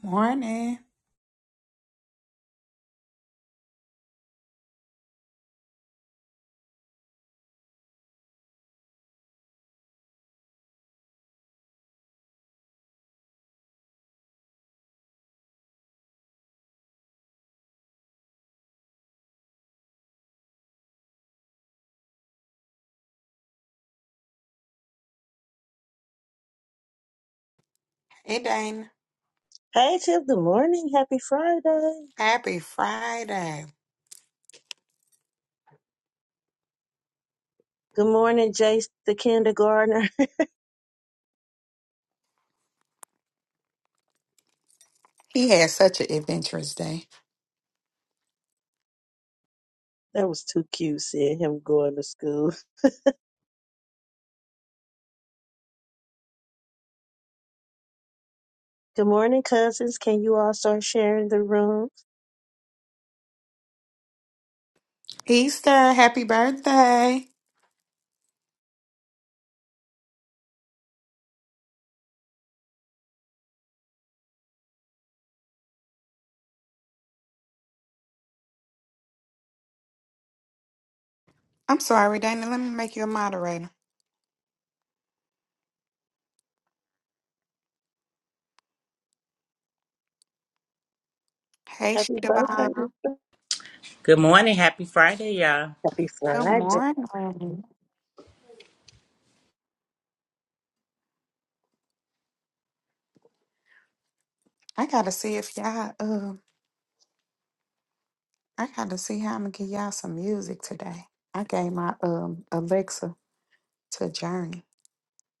Morning. It ain't Hey, Tiff, good morning. Happy Friday. happy Friday. Good morning, Jace, the kindergartner. He had such an adventurous day. That was too cute seeing him going to school. Good morning, cousins. Can you all start sharing the room? Easter, happy birthday. I'm sorry, Dana. Let me make you a moderator. Hey, Happy Shadabon. birthday. Good morning. Happy Friday, y'all. Happy Good Friday. morning. I gotta see if y'all uh I gotta see how I'm gonna get y'all some music today. I gave my um Alexa to Journey.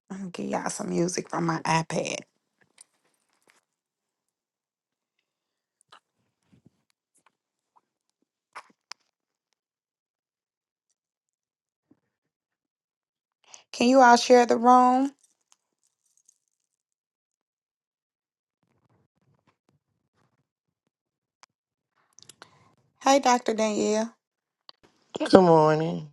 I'm gonna get y'all some music from my iPad. Can you all share the room? Hey, Dr. Danielle. Good morning.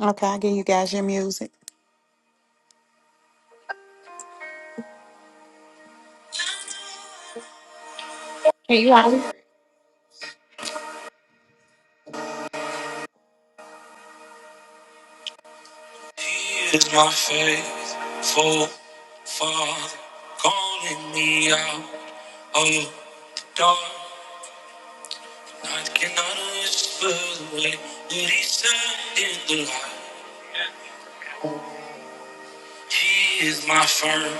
Okay, I'll give you guys your music. He is my faithful father, calling me out of the dark. I cannot whisper the way that he said in the light. He is my firm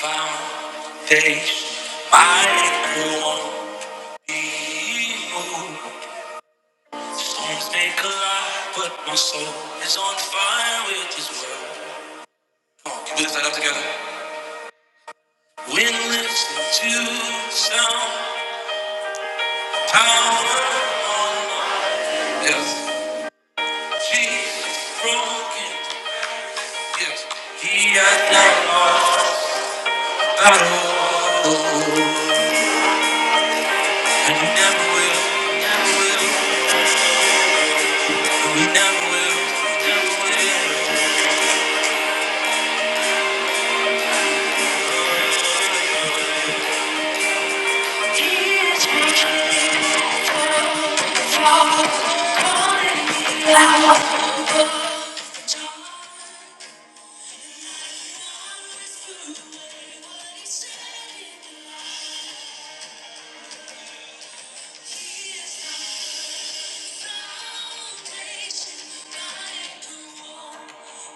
foundation, my anchor won't be moved. Storms may collide, but my soul is on fire with his word. Come on, can we lift that up together? When listening to sound. Power. Yes, Jesus broken. Yes, he has not lost at all. And he never will. Never will. And he never will. Never will.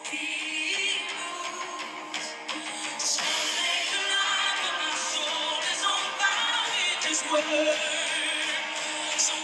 He's broken. Thank you. great mountain? You, should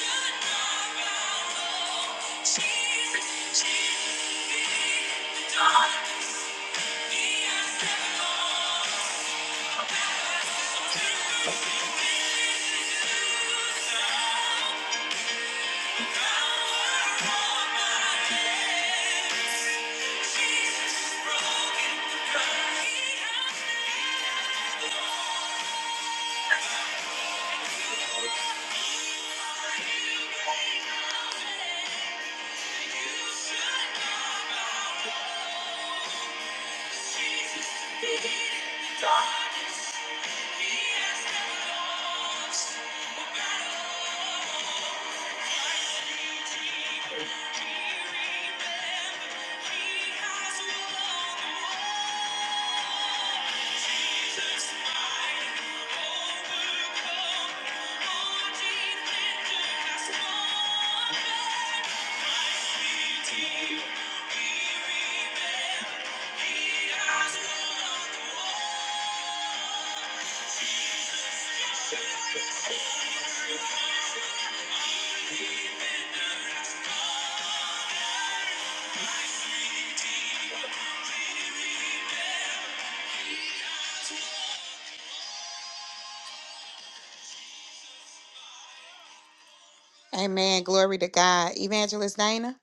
know about love. he has Thank you. Amen. Glory to God. Evangelist Dana.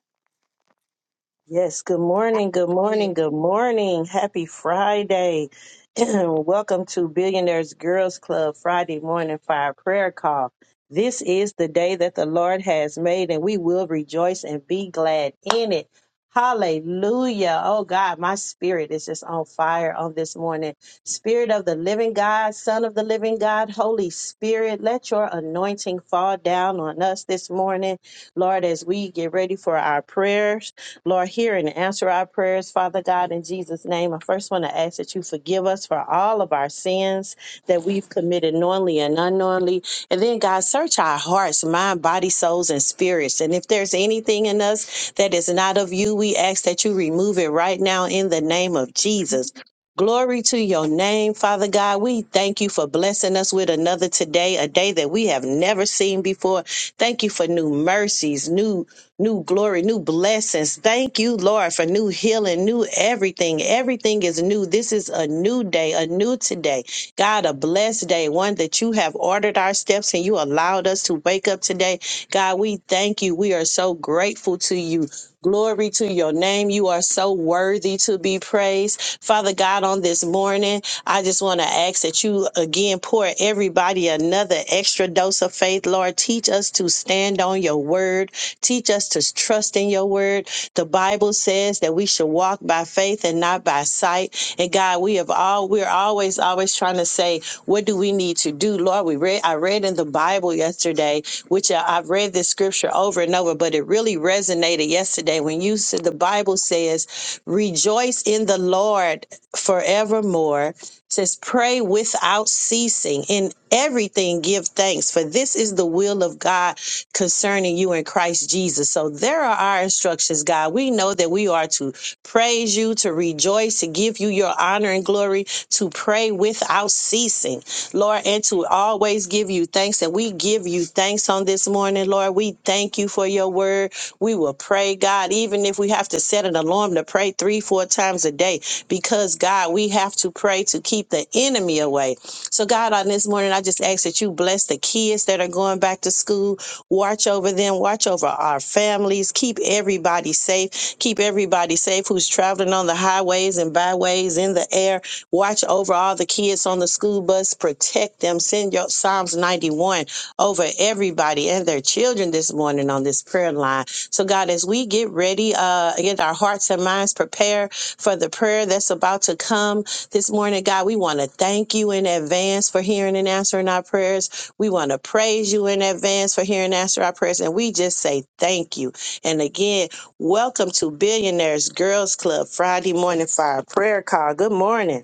Yes, good morning, good Hallelujah. morning, good morning. Happy Friday. Welcome to Billionaires Girls Club Friday Morning Fire Prayer Call. This is the day that the Lord has made, and we will rejoice and be glad in it. Hallelujah. Oh God, my spirit is just on fire on this morning. Spirit of the living God, Son of the living God, Holy Spirit, let your anointing fall down on us this morning. Lord, as we get ready for our prayers. Lord, hear and answer our prayers, Father God, in Jesus' name. I first want to ask that you forgive us for all of our sins that we've committed knowingly and unknowingly. And then, God, search our hearts, mind, body, souls, and spirits. And if there's anything in us that is not of you, we ask that you remove it right now in the name of Jesus. Glory to your name, Father God. We thank you for blessing us with another today, a day that we have never seen before. Thank you for new mercies, new new glory, new blessings. Thank you, Lord, for new healing, new everything. Everything is new. This is a new day, a new today. God, a blessed day, one that you have ordered our steps and you allowed us to wake up today. God, we thank you. We are so grateful to you. Glory to your name. You are so worthy to be praised. Father God, on this morning, I just want to ask that you again pour everybody another extra dose of faith. Lord, teach us to stand on your word. Teach us to trust in your word. The Bible Bible says that we should walk by faith and not by sight. And God, we have all we're always always trying to say, what do we need to do, Lord? We read I read in the Bible yesterday, which I, I've read this scripture over and over, but it really resonated yesterday when you said the Bible says, "Rejoice in the Lord forevermore." says pray without ceasing in everything give thanks for this is the will of god concerning you in christ jesus so there are our instructions god we know that we are to praise you to rejoice to give you your honor and glory to pray without ceasing Lord, and to always give you thanks. And we give you thanks on this morning, Lord. We thank you for your word. We will pray, God, even if we have to set an alarm to pray three, four times a day, because, God, we have to pray to keep the enemy away. So, God, on this morning, I just ask that you bless the kids that are going back to school. Watch over them, watch over our families, keep everybody safe, keep everybody safe who's traveling on the highways and byways in the air. Watch over all the kids on the school bus. Protect them. Send your Psalms 91 over everybody and their children this morning on this prayer line. So, God, as we get ready, uh, get our hearts and minds prepared for the prayer that's about to come this morning, God, we want to thank you in advance for hearing and answering our prayers. We want to praise you in advance for hearing and answering our prayers. And we just say thank you. And again, welcome to Billionaires Girls Club Friday morning fire prayer call. Good morning.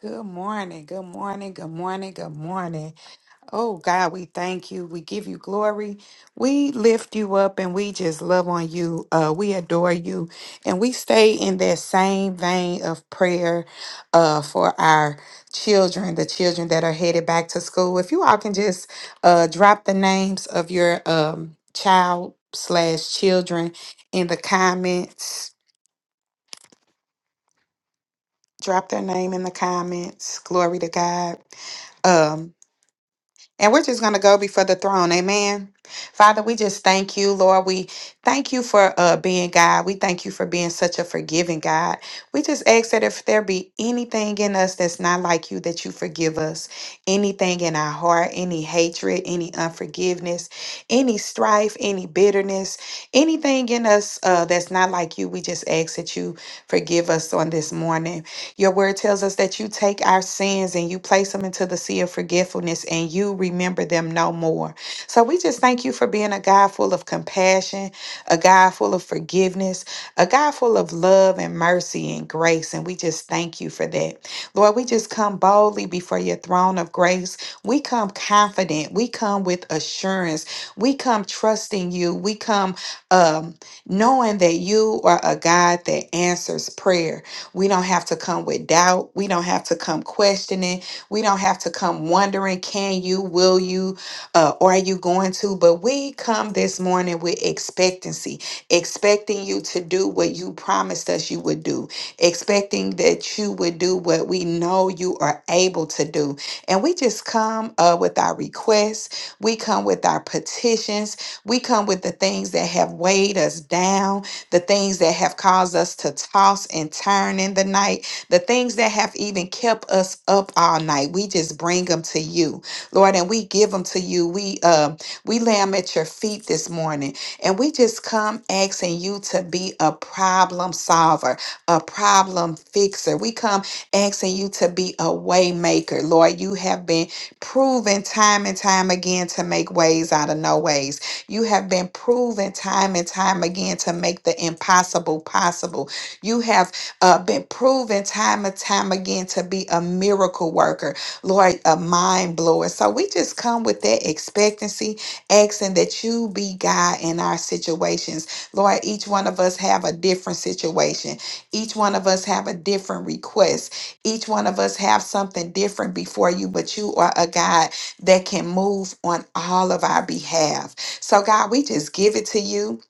Good morning. Good morning. Good morning. Good morning. Oh God, we thank you. We give you glory. We lift you up and we just love on you. Uh, we adore you. And we stay in that same vein of prayer uh, for our children, the children that are headed back to school. If you all can just uh, drop the names of your um, child slash children in the comments, drop their name in the comments. Glory to God. Um, And we're just going to go before the throne. Amen. Father, we just thank you, Lord. We thank you for uh, being God. We thank you for being such a forgiving God. We just ask that if there be anything in us that's not like you, that you forgive us. Anything in our heart, any hatred, any unforgiveness, any strife, any bitterness, anything in us uh, that's not like you, we just ask that you forgive us on this morning. Your word tells us that you take our sins and you place them into the sea of forgetfulness and you remember them no more. So we just thank you for being a God full of compassion, a God full of forgiveness, a God full of love and mercy and grace. And we just thank you for that. Lord, we just come boldly before your throne of grace. We come confident. We come with assurance. We come trusting you. We come um, knowing that you are a God that answers prayer. We don't have to come with doubt. We don't have to come questioning. We don't have to come wondering, can you, will you, uh, or are you going to? But we come this morning with expectancy, expecting you to do what you promised us you would do, expecting that you would do what we know you are able to do. And we just come uh, with our requests, we come with our petitions, we come with the things that have weighed us down the things that have caused us to toss and turn in the night, the things that have even kept us up all night. We just bring them to you, Lord, and we give them to you. We um we lay them at your feet this morning, and we just come asking you to be a problem solver, a problem fixer. We come asking you to be a way maker, Lord. You have been proven time and time again to make ways out of no ways. You have been proven time and time again to make the impossible possible. You have uh, been proven time and time again to be a miracle worker, Lord, a mind blower. So we just come with that expectancy, asking that you be God in our situations. Lord, each one of us have a different situation. Each one of us have a different request. Each one of us have something different before you, but you are a God that can move on all of our behalf. So, God, we just give it to you.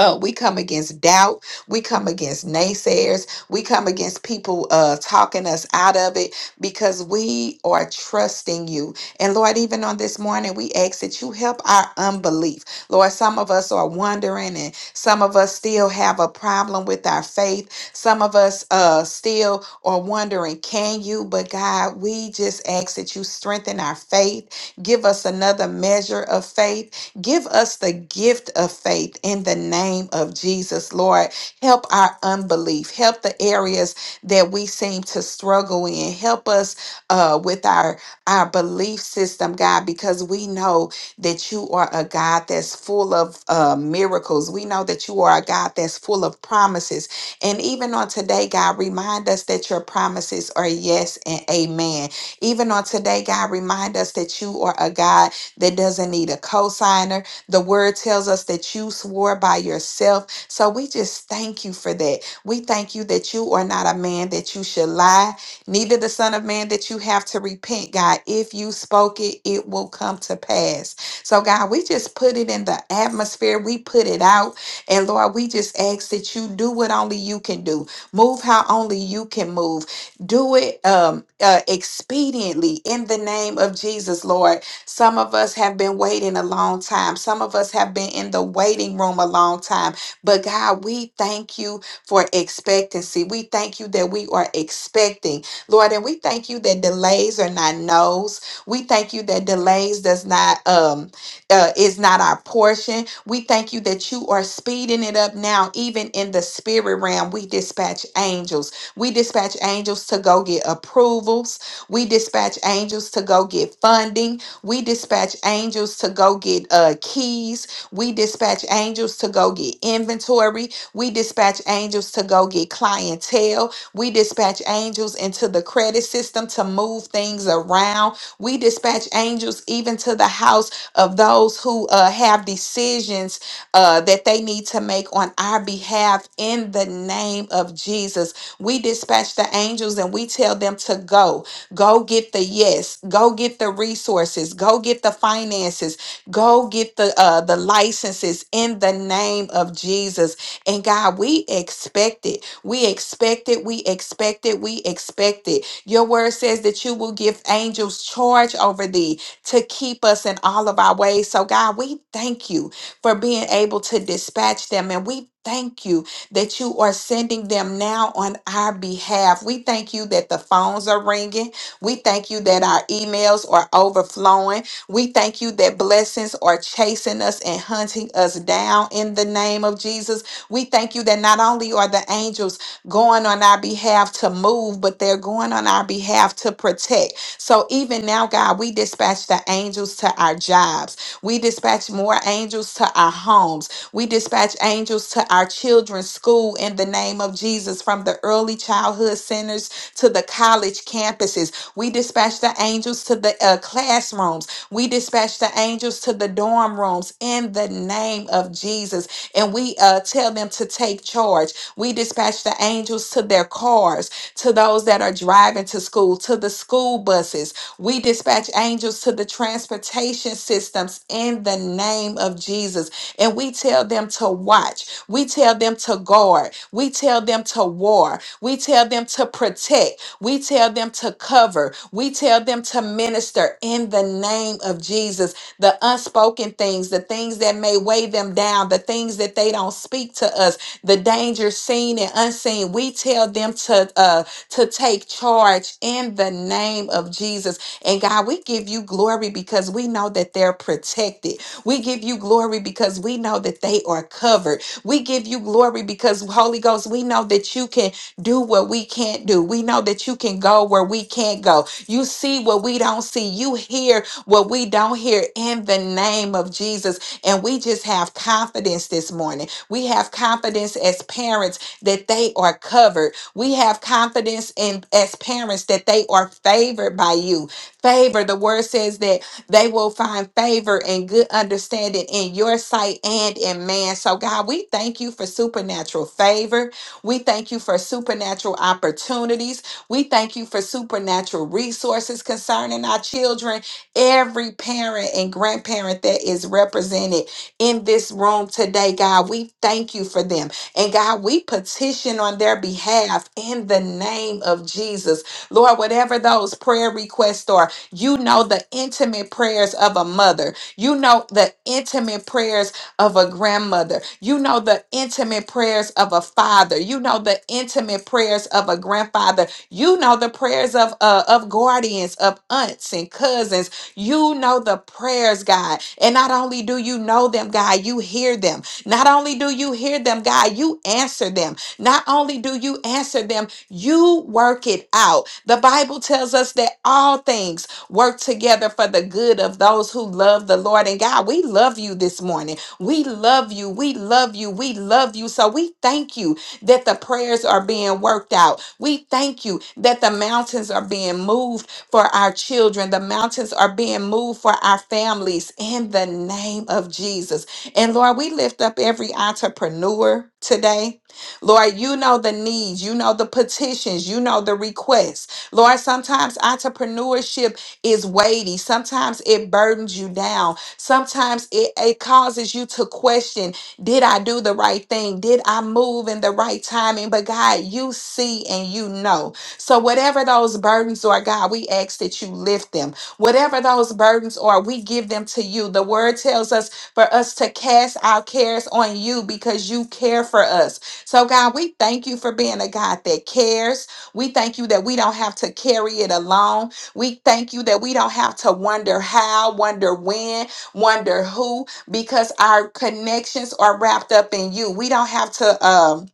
Uh, we come against doubt. We come against naysayers. We come against people uh, talking us out of it because we are trusting you. And Lord, even on this morning, we ask that you help our unbelief. Lord, some of us are wondering, and some of us still have a problem with our faith. Some of us uh, still are wondering, can you? But God, we just ask that you strengthen our faith. Give us another measure of faith Give us the gift of faith in the name of Jesus, Lord. Help our unbelief. Help the areas that we seem to struggle in. Help us uh, with our, our belief system, God, because we know that you are a God that's full of uh, miracles. We know that you are a God that's full of promises. And even on today, God, remind us that your promises are yes and amen. Even on today, God, remind us that you are a God that doesn't need a cosigner. The word tells us that you swore by yourself. So we just thank you for that. We thank you that you are not a man that you should lie, neither the son of man that you have to repent, God. If you spoke it, it will come to pass. So, God, we just put it in the atmosphere. We put it out. And Lord, we just ask that you do what only you can do. Move how only you can move. Do it um, uh, expediently in the name of Jesus, Lord. Some of us have been waiting a long time. Some of us have been in the waiting room a long time. But God, we thank you for expectancy. We thank you that we are expecting, Lord, and we thank you that delays are not no's. We thank you that delays does not um uh, is not our portion. We thank you that you are speeding it up now, even in the spirit realm. We dispatch angels. We dispatch angels to go get approvals. We dispatch angels to go get funding. We dispatch angels to go get uh, keys. We dispatch angels to go get inventory. We dispatch angels to go get clientele. We dispatch angels into the credit system to move things around. We dispatch angels even to the house of those who uh, have decisions uh, that they need to make on our behalf in the name of Jesus. We dispatch the angels and we tell them to go. Go get the yes. Go get the resources. Go get the finances. Go get the uh, the licenses in the name of Jesus. And God, we expect it. We expect it. We expect it. We expect it. Your word says that you will give angels charge over thee to keep us in all of our ways. So God, we thank you for being able to dispatch them, and we. Thank you that you are sending them now on our behalf. We thank you that the phones are ringing. We thank you that our emails are overflowing. We thank you that blessings are chasing us and hunting us down in the name of Jesus. We thank you that not only are the angels going on our behalf to move, but they're going on our behalf to protect. So even now, God, we dispatch the angels to our jobs. We dispatch more angels to our homes. We dispatch angels to our children's school in the name of Jesus from the early childhood centers to the college campuses. We dispatch the angels to the uh, classrooms. We dispatch the angels to the dorm rooms in the name of Jesus. And we uh, tell them to take charge. We dispatch the angels to their cars, to those that are that are driving to school, to the school buses. We dispatch angels to the transportation systems in the name of Jesus. And we tell them to watch. We tell them to guard. We tell them to war. We tell them to protect. We tell them to cover. We tell them to minister in the name of Jesus. The unspoken things, the things that may weigh them down, the things that they don't speak to us, the danger seen and unseen. We tell them to uh to take charge in the name of Jesus. And God, we give you glory because we know that they're protected. We give you glory because we know that they are covered. We give you glory because Holy Ghost, we know that you can do what we can't do. We know that you can go where we can't go. You see what we don't see. You hear what we don't hear in the name of Jesus. And we just have confidence this morning. We have confidence as parents that they are covered. We have confidence in as parents that they are favored by you. Favor, the word says that they will find favor and good understanding in your sight and in man. So, God, we thank you for supernatural favor. We thank you for supernatural opportunities. We thank you for supernatural resources concerning our children. Every parent and grandparent that is represented in this room today, God, we thank you for them. And God, we petition on their behalf in the name of Jesus. Lord, whatever those prayer requests are, you know the intimate prayers of a mother. You know the intimate prayers of a grandmother. You know the intimate prayers of a father. You know the intimate prayers of a grandfather. You know the prayers of uh, of guardians, of aunts and cousins. You know the prayers, God. And not only do you know them, God, you hear them. Not only do you hear them, God, you answer them. Not only do you answer them, you work it out. The Bible tells us that all things work together for the good of those who love the Lord. And God, we love you this morning. We love you. We love you. We love you. So we thank you that the prayers are being worked out. We thank you that the mountains are being moved for our children. The mountains are being moved for our families in the name of Jesus. And Lord, we lift up every entrepreneur today. Lord, you know the needs, you know the petitions, you know the requests. Lord, sometimes entrepreneurship is weighty, sometimes it burdens you down. Sometimes it, it causes you to question Did I do the right thing? Did I move in the right timing? But God, you see and you know. So, whatever those burdens are, God, we ask that you lift them. Whatever those burdens are, we give them to you. The word tells us for us to cast our cares on you because you care for us. So, God, we thank you for being a God that cares. We thank you that we don't have to carry it alone. We thank you that we don't have to wonder how, wonder when wonder who because our connections are wrapped up in you we don't have to um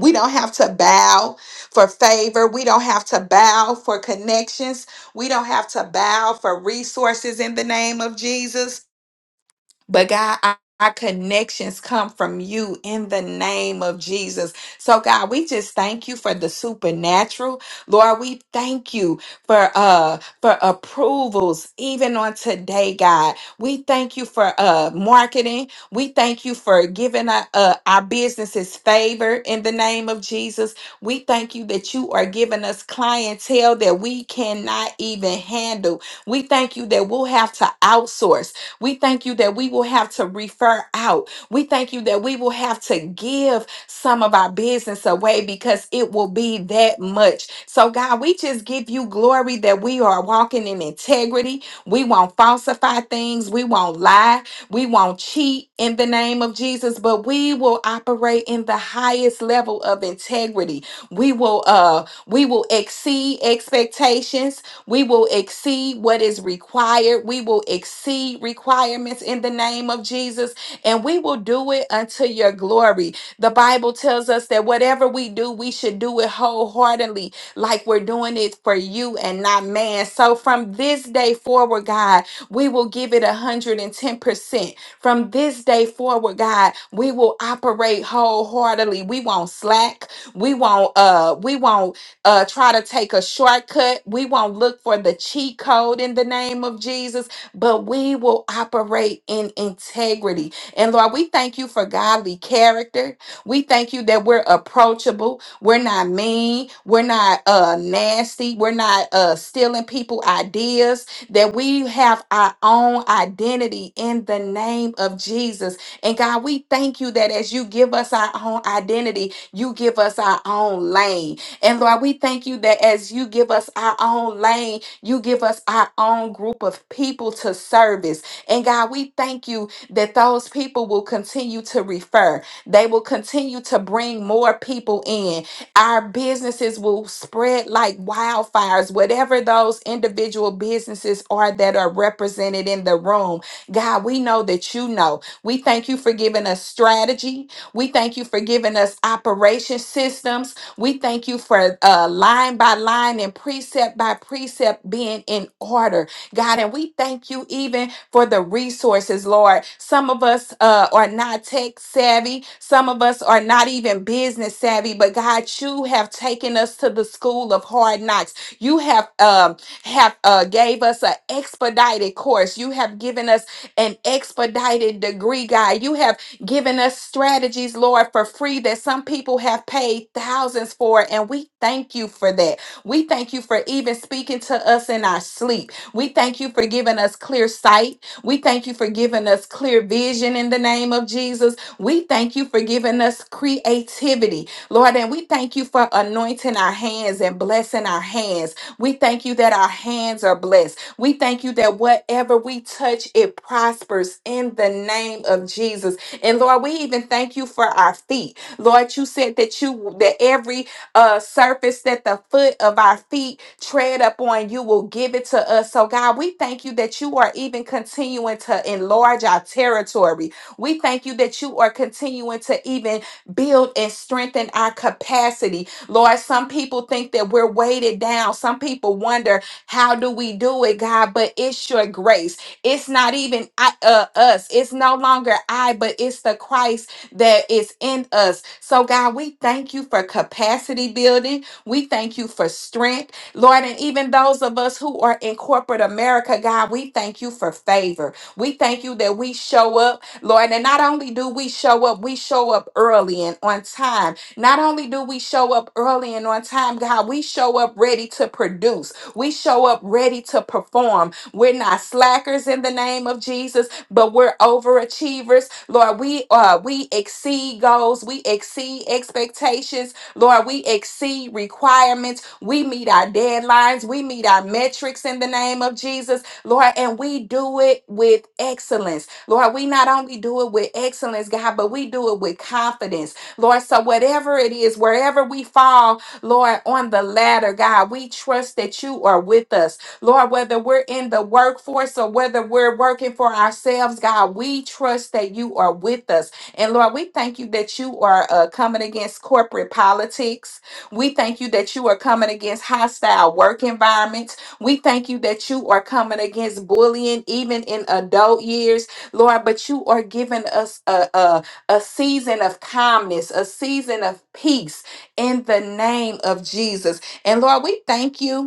we don't have to bow for favor. We don't have to bow for connections. We don't have to bow for resources in the name of Jesus. But God, our our connections come from you in the name of Jesus. So God, we just thank you for the supernatural. Lord, we thank you for uh for approvals even on today, God. We thank you for uh marketing. We thank you for giving our uh, our businesses favor in the name of Jesus. We thank you that you are giving us clientele that we cannot even handle. We thank you that we'll have to outsource. We thank you that we will have to refer out. We thank you that we will have to give some of our business away because it will be that much. So, God, we just give you glory that we are walking in integrity. We won't falsify things. We won't lie. We won't cheat in the name of Jesus, but we will operate in the highest level of integrity. We will uh we will exceed expectations we will exceed what is required. We will exceed requirements in the name of Jesus, and we will do it unto your glory. The Bible tells us that whatever we do, we should do it wholeheartedly, like we're doing it for you and not man. So from this day forward, God, we will give it 110%. From this day forward, God, we will operate wholeheartedly. We won't slack. We won't uh we won't uh, try to take a shortcut. We won't look for the cheat code in the name of Jesus, but we will operate in integrity. And Lord, we thank you for godly character. We thank you that we're approachable. We're not mean. We're not uh, nasty. We're not uh, stealing people ideas. That we have our own identity in the name of Jesus. And God, we thank you that as you give us our own identity, you give us our own lane. And Lord, we thank you that as you give us our own lane, you give us our own group of people to service. And God, we thank you that those people will continue to refer, they will continue to bring more people in. Our businesses will spread like wildfires, whatever those individual businesses are that are represented in the room. God, we know that you know. We thank you for giving us strategy. We thank you for giving us operation systems. We thank you for uh, line by line and precept by precept being in order, God. And we thank you even for the resources, Lord. Some of us uh, are not tech savvy, some of us are not even business savvy, but God, you have taken us to the school of hard knocks. You have um, have uh, gave us an expedited course. You have given us an expedited degree, God. You have giving us strategies, Lord, for free that some people have paid thousands for. And we thank you for that. We thank you for even speaking to us in our sleep. We thank you for giving us clear sight. We thank you for giving us clear vision in the name of Jesus. We thank you for giving us creativity, Lord. And we thank you for anointing our hands and blessing our hands. We thank you that our hands are blessed. We thank you that whatever we touch, it prospers in the name of Jesus. And Lord, we even thank you for our feet. Lord, you said that you that every uh surface that the foot of our feet tread upon, you will give it to us. So God, we thank you that you are even continuing to enlarge our territory. We thank you that you are continuing to even build and strengthen our capacity. Lord, some people think that we're weighted down. Some people wonder, how do we do it, God? But it's your grace. It's not even I, uh, us. It's no longer I, but it's the Christ that is in us. So, God, we thank you for capacity building. We thank you for strength, Lord. And even those of us who are in corporate America, God, we thank you for favor. We thank you that we show up, Lord. And not only do we show up, we show up early and on time. Not only do we show up early and on time, God, we show up ready to produce. We show up ready to perform. We're not slackers in the name of Jesus, but we're overachievers. Lord, we uh we exceed goals, we exceed expectations. Lord, we exceed requirements. We meet our deadlines, we meet our metrics in the name of Jesus. Lord, and we do it with excellence. Lord, we not only do it with excellence, God, but we do it with confidence. Lord, so whatever it is, wherever we fall, Lord, on the ladder, God, we trust that you are with us. Lord, whether we're in the workforce or whether we're working for ourselves, God, we trust that you are with us. And Lord, we thank you that you are uh, coming against corporate politics. We thank you that you are coming against hostile work environments. We thank you that you are coming against bullying, even in adult years, Lord. But you are giving us a, a, a season of calmness, a season of peace in the name of Jesus. And Lord, we thank you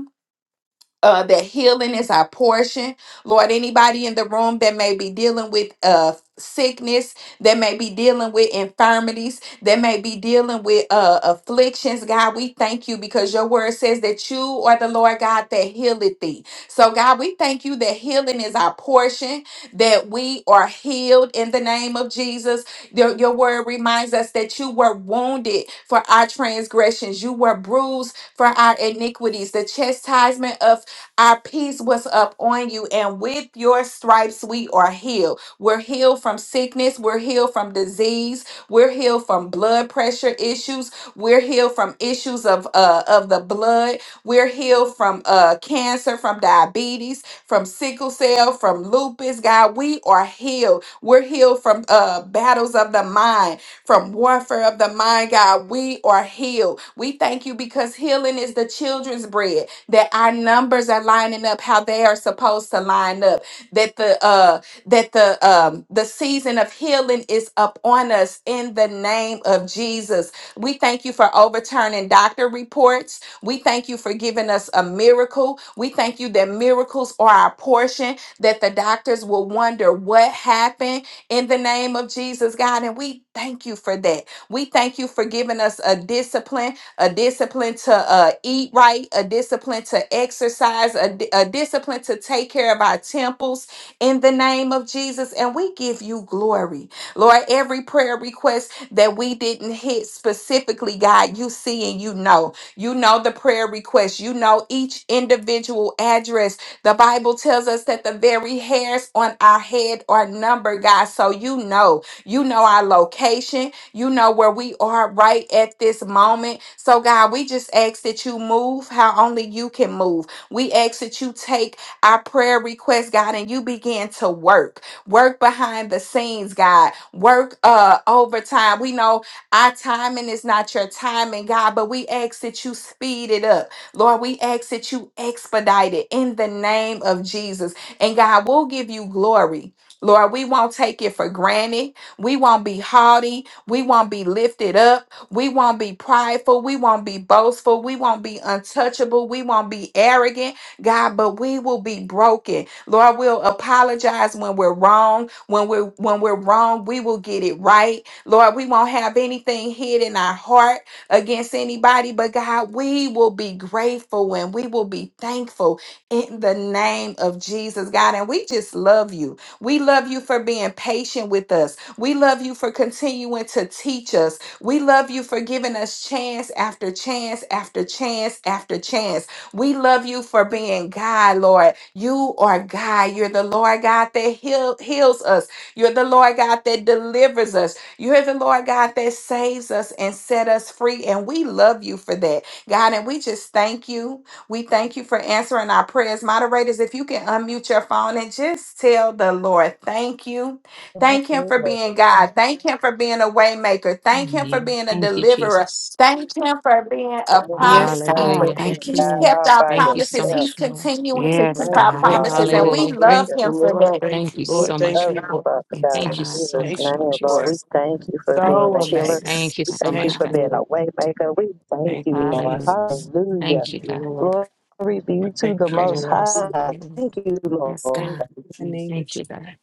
uh, that healing is our portion. Lord, anybody in the room that may be dealing with uh, sickness, that may be dealing with infirmities, that may be dealing with uh, afflictions, God, we thank you because your word says that you are the Lord God that healeth thee. So, God, we thank you that healing is our portion, that we are healed in the name of Jesus. Your, your word reminds us that you were wounded for our transgressions, you were bruised for our iniquities. The chastisement of our peace was up on you, and with your stripes we are healed. We're healed from sickness, we're healed from disease, we're healed from blood pressure issues, we're healed from issues of uh of the blood, we're healed from uh cancer, from diabetes, from sickle cell, from lupus. God, we are healed. We're healed from uh battles of the mind, from warfare of the mind, God. We are healed. We thank you because healing is the children's bread that our numbers are lining up how they are supposed to line up that the uh that the um the season of healing is up on us in the name of Jesus we thank you for overturning doctor reports we thank you for giving us a miracle we thank you that miracles are our portion that the doctors will wonder what happened in the name of Jesus God and we thank you for that we thank you for giving us a discipline a discipline to uh, eat right, a discipline to exercise, a, di- a discipline to take care of our temples in the name of Jesus. And we give you glory. Lord, every prayer request that we didn't hit specifically, God, you see and you know. You know the prayer request, you know each individual address. The Bible tells us that the very hairs on our head are numbered, God. So you know, you know our location you know where we are right at this moment. So, God, we just ask that you move how only you can move. We ask that you take our prayer request, God, and you begin to work. Work behind the scenes, God. Work uh overtime. We know our timing is not your timing, God, but we ask that you speed it up. Lord, we ask that you expedite it in the name of Jesus. And God, we'll give you glory. Lord, we won't take it for granted. We won't be haughty. We won't be lifted up. We won't be prideful. We won't be boastful. We won't be untouchable. We won't be arrogant, God, but we will be broken. Lord, we'll apologize when we're wrong. When we're when we're wrong, we will get it right. Lord, we won't have anything hid in our heart against anybody, but God, we will be grateful and we will be thankful in the name of Jesus, God. And we just love you. We love you for being patient with us. We love you for continuing to teach us. We love you for giving us chance after chance after chance after chance. We love you for being God, Lord. You are God. You're the Lord God that heal, heals us. You're the Lord God that delivers us. You're the Lord God that saves us and set us free. And we love you for that, God. And we just thank you. We thank you for answering our prayers. Moderators, if you can unmute your phone and just tell the Lord, thank you. And Thank Thank him you, for Lord. being God. Thank him for being a waymaker. Thank him for Amen. being a Thank you, deliverer. Jesus. Thank him for being a Thank you, Yes, promise God, God. for keeper. Hallelujah. being Thank He's God you. kept all our by Thank you so promises. yourself. He's much, Lord. continuing to Yes, keep Thank our you, God. Thank you, Lord. promises, and Lord. we Hallelujah. love Thank Hallelujah. you, him for Lord. that. Thank Thank you, you We Lord. Thank so much. you, love God. you, Lord. Father Yes, God, Thank in you God. so Jesus' Thank much, you, Lord name, Lord. Lord. Jesus. We thank you for Thank being you, So a healer. amazed. Jesus. Thank you We Thank so thank you, you much, God. Thank for you, God. being a Lord. waymaker. We thank Thank you, you, Lord. Hallelujah. Jesus. Hallelujah. Thank Thank you, you, God. Lord. Glory be to the Thank Great you, Most and Lord. In awesome. are High. you, Lord. Thank you, Yes, Lord. God. Thank you, the name Jesus. of Thank Jesus. you, God.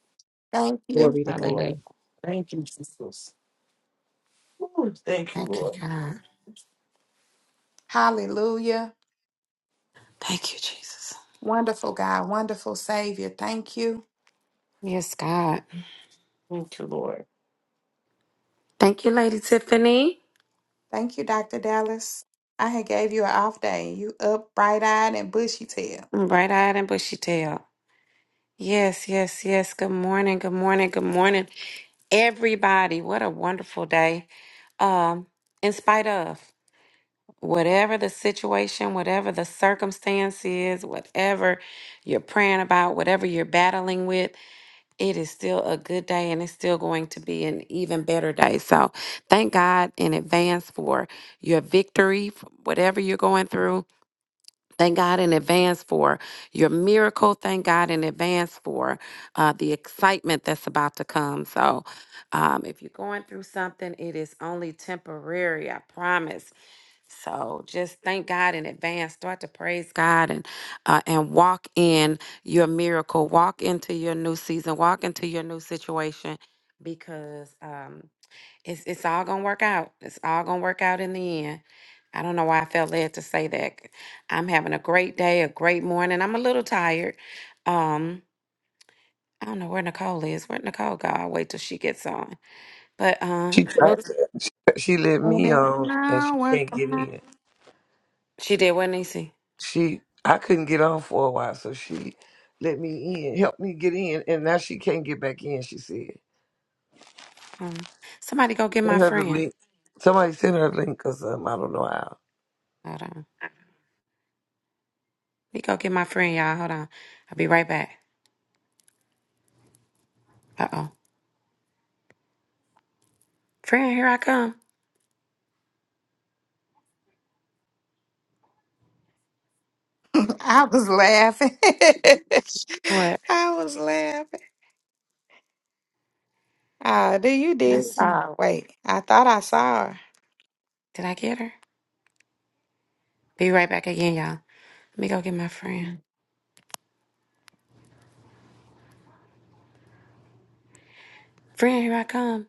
Thank Thank you. Glory you, to God. Lord. Hallelujah. Thank you, Jesus. Ooh, thank you, Thank you, Lord. God. Hallelujah. Thank you, Jesus. Wonderful God, wonderful Savior. Thank you. Yes, God. Thank you, Lord. Thank you, Lady Tiffany. Thank you, Dr. Dallas. I had gave you an off day. You up bright eyed and bushy tail. Bright eyed and bushy tail. Yes, yes, yes. Good morning. Good morning. Good morning, everybody. What a wonderful day. Um, in spite of whatever the situation, whatever the circumstance is, whatever you're praying about, whatever you're battling with, it is still a good day and it's still going to be an even better day. So, thank God in advance for your victory, for whatever you're going through Thank God in advance for your miracle. Thank God in advance for uh, the excitement that's about to come. So, um, if you're going through something, it is only temporary, I promise. So, just thank God in advance. Start to praise God and uh, and walk in your miracle. Walk into your new season. Walk into your new situation because. Um, it's it's all gonna work out. It's all gonna work out in the end. I don't know why I felt led to say that. I'm having a great day, a great morning. I'm a little tired. Um, I don't know where Nicole is. Where Nicole go? I'll wait till she gets on. But uh She tried look, to, she let Oh, me that's on and she not can't working. get out. in. she did what Nisi. She I couldn't get on for a while, so she let me in, helped me get in, and now she can't get back in, she said. Hold on. Somebody go get my Send her the friend. link. Somebody send her a link or something. I don't know how. Hold on. Let me go get my friend, y'all. Hold on. I'll be right back. Uh oh. Friend, here I come. I was laughing. What? I was laughing. Ah, do you did? Let's see. Ah, wait. I thought I saw her. Did I get her? Be right back again, y'all. Let me go get my friend. Mhm. Friend, here I come.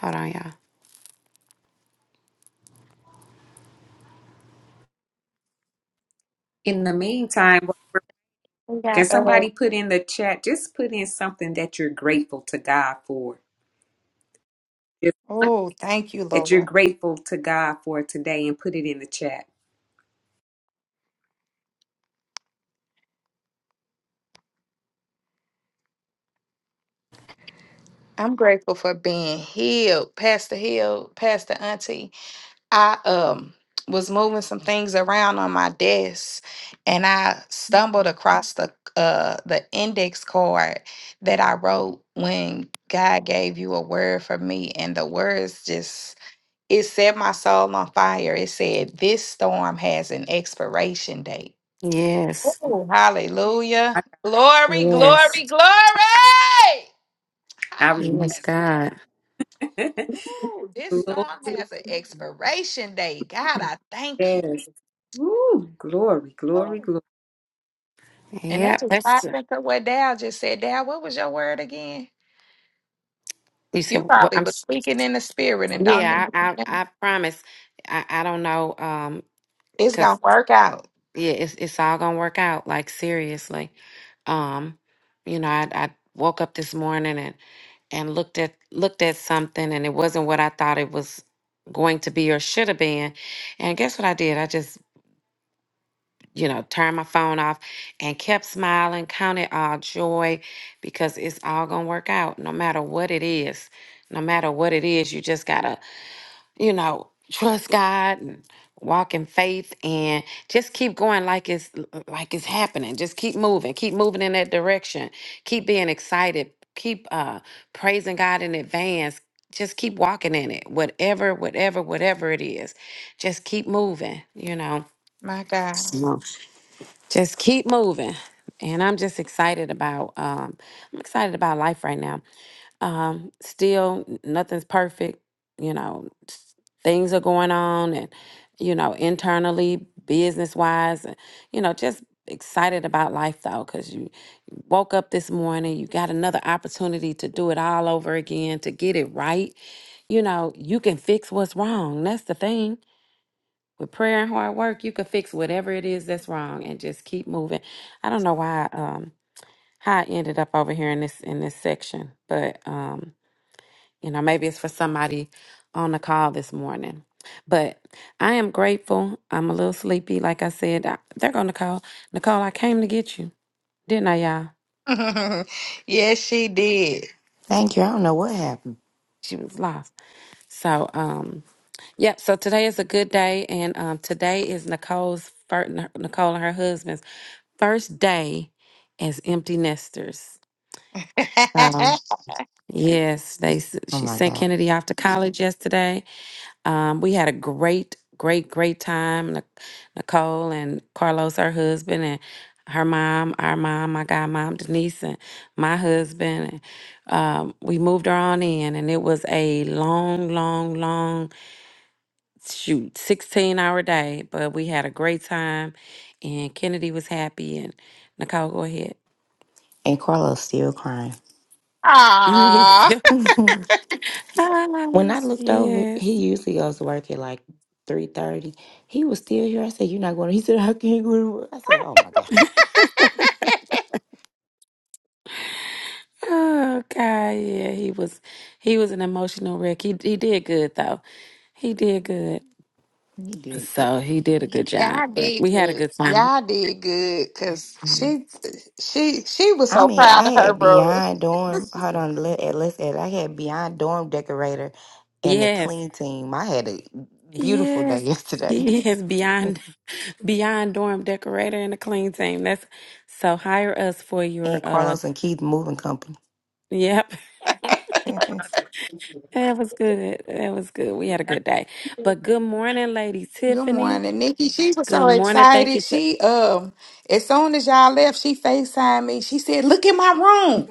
Hold on, y'all. In the meantime, well, We can got uh, somebody put in the chat, just put in something that you're grateful to God for? Just one oh, thank you, That you're Lord. grateful to God for today and put it in the chat. I'm grateful for being healed, Pastor Hill, Pastor Auntie. I um was moving some things around on my desk and I stumbled across the uh the index card that I wrote when God gave you a word for me and the words just it set my soul on fire. It said this storm has an expiration date. Yes. Oh, I, hallelujah. Glory, Yes. glory, glory. Ah, I Yes, Yes, God. God. remember. Ooh, this glory, storm has an expiration date. God, I thank you. yes. Woo, glory, glory, glory. And that Yeah, just that's popped into what Dal just said. Dal, what was your word again? you You said. Well, probably I'm. was s- speaking in the spirit and don't Yeah, even I. I, remember. I promise. I. I don't know. Um, It's cause gonna work out. yeah, it's it's all gonna work out. Like seriously. Um, you know, I I woke up this morning and and looked at looked at something and it wasn't what I thought it was going to be or should have been. And guess what I did? I just you know, turned my phone off and kept smiling, counted all joy because it's all going to work out no matter what it is. No matter what it is, you just got to, you know, trust God and walk in faith and just keep going like it's like it's happening. Just keep moving, keep moving in that direction. Keep being excited. Keep uh praising God in advance. Just keep walking in it. Whatever, whatever, whatever it is. Just keep moving, you know My God. just keep moving and i'm just excited about um i'm excited about life right now um still n- nothing's perfect you know s- things are going on and you know internally business wise and you know just excited about life though because you woke up this morning you got another opportunity to do it all over again to get it right you know you can fix what's wrong that's the thing with prayer and hard work, you can fix whatever it is that's wrong and just keep moving. I don't know why um how I ended up over here in this in this section, but um, you know, maybe it's for somebody on the call this morning. But I am grateful. I'm a little sleepy, like I said. I, they're gonna call. Nicole, I came to get you, didn't I, y'all? yes, she did. Thank you. I don't know what happened. She was lost. So um Yep. So today is a good day, and um, today is Nicole's first, Nicole and her husband's first day as empty nesters. So yes, they s- Oh she my sent God. Kennedy off to college yesterday. Um, we had a great, great, great time. Nic- Nicole and Carlos, her husband, and her mom, our mom, my godmom Denise, and my husband. And, um, we moved her on in, and it was a long, long, long shoot, sixteen hour day. But we had a great time, and Kennedy was happy. And Nicole, go ahead. And Carlos still crying. Me Aww. too. when Oh, I looked over, he yes. usually goes to work at like 3.30. He was still here. I said, you're not going He said, I can't go to work. I said, oh my God. Oh God, yeah. He was he was an emotional wreck. He he did good though. He did good. He did it. So he did a good job. Y'all But did we had a good. good time. Y'all did good because she she she was I so mean, proud I of her, had bro. Beyond Dorm. Hold on. Let, eh, let's add. I had Beyond Dorm Decorator and the Yes. clean team. I had a beautiful day Yes. yesterday. Yes. Beyond beyond dorm decorator and a clean team. That's so hire us for your and uh Carlos and Keith Moving Company. yep. yeah. That was good. That was good. We had a good day. But good morning, Lady Good Tiffany. morning, Nikki. She was so Good morning. Thank excited. you. She um as soon as y'all left, she FaceTimed me. She said, Look in my room.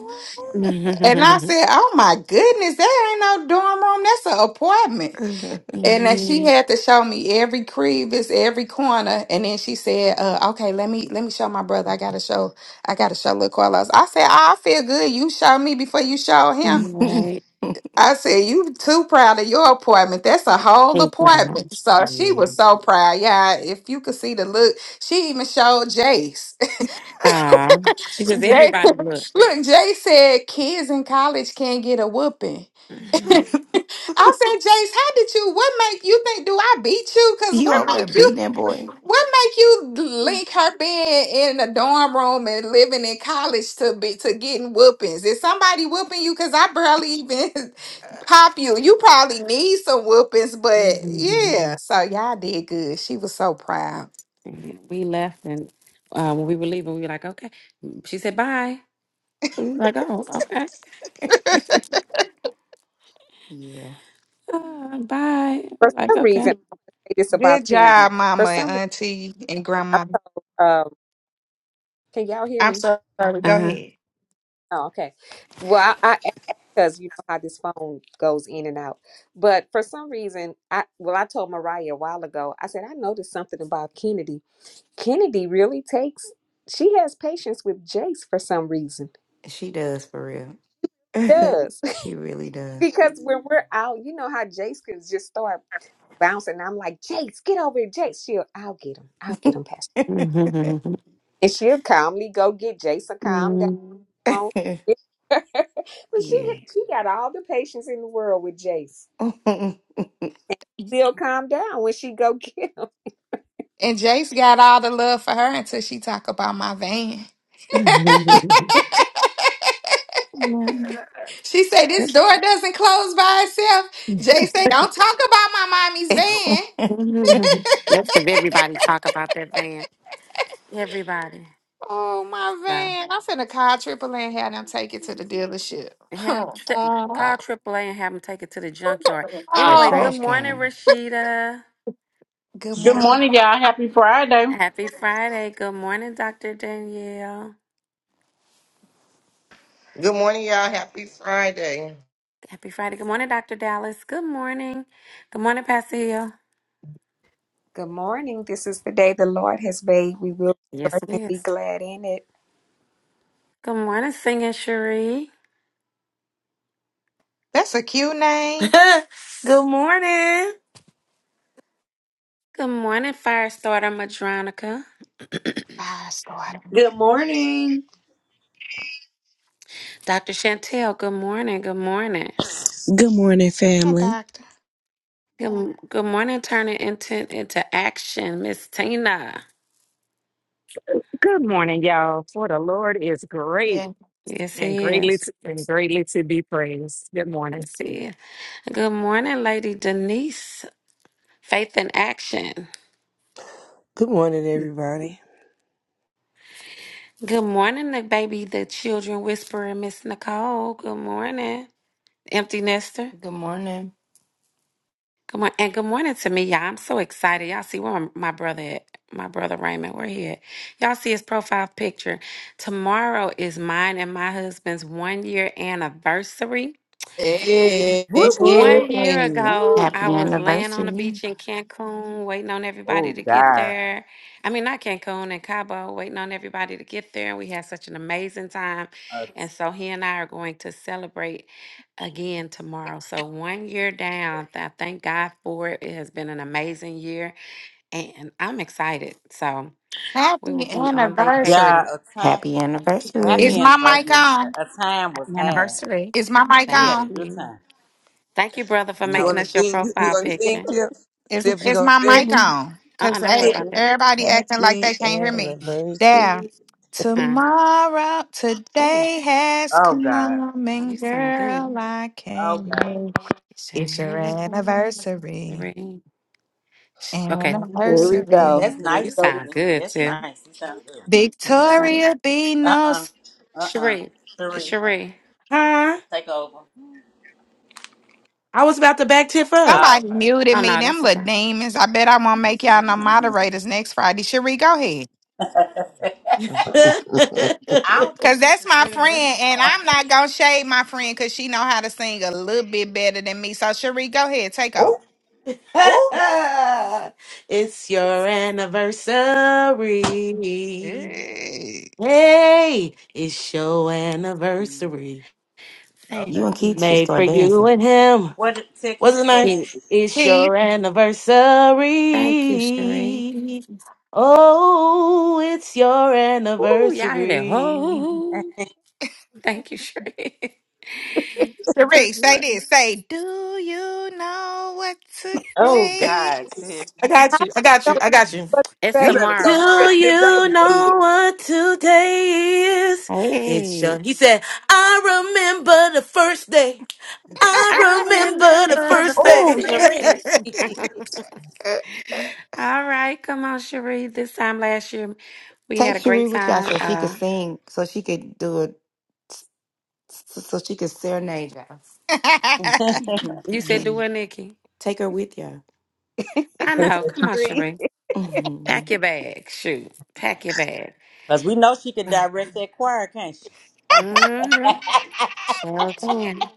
And I said, Oh my goodness, that ain't no dorm room. That's an apartment. And then Yes, she had to show me every crevice, every corner. And then she said, uh, okay, let me let me show my brother. I gotta show I gotta show little Carlos. I said, oh, I feel good. You show me before you show him. You right. I said, you too proud of your appointment. That's a whole Hey, Brown. appointment. So she was so proud. Yeah, if you could see the look, she even showed Jace. Ah, she just Jay, everybody look. look, Jay said kids in college can't get a whooping. I said, Jace, how did you what make you think do I beat you? Cause what over there make you beating that boy? What make you link her being in a dorm room and living in college to be to getting whoopings? Is somebody whooping you? Cause I barely even pop you. You probably need some whoopings, but Mhm. yeah. So y'all did good. She was so proud. We left, and uh, when we were leaving, we were like, "Okay." She said, "Bye." We were like, "Oh, okay, Yeah, uh, bye." We For were like, some "Okay." reason, I say this about Good Kennedy. job, For mama and some reason, auntie and I grandma. told, um, can y'all hear I'm me? sorry. Go Uh huh. ahead. Oh, okay. Well, I, I because you know how this phone goes in and out. But for some reason, I well, I told Mariah a while ago. I said I noticed something about Kennedy. Kennedy really takes. She has patience with Jace for some reason. she does for real. Does she really does. because when we're out, you know how Jace can just start bouncing. I'm like, Jace, get over here, Jace. She'll, I'll get him. I'll get him past. And she'll calmly go get Jace and calm down. but she yeah. she got all the patience in the world with Jace. will calm down when she go get him. And Jace got all the love for her until she talk about my van. She said, This door doesn't close by itself. Jay said, Don't talk about my mommy's van. That's because everybody talk about that van. Everybody. Oh, my van. I'm finna call Triple A and have them take it to the dealership. Have tri- call AAA and have them take it to the junkyard. the Anyway, good oh, trash morning, can. Rashida. good Good morning. morning, y'all. Happy Friday. Happy Friday. Good morning, Dr. Danielle. Good morning, y'all. Happy Friday. Happy Friday. Good morning, Dr. Dallas. Good morning. Good morning, Pastor Hill. Good morning. This is the day the Lord has made. We will Yes, rejoice it and be is. glad in it. Good morning, Singing Cherie. That's a cute name. Good morning. Good morning, Firestarter Madronica. Five star. Good morning. Dr. Chantel, good morning. Good morning. Good morning, Hi, family. doctor. Good, good morning, turning intent into action, Miss Tina. Good morning, y'all. For the Lord is Yeah. great Yes, it and is. greatly to, and greatly to be praised. Good morning. see. Good morning, Lady Denise. Faith in action. Good morning, everybody. Good morning, the baby, the children whisperer, Miss Nicole. Good morning, empty nester. Good morning. Good morning, and good morning to me, y'all. I'm so excited. Y'all see where my my brother at? My brother Raymond, where he at? Y'all see his profile picture. Tomorrow is mine and my husband's one year anniversary. Hey. Woo woo. One year ago, Woo. I Happy was laying on the anniversary. beach in Cancun, waiting on everybody Oh to get God. there. I mean, not Cancun and Cabo, waiting on everybody to get there. And we had such an amazing time. Uh, And so he and I are going to celebrate again tomorrow. So one year down, I thank God for it. It has been an amazing year and I'm excited. So we will Happy be on anniversary. yeah, vacation. a time Happy Is happy anniversary. my mic anniversary. on? A a time was Happy had. anniversary. Is my mic We Thank had a on? good you. time. Thank you, brother, for But you making No. wanna us your sing? You, you profile gonna sing, picture. Tiff? Is See if you is gonna my sing? mic Sydney. on? Uh-uh, Cause don't worry e- about Sydney. that. everybody acting like they Happy can't hear me. There. anniversary. Huh? Tomorrow, Oh. today has Oh God. come, You and sound good. girl, I Oh can't God. wait. It's your Shahana Bowman, anniversary, Sheree. Sh- Okay, Here we go. anniversary. That's Here you nice, we go. with- sound Sydney. good That's too. nice. You sound good. You sound Victoria be Uh no. uh-uh. uh. uh. Sheree. Three. Sheree. Huh? Take over. Oh I was about to back Tiff up. Oh, Somebody okay. muted no, me. Them that's okay. little demons. I bet I won't make y'all no moderators next Friday. Cherie, go ahead. I don't Cause think we that's should my sing this friend, and song. I'm not gonna shade my friend because she know how to sing a little bit better than me. So Cherie, go ahead, take over. Oh, oh. it's your anniversary. Hey, Hey, it's your anniversary. Okay. You Thank and Keith should you. Made for start you dancing. and him. What did tell What's Keith it to an Yeah, nice? answer? It's Keith, your Thank you, Sheree. anniversary. Oh, it's your Ooh, y'all hear that? anniversary. Oh, thank you, Sheree. Put Cherie, say your- this. Say, do you know what Oh today? God, sis. I got I you. I got don't you. know I got you. what to It's You say. better Do go, tomorrow. Tiff. Tiff, that was you good. know what today is? It's Hey. your. He said, I remember the first day. I I remember the remember the first first day. Oh, Cherie. yes. Uh, All right, come on, Cherie. This time last year, we Take had a great Cherie with y'all time. so she could Uh, sing, so she could do it, so so she could serenade That's you said do y'all. it, Nikki. Take her with y'all. I It's know. Because Come on, agree. Cherie. Pack your bag. Shoot, pack your bag. we know she can direct that choir, can't she? Mm-hmm. Sure can.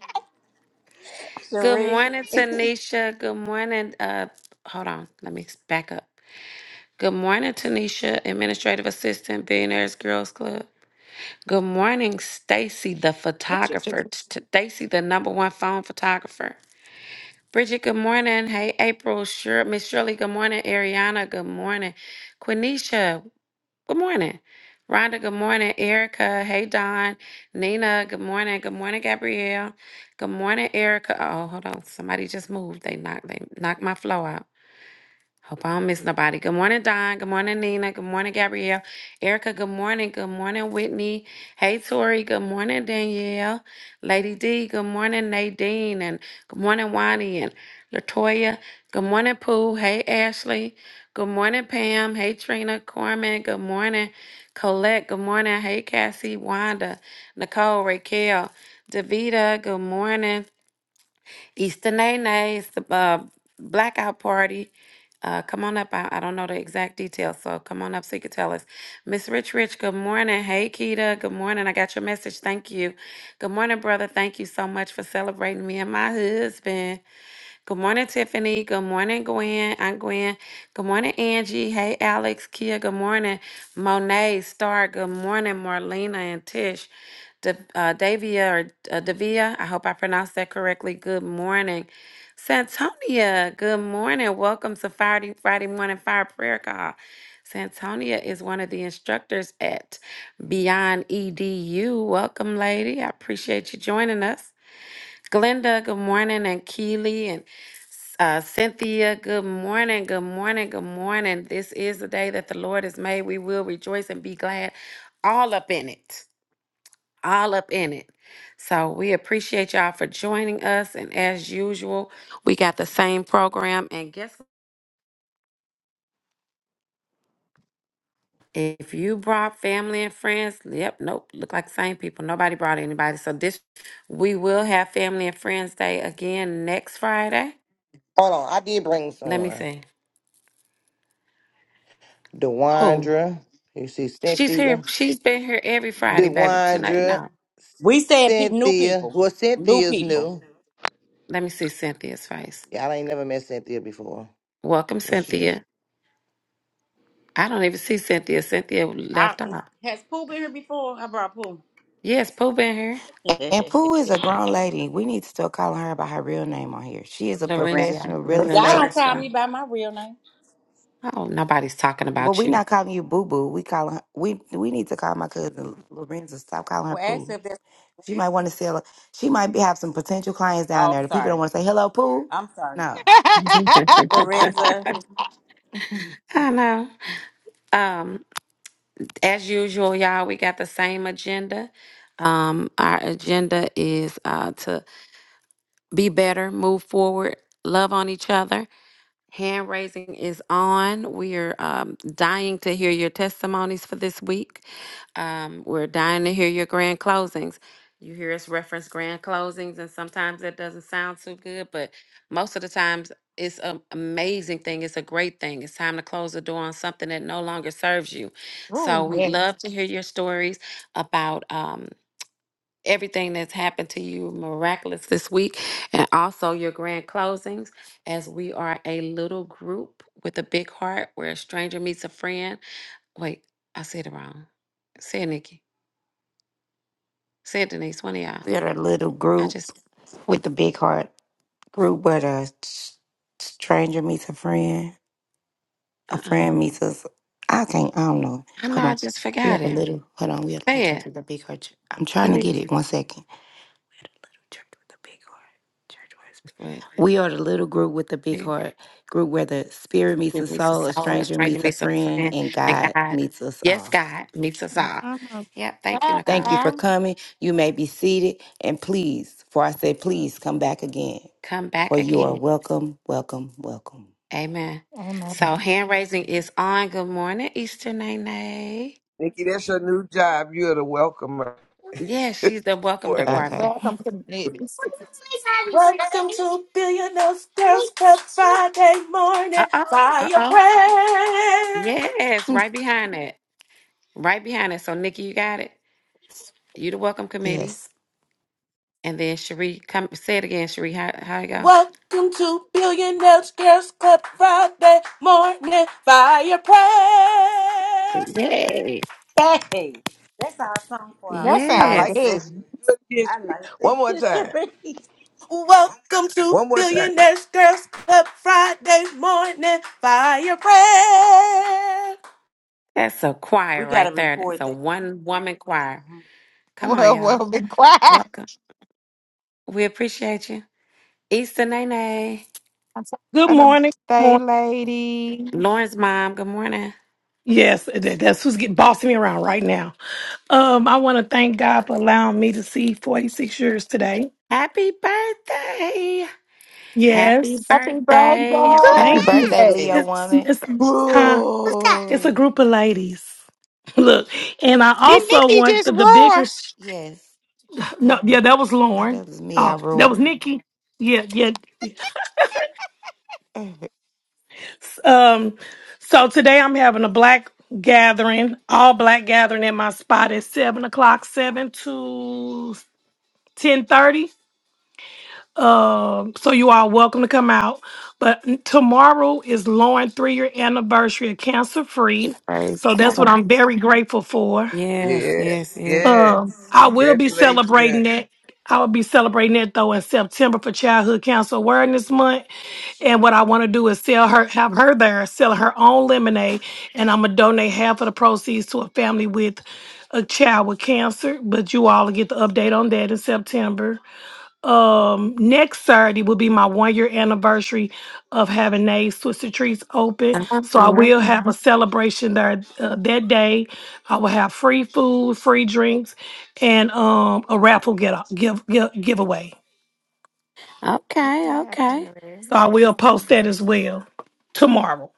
Good Cherie. morning, Tanisha. Good morning. Uh, hold on. Let me back up. Good morning, Tanisha, Administrative Assistant, Billionaires Girls Club. Good morning, Stacy, the your Cherie. photographer. T- t- Stacy, the number one phone photographer. Bridget, good morning. Hey, April, sure. Miss Shirley, good morning. Ariana, good morning. Quenisha, good morning. Rhonda, good morning. Erica, hey, Don. Nina, good morning. Good morning, Gabrielle. Good morning, Erica. Oh, hold on. Somebody just moved. They knocked, they knocked my flow out. Hope I don't miss nobody. Good morning, Don. Good morning, Nina. Good morning, Gabrielle. Erica, good morning. Good morning, Whitney. Hey, Tori. Good morning, Danielle. Lady D, good morning, Nadine. And good morning, Wani and Latoya. Good morning, Pooh. Hey, Ashley. Good morning, Pam. Hey, Trina. Corman. Good morning, Colette. Good morning. Hey, Cassie. Wanda. Nicole. Raquel. Davita. Good morning. Easter Nay Nays, the uh, blackout party. Uh, come on up. I, I don't know the exact details, so come on up so you can tell us. Miss Rich Rich, good morning. Hey, Keita, good morning. I got your message. Thank you. Good morning, brother. Thank you so much for celebrating me and my husband. Good morning, Tiffany. Good morning, Gwen. I'm Gwen. Good morning, Angie. Hey, Alex, Kia. Good morning, Monet, Star. Good morning, Marlena and Tish. Da- uh, Davia or uh, Davia. I hope I pronounced that correctly. Good morning, Santonia. Good morning. Welcome to Friday Friday morning fire prayer call. Santonia is one of the instructors at Beyond EDU. Welcome, lady. I appreciate you joining us. Glenda, good morning, and Keely and uh, Cynthia, good morning, good morning, good morning. This is the day that the Lord has made. We will rejoice and be glad all up in it, all up in it. So we appreciate y'all for joining us. And as usual, we got the same program. And guess what? If you brought family and friends, yep, nope, look like the same people. Nobody brought anybody. So this, we will have Family and Friends Day again next Friday. Hold on, I did bring Let me someone. see. Who? Dewandra. You see She's here. Cynthia. She's been here every Friday, baby. Tonight, Dewandra. no. we said pe- new Cynthia. people. Well, New Cynthia's people. new. Let me see Cynthia's face. Y'all ain't never met Cynthia before. Welcome, What's she? Cynthia. I don't even see Cynthia. Cynthia I, left off. has Pooh been here before? I brought Pooh. Yes, Pooh been here. And Pooh is a grown lady. We need to start calling her by her real name on here. She is a Lorenzo. Lorenzo. professional real But Y'all Lorenzo. estate. don't that's call right. me by my real name. Oh, nobody's talking But about we you. not calling you Boo Boo. We calling her, we we need to call my cousin Lorenzo. Stop calling her Well, ask Pooh. if that's. She might want to sell. She might be, have some potential clients down Oh, I'm there. The people don't sorry. want to say hello, Pooh. I'm sorry. No, Lorenza. I know. Um, as usual, y'all, we got the same agenda. Um, our agenda is uh, to be better, move forward, love on each other Hand raising is on. We're um, dying to hear your testimonies for this week. Um, we're dying to hear your grand closings. You hear us reference grand closings, and sometimes that doesn't sound too good, but most of the times it's an amazing thing. It's a great thing. It's time to close the door on something that no longer serves you. So we'd love to hear your stories about. um, everything that's happened to you miraculous this week and also your grand closings as we are a little group with a big heart where a stranger meets a friend. Wait, I said it wrong. Say it, Nikki. Say it, Denise. One of y'all. we're a little I group just, with the big heart group where the s- stranger meets a friend. a uh-uh. friend meets us. I think I don't know. I know Hold I on. just We forgot had a it. little. Hold on. We had a little Say it, church with a big heart. I'm trying to get Denise. it. One second. We had a little church with a big heart. Church where it's But big. We are the little group with the big yeah, heart. Group where the spirit meets the it meets a soul, a soul, a stranger stranger meets a meets a friend, friend, and and God God, meets us yes, all. God meets us all. Mhm. Yep. Thank you, Ah, Thank Nicole. you for coming. You may be seated, and please, for I say, please come back again. Come back For you again. are welcome, welcome, welcome. Amen. oh my So God. hand raising is on. Good morning, Easter Nene. Nikki, that's your new job. You're the welcomer. Yes, she's the welcome Morning. department. Okay. Welcome to the ladies. Welcome to Billionaires Girls Club Friday Uh morning oh. Uh fire oh. prayer. Yes, right behind it. Right behind it. So Nikki, you got it. You the welcome committee. Yes. And then Cherie, come say it again, Cherie. How how you go? Welcome to Billionaires Girls Club Friday morning fire prayer. Yay. Hey, that's our song for our. That I sounds like Yes. good. that. Good I history. like it. One more time. Cherie. Welcome to One more time. Billionaires Girls Club Friday morning fire prayer. That's a We choir gotta right there. That's record a that. one woman choir. Mhm. Come on, Well, y'all. well, be quiet. Welcome. We appreciate you. Easter Nene. I'm sorry Good For the morning. Good birthday, morning. lady. Lauren's mom, good morning. Yes, that- that's who's getting bossing me around right now. Um, I want to thank God for allowing me to see 46 years today. Happy birthday! Happy Yes. Happy birthday! Happy Happy Thank birthday! you. birthday, birthday. Leo Jesus. It's, woman. it's, huh? it's a Roar. group of ladies. Look, and I Did also Nikki want just the, the bigger. roar? sh- Yes. No, yeah, that was Now Lauren. that was me. I Oh, that roared. was Nikki. Yeah, yeah. Yes. okay, Um, so today I'm having a black gathering, all black gathering at my spot at seven o'clock, seven to ten thirty. Um, so you are welcome to come out. But n- tomorrow is Lauren three year anniversary of cancer free. Give Praise So that's what God. I'm very grateful for. Yes, yes, Yes. yes. Yes. Um, I will be celebrating Congratulations. that. I will be celebrating that though in September for Childhood Cancer Awareness Month. And what I want to do is sell her, have her there, sell her own lemonade, and I'm gonna donate half of the proceeds to a family with a child with cancer. But you all will get the update on that in September um next Saturday will be my one year anniversary of having Nays Twisted Treats open. Come on So I here. will have a celebration there uh, that day. I will have free food, free drinks, and um a raffle get give, give giveaway. Okay, okay. itinerary. So I will post that as well tomorrow.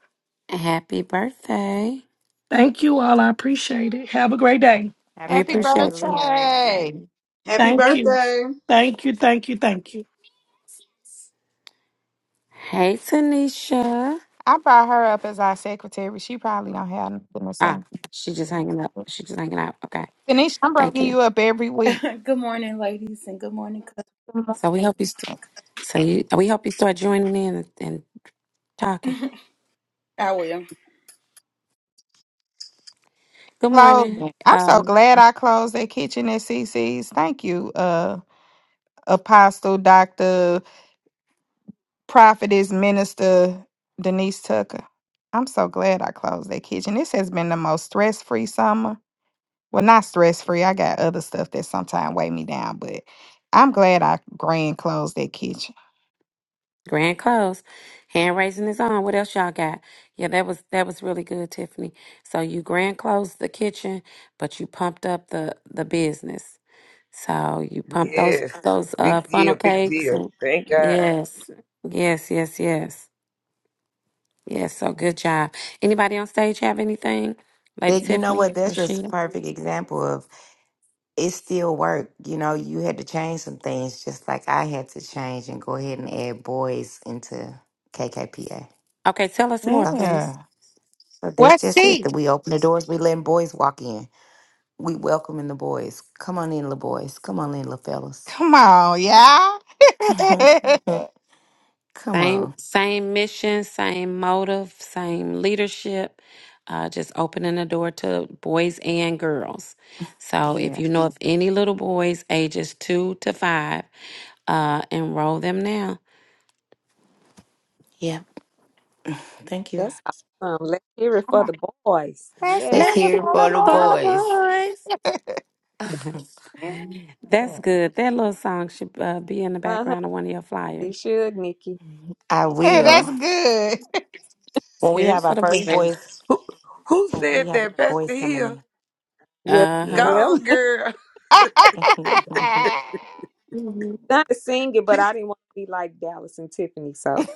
Happy birthday. Thank you all. I appreciate it. Have a great day. We Happy Happy birthday, appreciate you. Leo birthday. lady. Happy Thank you. birthday. Thank you. Thank you. Thank you. Hey, Tanisha. I brought her up as our secretary. She probably don't have nothing to say. Ah, she just hanging up. She just hanging out. Okay, Tanisha, I'm thank bringing you. you up every week. good morning, ladies, and good morning. So we hope you. St- so you, we hope you start joining in and, and talking. cuz- I will. Good Close. morning. I'm Um. so glad I closed that kitchen at CC's. Thank you, uh, Apostle, Doctor, Prophetess, Minister Denise Tucker. I'm so glad I closed that kitchen. This has been the most stress free summer. Well, not stress free. I got other stuff that sometimes weigh me down, but I'm glad I grand closed that kitchen. Grand close. Hand raising is on. What else y'all got? Yeah, that was that was really good, Tiffany. So you grand closed the kitchen, but you pumped up the the business. So you pumped those Yes. those uh Big funnel deal. Big cakes deal. and Thank God. yes. Yes, yes, yes. Yes, so good job. Anybody on stage have anything? Lady That you know Tiffany, what? That's just a Rashida. perfect example of it still work. You know, you had to change some things, just like I had to change and go ahead and add boys into KKPA. Okay, tell us more, So, please. Yeah. so that's What's just it. cheap? That we open the doors, we letting boys walk in. We welcoming the boys. Come on in, little boys. Come on in, little fellas. Come on, y'all. Come Same on. same mission, same motive, same leadership. Uh, just opening the door to boys and girls. So if Yeah. you know of any little boys ages two to five, uh, enroll them now. Yeah. Thank you. That's awesome. Let's hear it I for know. the boys. That's Yeah, Let's it. Let's What's see hear it for it the for going boys. the on? boys. That's good. That little song should uh, be in the uh-huh. background of one of your They flyers. should, Nikki. I Hey, Yeah. will. that's good. When we Here's have for our the first boys. boys, Who who when we said had that? boys Pastor coming Hill. in. Yes, Uh huh. Yes. ma'am. Gone girl. We Not to sing it, but She's, I didn't want to be like Dallas and Tiffany. So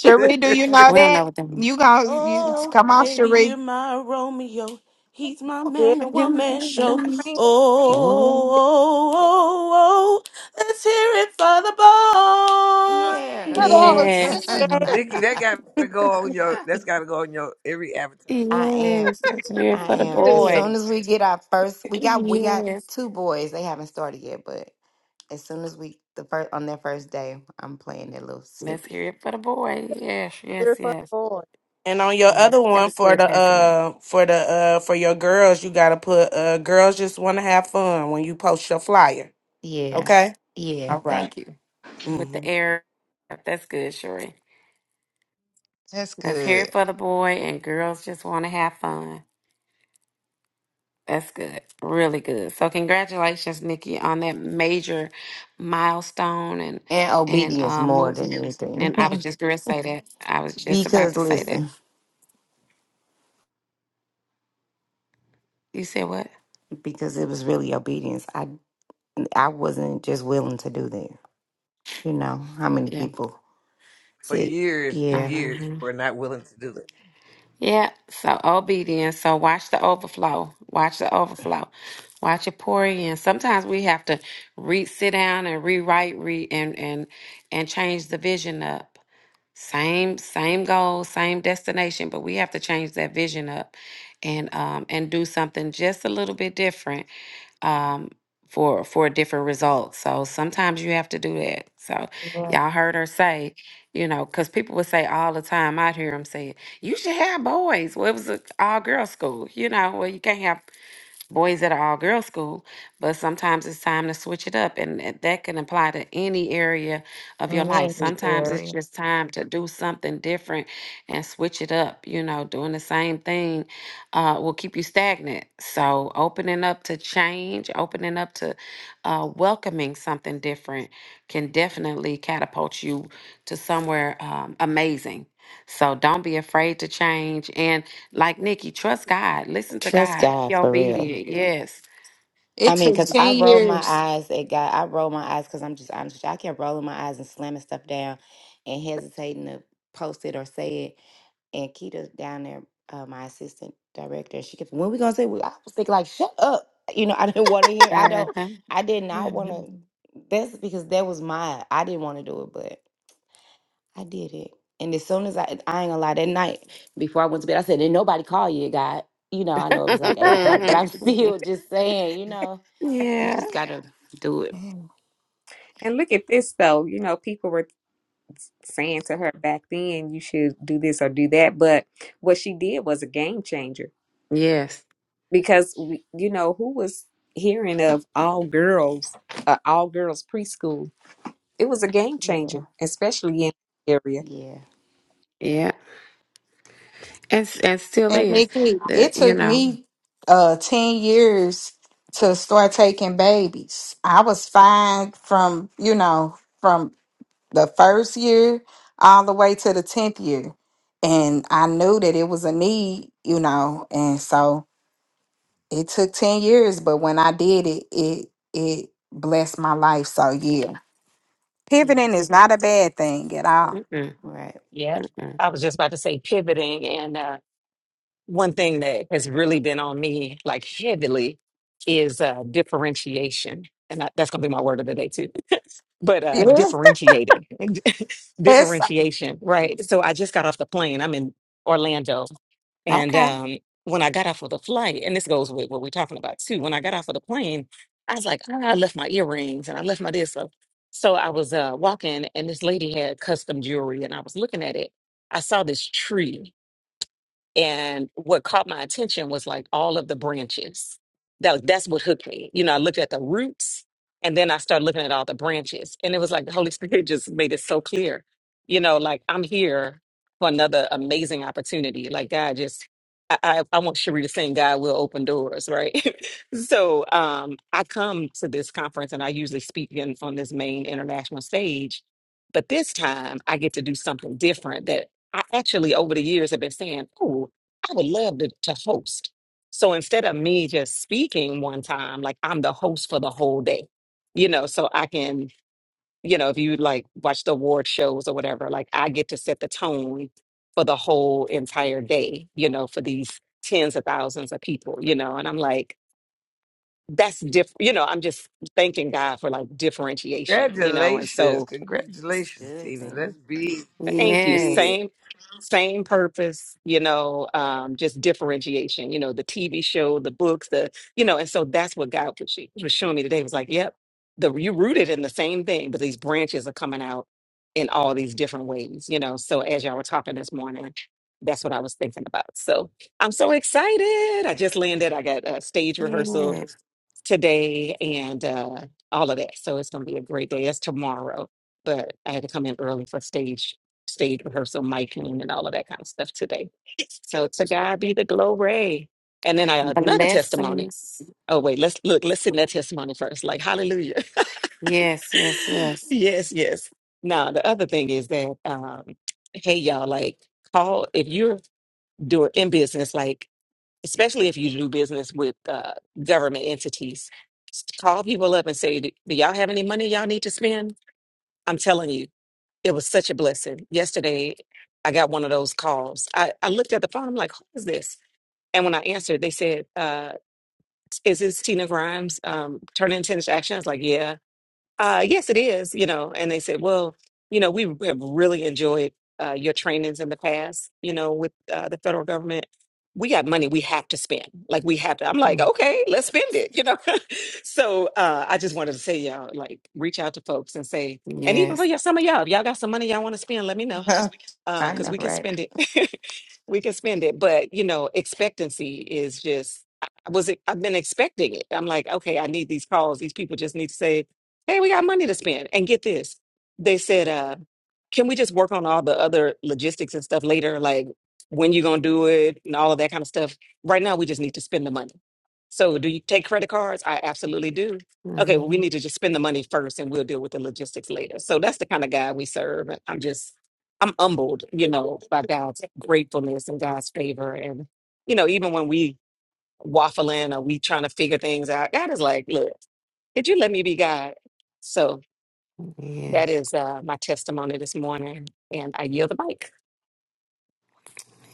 Cherie, do you know don't that? know what that means. You gonna you Oh, come on, maybe you're Cherie. my Romeo. He's my yeah, man, a You're one my man little show. one. sing Oh. Oh, oh, oh, oh, let's hear it for the yeah. Oh, that boys. was Yes. good. it. Nikki, that gotta go on your that's gotta go on your every advertisement. I am. Yes. Let's hear it I That for the was am. As boy. good. soon as we get our first, we got we got Yes. two boys. They haven't started yet, but as soon as we the first on their first day, I'm playing that little Let's snippet. hear it for the boy. Yes, Hear yes, it for the yes. boys. And on your Yeah. other That one was for good, the Pastor. uh for the uh for your girls, you gotta put uh girls just want to have fun when you post your flyer. Yeah. Okay. Yeah. All right. Thank you. With the Mm-hmm. air. That's good, Sheree. That's Let's hear good. it for the boy and girls just want to have fun. That's good. Really good. So congratulations, Nikki, on that major milestone and And and obedience um more moving. than anything. And I was just gonna say that. I was just about because to say that. listen, You said what? because it was really obedience. I I wasn't just willing to do that. You know, how many Yeah. people For said, years and yeah, years you Mm-hmm. were not willing to do that. Yeah, so obedience. So watch the overflow. Watch the overflow. Watch it pour in. Sometimes we have to re sit down and rewrite, re and and and change the vision up. Same same goal, same destination, but we have to change that vision up and um and do something just a little bit different um, for for a different result. So sometimes you have to do that. So Yeah. y'all heard her say, you know, because people would say all the time. I'd hear them say, "You should have boys." Well, it was an all girl school, you know. Well, you can't have boys at an all girls school, but sometimes it's time to switch it up. And that that can apply to any area of your In life. any Sometimes it's area. just time to do something different and switch it up. You know, doing the same thing uh, will keep you stagnant. So opening up to change, opening up to uh, welcoming something different can definitely catapult you to somewhere um, amazing. So don't be afraid to change. And like Nikki, trust God, listen to trust God, be God for real. obedient. Yes. I It mean, took because I ten roll my years. eyes at God. I roll my eyes because I'm just honest with you. I kept rolling my eyes and slamming stuff down and hesitating to post it or say it. and Keita down there, uh, my assistant director, she kept, when we gonna say, we, I was thinking like, shut up. You know, I didn't want to hear, I don't, Uh-huh. I did not want to, that's because that was my, I didn't want to do it, but I did it. And as soon as I, I ain't gonna lie, that night before I went to bed, I said, didn't nobody call you, God. You know, I know it was like eight o'clock, but I'm still just saying, you know, you yeah. just gotta do it. And look at this though. You know, people were saying to her back then you should do this or do that but what she did was a game changer Yes. because we, you know who was hearing of all girls uh, all girls preschool it was a game Yeah, changer especially in the area yeah, Yeah. And s- and still And is Nikki, the it you took know. me uh 10 years to start taking babies. I was fine from, you know, from the first year all the way to the 10th year. And I knew that it was a need, you know, and so it took 10 years, but when I did it, it it blessed my life. So yeah. yeah, Pivoting is not a bad thing at all. Mm-mm, right. Yep. mm-mm. I was just about to say pivoting and uh one thing that has really been on me like heavily is uh, differentiation and I, that's going to be my word of the day too but uh, Yes. differentiating differentiation right so i just got off the plane i'm in orlando and Okay. um, when i got off of the flight and this goes with what we're talking about too when i got off of the plane i was like "Ah, i left my earrings and i left my this so, so i was uh, walking and this lady had custom jewelry and i was looking at it i saw this tree and what caught my attention was like all of the branches. That that's what hooked me. You know, I looked at the roots and then I started looking at all the branches. And it was like the Holy Spirit just made it so clear. You know, like I'm here for another amazing opportunity. Like God just I, I, I want Cherie to sing God will open doors, right? so um I come to this conference and I usually speak in on this main international stage, but this time I get to do something different I actually, over the years, have been saying, "Oh, I would love to, to host." So instead of me just speaking one time, like I'm the host for the whole day, you know, so I can, you know, if you like watch the award shows or whatever, like I get to set the tone for the whole entire day, you know, for these tens of thousands of people, you know, and I'm like, that's different, you know, I'm just thanking God for like differentiation, you know, and Congratulations. so That's Congratulations, good, Tina. Tina. That's big, big, Thank you. Yes. big. Same, same purpose, you know, um, just differentiation, you know, the TV show, the books, the, you know, and so that's what God was, she, was showing me today. It was like, yep, the you rooted in the same thing, but these branches are coming out in all these different ways, you know. So as y'all were talking this morning, that's what I was thinking about. So I'm so excited. I just landed. I got a stage rehearsal Yes. today and uh, all of that. So it's going to be a great day. It's tomorrow, but I had to come in early for stage stage rehearsal, miking, and all of that kind of stuff today. So to God be the glory. And then I another testimony. Blessings. Oh wait, let's look. Let's send that testimony first. Like hallelujah. Yes. Yes. Yes. yes, yes. Now the other thing is that um, hey y'all, like call if you're doing in business, like especially if you do business with uh, government entities, s- call people up and say, Do do y'all have any money y'all need to spend? I'm telling you, it was such a blessing. Yesterday, I got one of those calls. I, I looked at the phone, I'm like, Who is this? And when I answered, they said, uh, Is this Tina Grimes um, turning into action? I was like, Yeah. Uh, yes, it is, you know. And they said, well, you know, we have really enjoyed uh, your trainings in the past, you know, with uh, the federal government. We got money we have to spend. Like we have to. I'm like, Mm, okay, let's spend it, you know. so uh, I just wanted to say, y'all, like, reach out to folks and say, and even for Yes. y'all, some of y'all, if y'all got some money y'all want to spend, let me know uh I because know, we can right? spend it we can spend it but you know expectancy is just i I was it? i've been expecting it i'm like okay i need these calls these people just need to say hey we got money to spend and get this they said uh can we just work on all the other logistics and stuff later like when you gonna do it and all of that kind of stuff right now we just need to spend the money so do you take credit cards i absolutely do okay well, we hmm need to just spend the money first and we'll deal with the logistics later so that's the kind of guy we serve and i'm just I'm humbled, you know, by God's gratefulness and God's favor. And, you know, even when we waffling or we trying to figure things out, God is like, look, did you let me be God? So that Yes. is uh, my testimony this morning. And I yield the mic.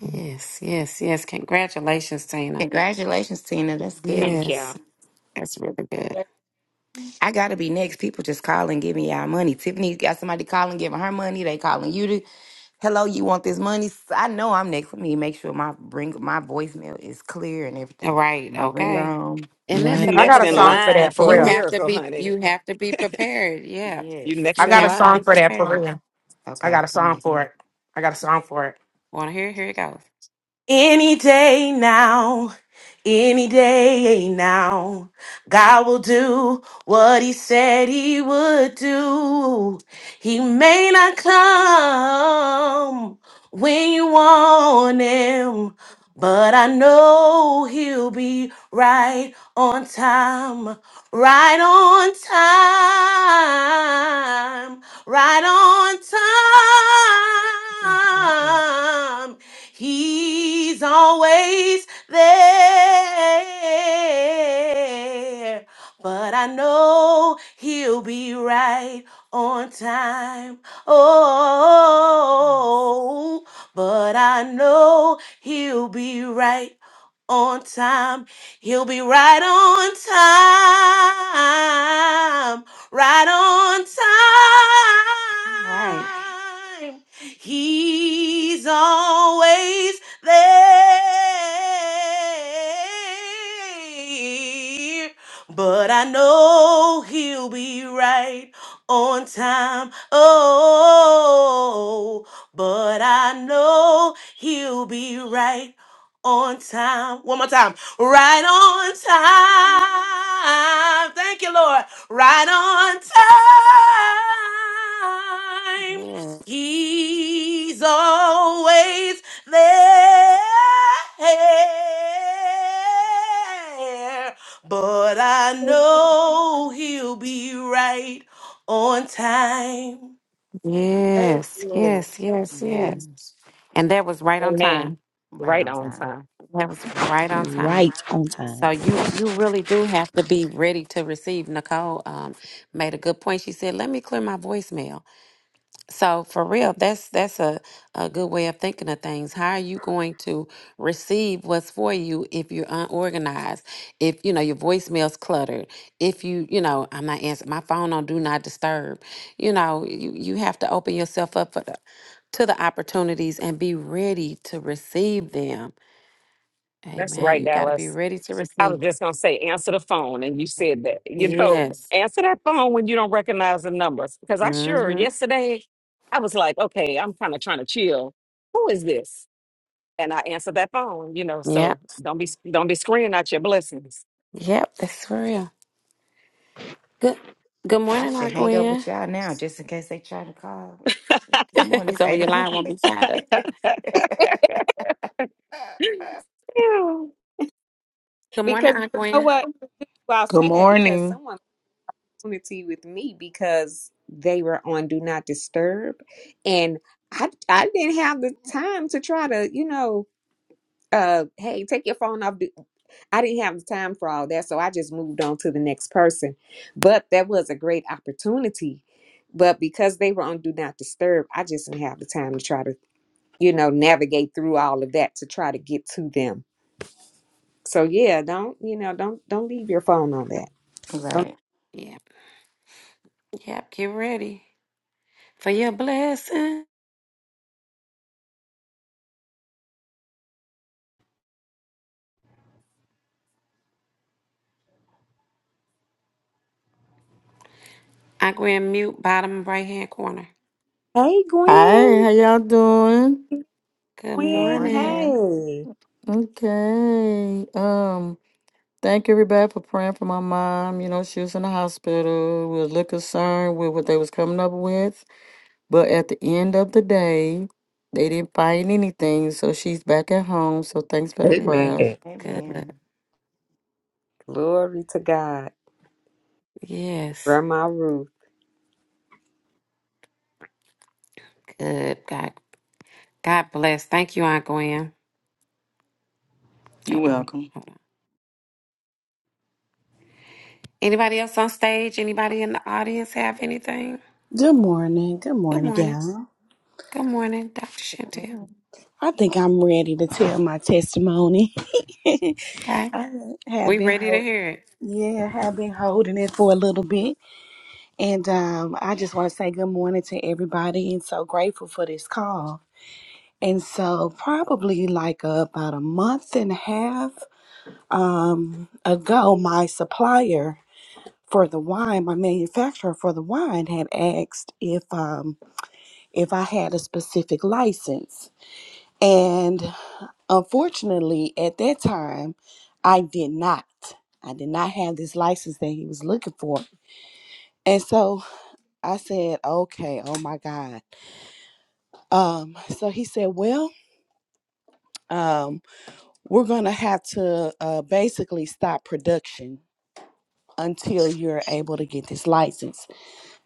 Yes. Yes. Yes. Congratulations, Tina. Congratulations, Tina. That's good. Thank you. Yes. That's really good. I gotta be next. People just call and give me our money. Tiffany's got somebody calling, giving her money. They calling you to, hello, you want this money? S- I know I'm next. Let me make sure my ring, my voicemail is clear and All everything. right. My Okay. ringer home. And that's Right, You I another got Next a in thing. song for line that for for a You real. have to miracle, be honey. you have to be prepared. Yeah. You Yes. I next You in got a have to song be line. for that for prepared. real. I Okay, got a come song with. for it. I got a song for it. Wanna hear? Here it goes. Any day now, any day now, God will do what He said He would do. He may not come when you want Him, but I know He'll be right on time, right on time, right on Mm, mm, mm. time. He's always there. But I know he'll be right on time. Yes. Oh, but I know he'll be right on time. He'll be right on time. Right on All right. time. He's always there. But I know he'll be right on time. Oh, but I know he'll be right on time. One more time. Right on time. Thank you, Lord. Right on time. Yes. He's always there. But I know he'll be right on time. Thank Yes. Yes. Yes. Yes. Yes. And that was right on time. Amen. Right Right on on time. time. That was right on time. right on So time. you you really do have to be ready to receive. Nicole um, made a good point. She said, "Let me clear my voicemail." So for real, that's that's a, a good way of thinking of things. How are you going to receive what's for you if you're unorganized? If you know your voicemail's cluttered, if you, you know, I'm not answering my phone on do not disturb. You know, you, you have to open yourself up for the to the opportunities and be ready to receive them. That's Amen. right, You gotta be Dallas. ready to I receive. was just gonna say, answer the phone, and you said that. You know, Yes. answer that phone when you don't recognize the numbers. Because I sure Mm-hmm. yesterday, I was like, okay, I'm kind of trying to chill. Who is this? And I answered that phone. You know, Yep. so don't be don't be screaming out your blessings. Yep, that's for real. Good good I morning, should Aunt hang up Gwen. with y'all now, just in case they try to call. This morning it's so eight your line o'clock. won't be tied up. Yeah. Good morning, because you Aunt know Gwen. what well, i'll Good say that because morning. someone community with me because they were on do not disturb and i i didn't have the time to try to you know uh hey take your phone off I didn't have the time for all that, so I just moved on to the next person. But that was a great opportunity. But because they were on Do Not Disturb, I just didn't have the time to try to, you know, navigate through all of that to try to get to them. So yeah, don't you know, don't don't leave your phone on that. Don't- right. Yep, yep. Get ready for your blessing. Aunt Gwen, mute bottom right hand corner. hey Hi, Gwen, how y'all doing? Good Good Gwen, morning. morning. hey, Okay. Um, thank everybody for praying for my mom. You know, she was in the hospital. We was a little concerned with what they was coming up with. But at the end of the day, they didn't find anything, so she's back at home. So thanks for the Amen. Good, prayers. good. Amen. glory to God, Yes, Grandma Ruth, good. God, God bless. Thank you, Aunt Gwen. Uh You're oh, welcome. hold on. Anybody else on stage? Anybody in the audience have anything? Good morning. Good Good morning, morning. y'all. Good morning, Dr. Chantel. I think I'm ready to tell my testimony. Okay, I have we been ready to hurt. hear it. Yeah, I have been holding it for a little bit. And um, I just want to say good morning to everybody and so grateful for this call. And so, probably like about a month and a half um, ago, my supplier for the wine, my manufacturer for the wine, had asked if. Um, if I had a specific license. And unfortunately, at that time, I did not. I did not have this license that he was looking for. And so I said, okay, oh my God. Um, so he said, well, um, we're going to have to uh, basically stop production until you're able to get this license.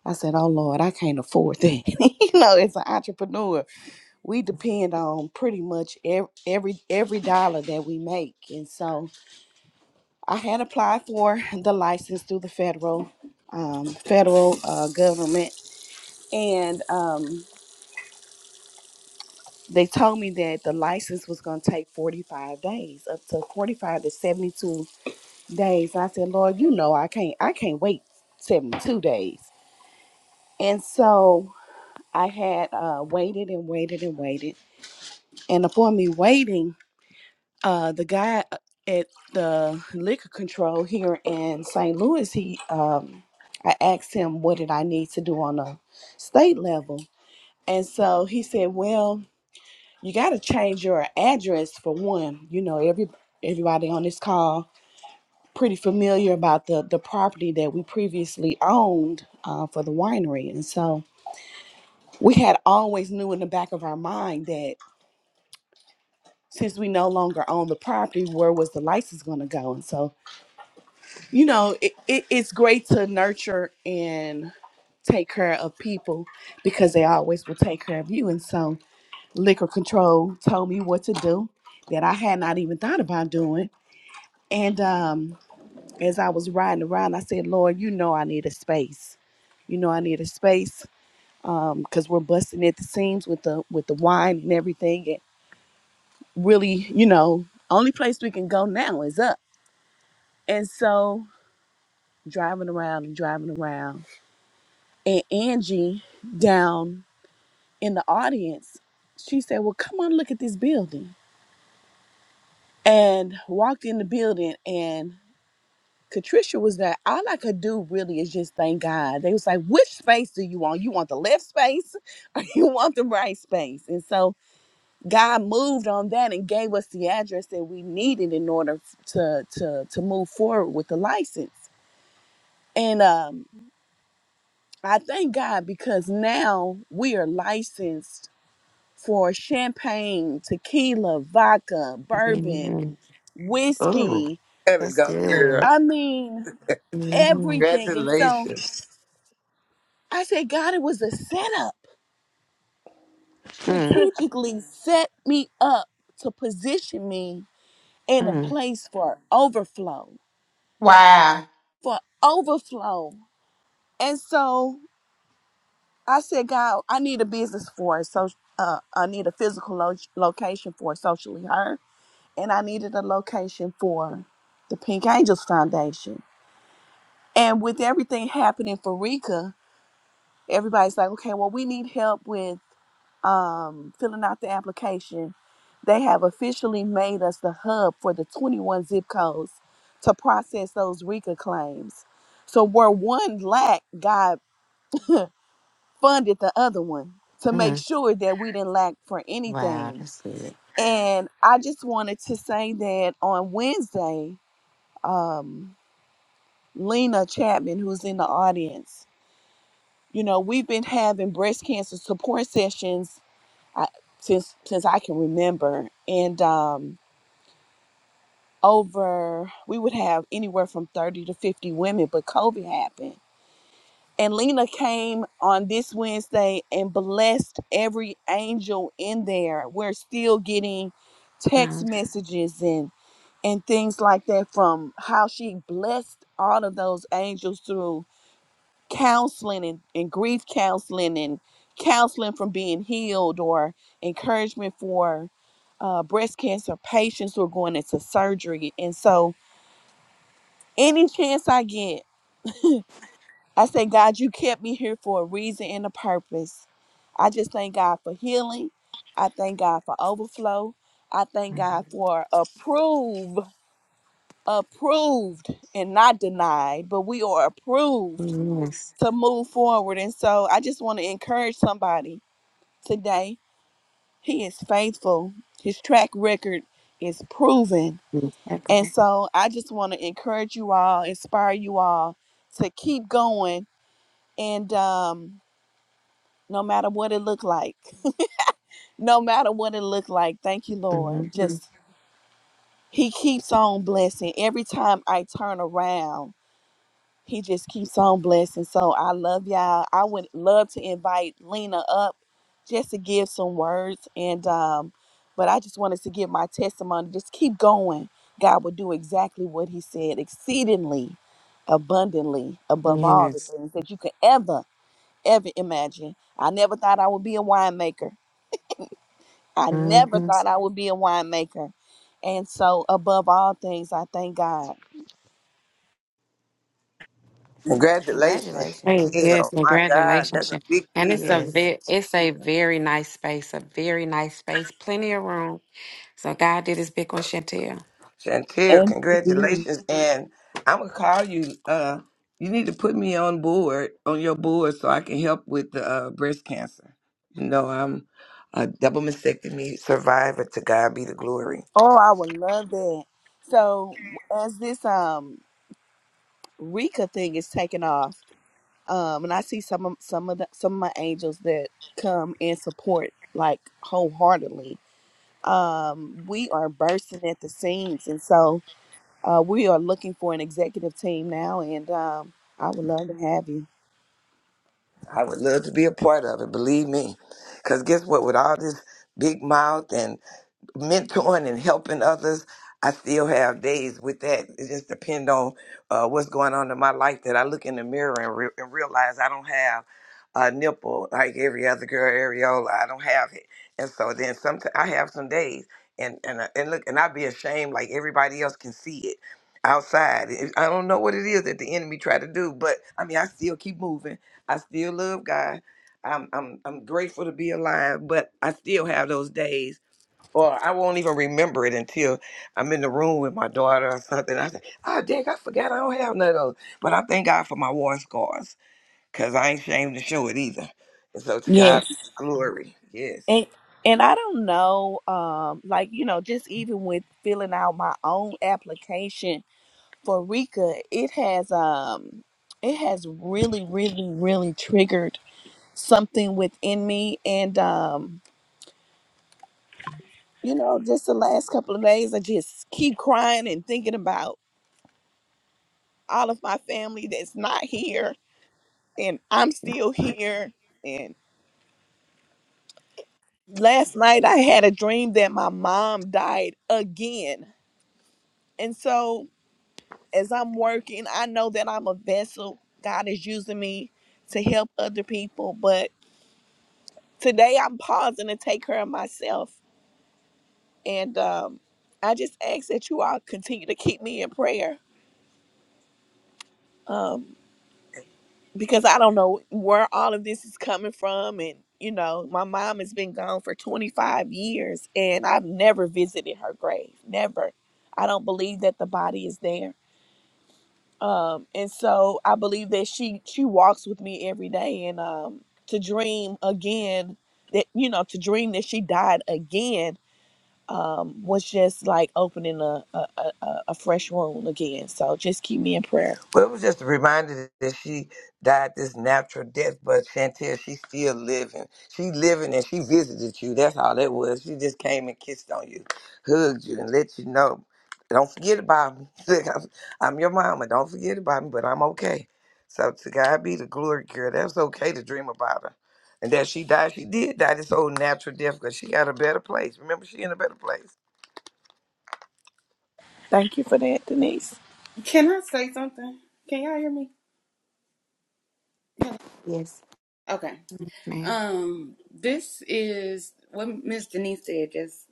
I said, oh Lord, I can't afford that. you know, as an entrepreneur, we depend on pretty much every, every every dollar that we make and so i had applied for the license through the federal um, federal uh, government and um, they told me that the license was going to take 45 days up to 45 to 72 days and i said lord you know i can't i can't wait 72 days and so i had uh, waited and waited and waited and upon me waiting uh, the guy uh, at the liquor control here in St. Louis, he um, I asked him what did I need to do on a state level, and so he said, "Well, you got to change your address for one. You know, every everybody on this call pretty familiar about the the property that we previously owned uh, for the winery, and so we had always knew in the back of our mind that." Since we no longer own the property, where was the license going to go? And so you know it, it, it's great to nurture and take care of people because they always will take care of you and so liquor control told me what to do that i had not even thought about doing and um as i was riding around i said lord you know i need a space you know i need a space um because we're busting at the seams with the with the wine and everything and really you know only place we can go now is up and so driving around and driving around and Angie down in the audience, she said, Well, come on, look at this building. And walked in the building, and Katricia was there. All I could do really is just thank God. They was like, Which space do you want? You want the left space or you want the right space? And so God moved on that and gave us the address that we needed in order to, to, to move forward with the license. And um, I thank God because now we are licensed for champagne, tequila, vodka, bourbon, Mm, Oh, whiskey. Gotta that's go, good. girl. I mean, mm, everything. And so Congratulations. I said, God, it was a setup, mm, strategically set me up to position me in a place for overflow, Wow. for overflow. And so I said, God, I need a business for it. So uh, I need a physical lo- location for socially her, and I needed a location for the Pink Angels Foundation. And with everything happening for Rika, everybody's like, okay, well, we need help with um, filling out the application. They have officially made us the hub for the 21 zip codes to process those Rika claims. So where one lacked, God funded the other one to make mm. sure that we didn't lack for Wow, anything. that's good. And I just wanted to say that on Wednesday, um, Lena Chapman, who's in the audience, You know, we've been having breast cancer support sessions I, since since I can remember, and um, over we would have anywhere from thirty to fifty women. But COVID happened, and Lena came on this Wednesday and blessed every angel in there. We're still getting mm. text messages and and things like that from how she blessed all of those angels through counseling and, and grief counseling and counseling from being healed or encouragement for uh, breast cancer patients who are going into surgery. And so, any chance I get, I say, God, you kept me here for a reason and a purpose. I just thank God for healing. I thank God for overflow. I thank God Mhm. for approve, approved and not denied, but we are approved Yes. to move forward. And so I just want to encourage somebody today. He is faithful. His track record is proven. And Impeccable. so I just want to encourage you all, inspire you all to keep going and um no matter what it looked like. No matter what it looked like. Thank you, Lord. Mhm. Just he keeps on blessing every time I turn around. He just keeps on blessing. So I love y'all. I would love to invite Lena up just to give some words. And um, but I just wanted to give my testimony. Just keep going. God will do exactly what he said, exceedingly abundantly above all the Yes. things that you could ever, ever imagine. I never thought I would be a winemaker. I never hmm thought I would be a winemaker. And so above all things, I thank God. Congratulations, Congratulations. yes, Chantel. My God, that's congratulations. a big And deal. it's a Yes. very, it's a very nice space, a very nice space, plenty of room. So God did his big one, Chantel. Chantel, congratulations. And I'm going to call you. Uh, you need to put me on board, on your board, so I can help with the uh, breast cancer. You know, I'm a double mastectomy survivor. To God be the glory. Oh, I would love that. So as this um Rika thing is taking off, um, and I see some of some of the some of my angels that come and support like wholeheartedly. Um, we are bursting at the seams, and so uh, we are looking for an executive team now, and um, I would love to have you. I would love to be a part of it, believe me. Because guess what? With all this big mouth and mentoring and helping others, I still have days with that. It just depends on uh, what's going on in my life that I look in the mirror and, re- and realize I don't have a nipple like every other girl, areola. I don't have it, and so then sometimes I have some days, and and I- and look, and I'd be ashamed like everybody else can see it outside. It- I don't know what it is that the enemy tried to do, but I mean, I still keep moving. I still love God. I'm I'm I'm grateful to be alive, but I still have those days or I won't even remember it until I'm in the room with my daughter or something. I say, oh, dang, I forgot I don't have none of those. But I thank God for my war scars because I ain't ashamed to show it either. And so to Yes, God be the glory. Yes. and and I don't know, um, like you know, just even with filling out my own application for Rika, it has um it has really, really, really triggered something within me. And um, you know, just the last couple of days I just keep crying and thinking about all of my family that's not here and I'm still here. And last night I had a dream that my mom died again. And so as I'm working, I know that I'm a vessel. God is using me to help other people, but Today I'm pausing to take care of myself. And um, I just ask that you all continue to keep me in prayer because I don't know where all of this is coming from. And, you know, my mom has been gone for 25 years and I've never visited her grave. Never. I don't believe that the body is there. Um, and so I believe that she she walks with me every day and um to dream again that you know to dream that she died again um, was just like opening a, a, a, a fresh wound again. So just keep me in prayer. Well, it was just a reminder that she died this natural death, but Chantel, she's still living. She living and she visited you. That's all it was. She just came and kissed on you, hugged you, and let you know. Don't forget about me. Look, I'm, I'm your mama. Don't forget about me, but I'm okay. So to God be the glory, girl. That's okay to dream about her. And that she died, she did die this old natural death because she got a better place. Remember, she in a better place. Thank you for that, Denise. Can I say something? Can y'all hear me? Hello. Yes. Okay. Man, Um, this is what Miss Denise said. Just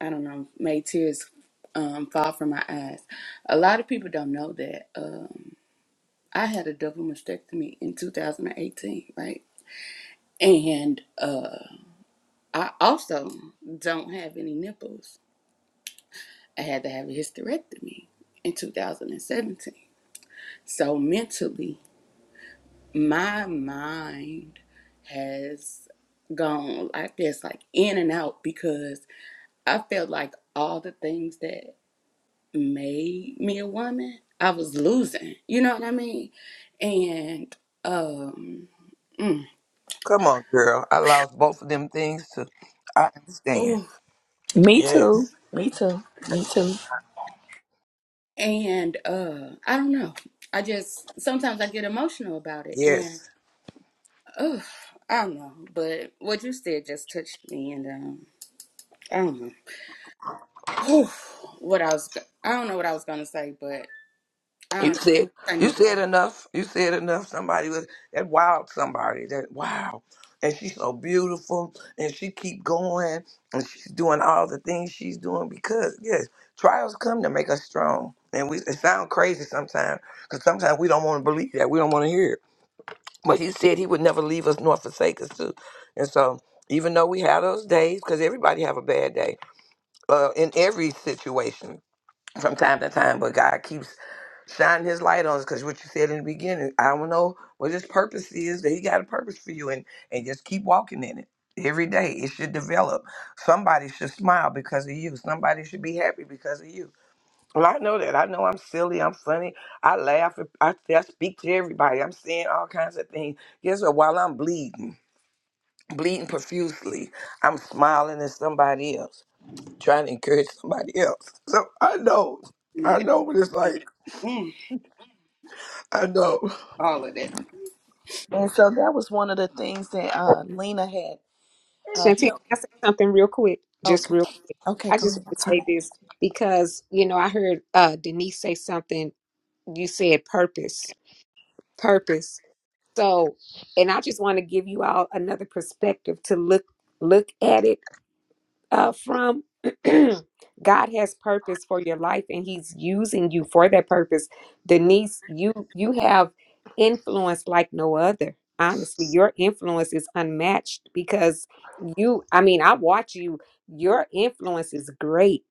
I don't know, made tears um fall from my eyes. A lot of people don't know that um I had a double mastectomy in 2018, right? And uh, I also don't have any nipples. I had to have a hysterectomy in 2017. So mentally. my mind has gone like this, like in and out, because I felt like all the things that made me a woman, I was losing. You know what I mean? And um, mm, Come on, girl. I lost both of them things, too. I understand. oh, Me Yes. too. Me too. Me too. and uh, I don't know. I just sometimes I get emotional about it, and Yes. oh, I don't know. But what you said just touched me, and um, I don't know. Whew, what I was, I don't know what I was gonna say, but. I don't. know. You said I you needed said enough. You said enough. Somebody was that wild somebody. That wow. And she's so beautiful and she keep going and she's doing all the things she's doing because yes, trials come to make us strong. And we it sound crazy sometimes because sometimes we don't want to believe that. We don't want to hear it. But he said he would never leave us nor forsake us too. And so even though we have those days, because everybody have a bad day, uh, in every situation, from time to time, but God keeps shining his light on us because what you said in the beginning, I don't know what his purpose is, but he got a purpose for you and and just keep walking in it. Every day it should develop. Somebody should smile because of you. Somebody should be happy because of you. Well, I know that. I know I'm silly. I'm funny. I laugh. I, I speak to everybody. I'm saying all kinds of things. Guess what? While I'm bleeding, bleeding profusely, I'm smiling at somebody else trying to encourage somebody else. So I know, to see I it. know what it's like. Mm, I know. all of that. And so that was one of the things that uh, Lena had uh, Shantina. Can helped. I say something real quick? Just Okay. real. Okay, I go just ahead. want I'm to say sorry. this because you know I heard uh, Denise say something you said purpose purpose so and i just want to give you all another perspective to look look at it uh, from god has purpose for your life and he's using you for that purpose denise you you have influence like no other honestly your influence is unmatched because you i mean i watch you your influence is great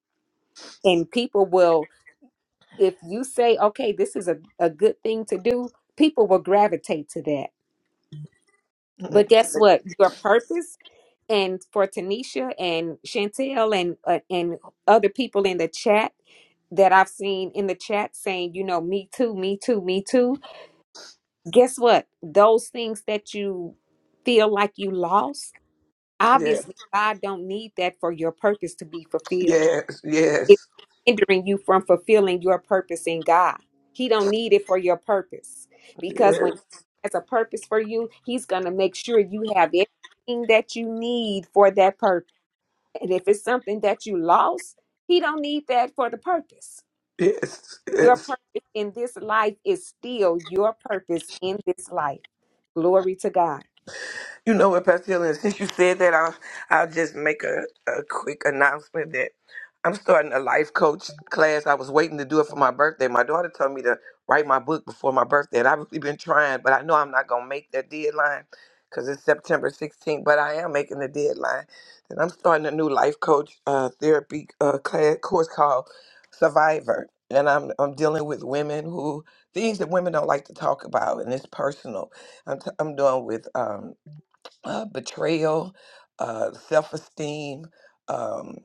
and people will if you say, okay, this is a, a good thing to do, people will gravitate to that. But guess what? Your purpose and for Tanisha and Chantel and uh, and other people in the chat that I've seen in the chat saying, you know, me too, me too, me too. Guess what? Those things that you feel like you lost, Yes, obviously God don't need that for your purpose to be fulfilled yes, It's yes, hindering you from fulfilling your purpose in God. He don't need it for your purpose because when God yes, has a purpose for you, He's gonna make sure you have everything that you need for that purpose. And if it's something that you lost, He don't need that for the purpose. yes, Your yes. purpose in this life is still your purpose in this life. Glory to God. You know what, Pastor Hill, and since you said that, I'll, I'll just make a, a quick announcement that I'm starting a life coach class. I was waiting to do it for my birthday. My daughter told me to write my book before my birthday, and I've really been trying, but I know I'm not going to make that deadline because it's September 16th, but I am making the deadline. And I'm starting a new life coach uh, therapy uh, class course called Survivor. And I'm, I'm dealing with women who, things that women don't like to talk about, and it's personal. I'm, t- I'm doing with um, uh, betrayal, uh, self esteem, um,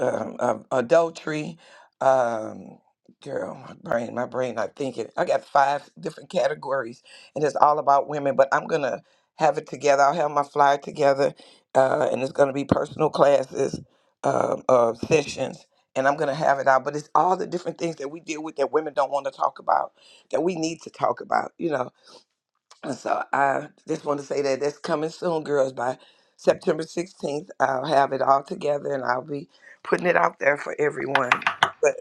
um, uh, adultery. Um, girl, my brain, my brain, not thinking. I got five different categories, and it's all about women, but I'm going to have it together. I'll have my flyer together, uh, and it's going to be personal classes, um uh, sessions. And I'm gonna have it out, but it's all the different things that we deal with that women don't want to talk about, that we need to talk about. You know, and so I just want to say that that's coming soon, girls. By September 16th, I'll have it all together and I'll be putting it out there for everyone. But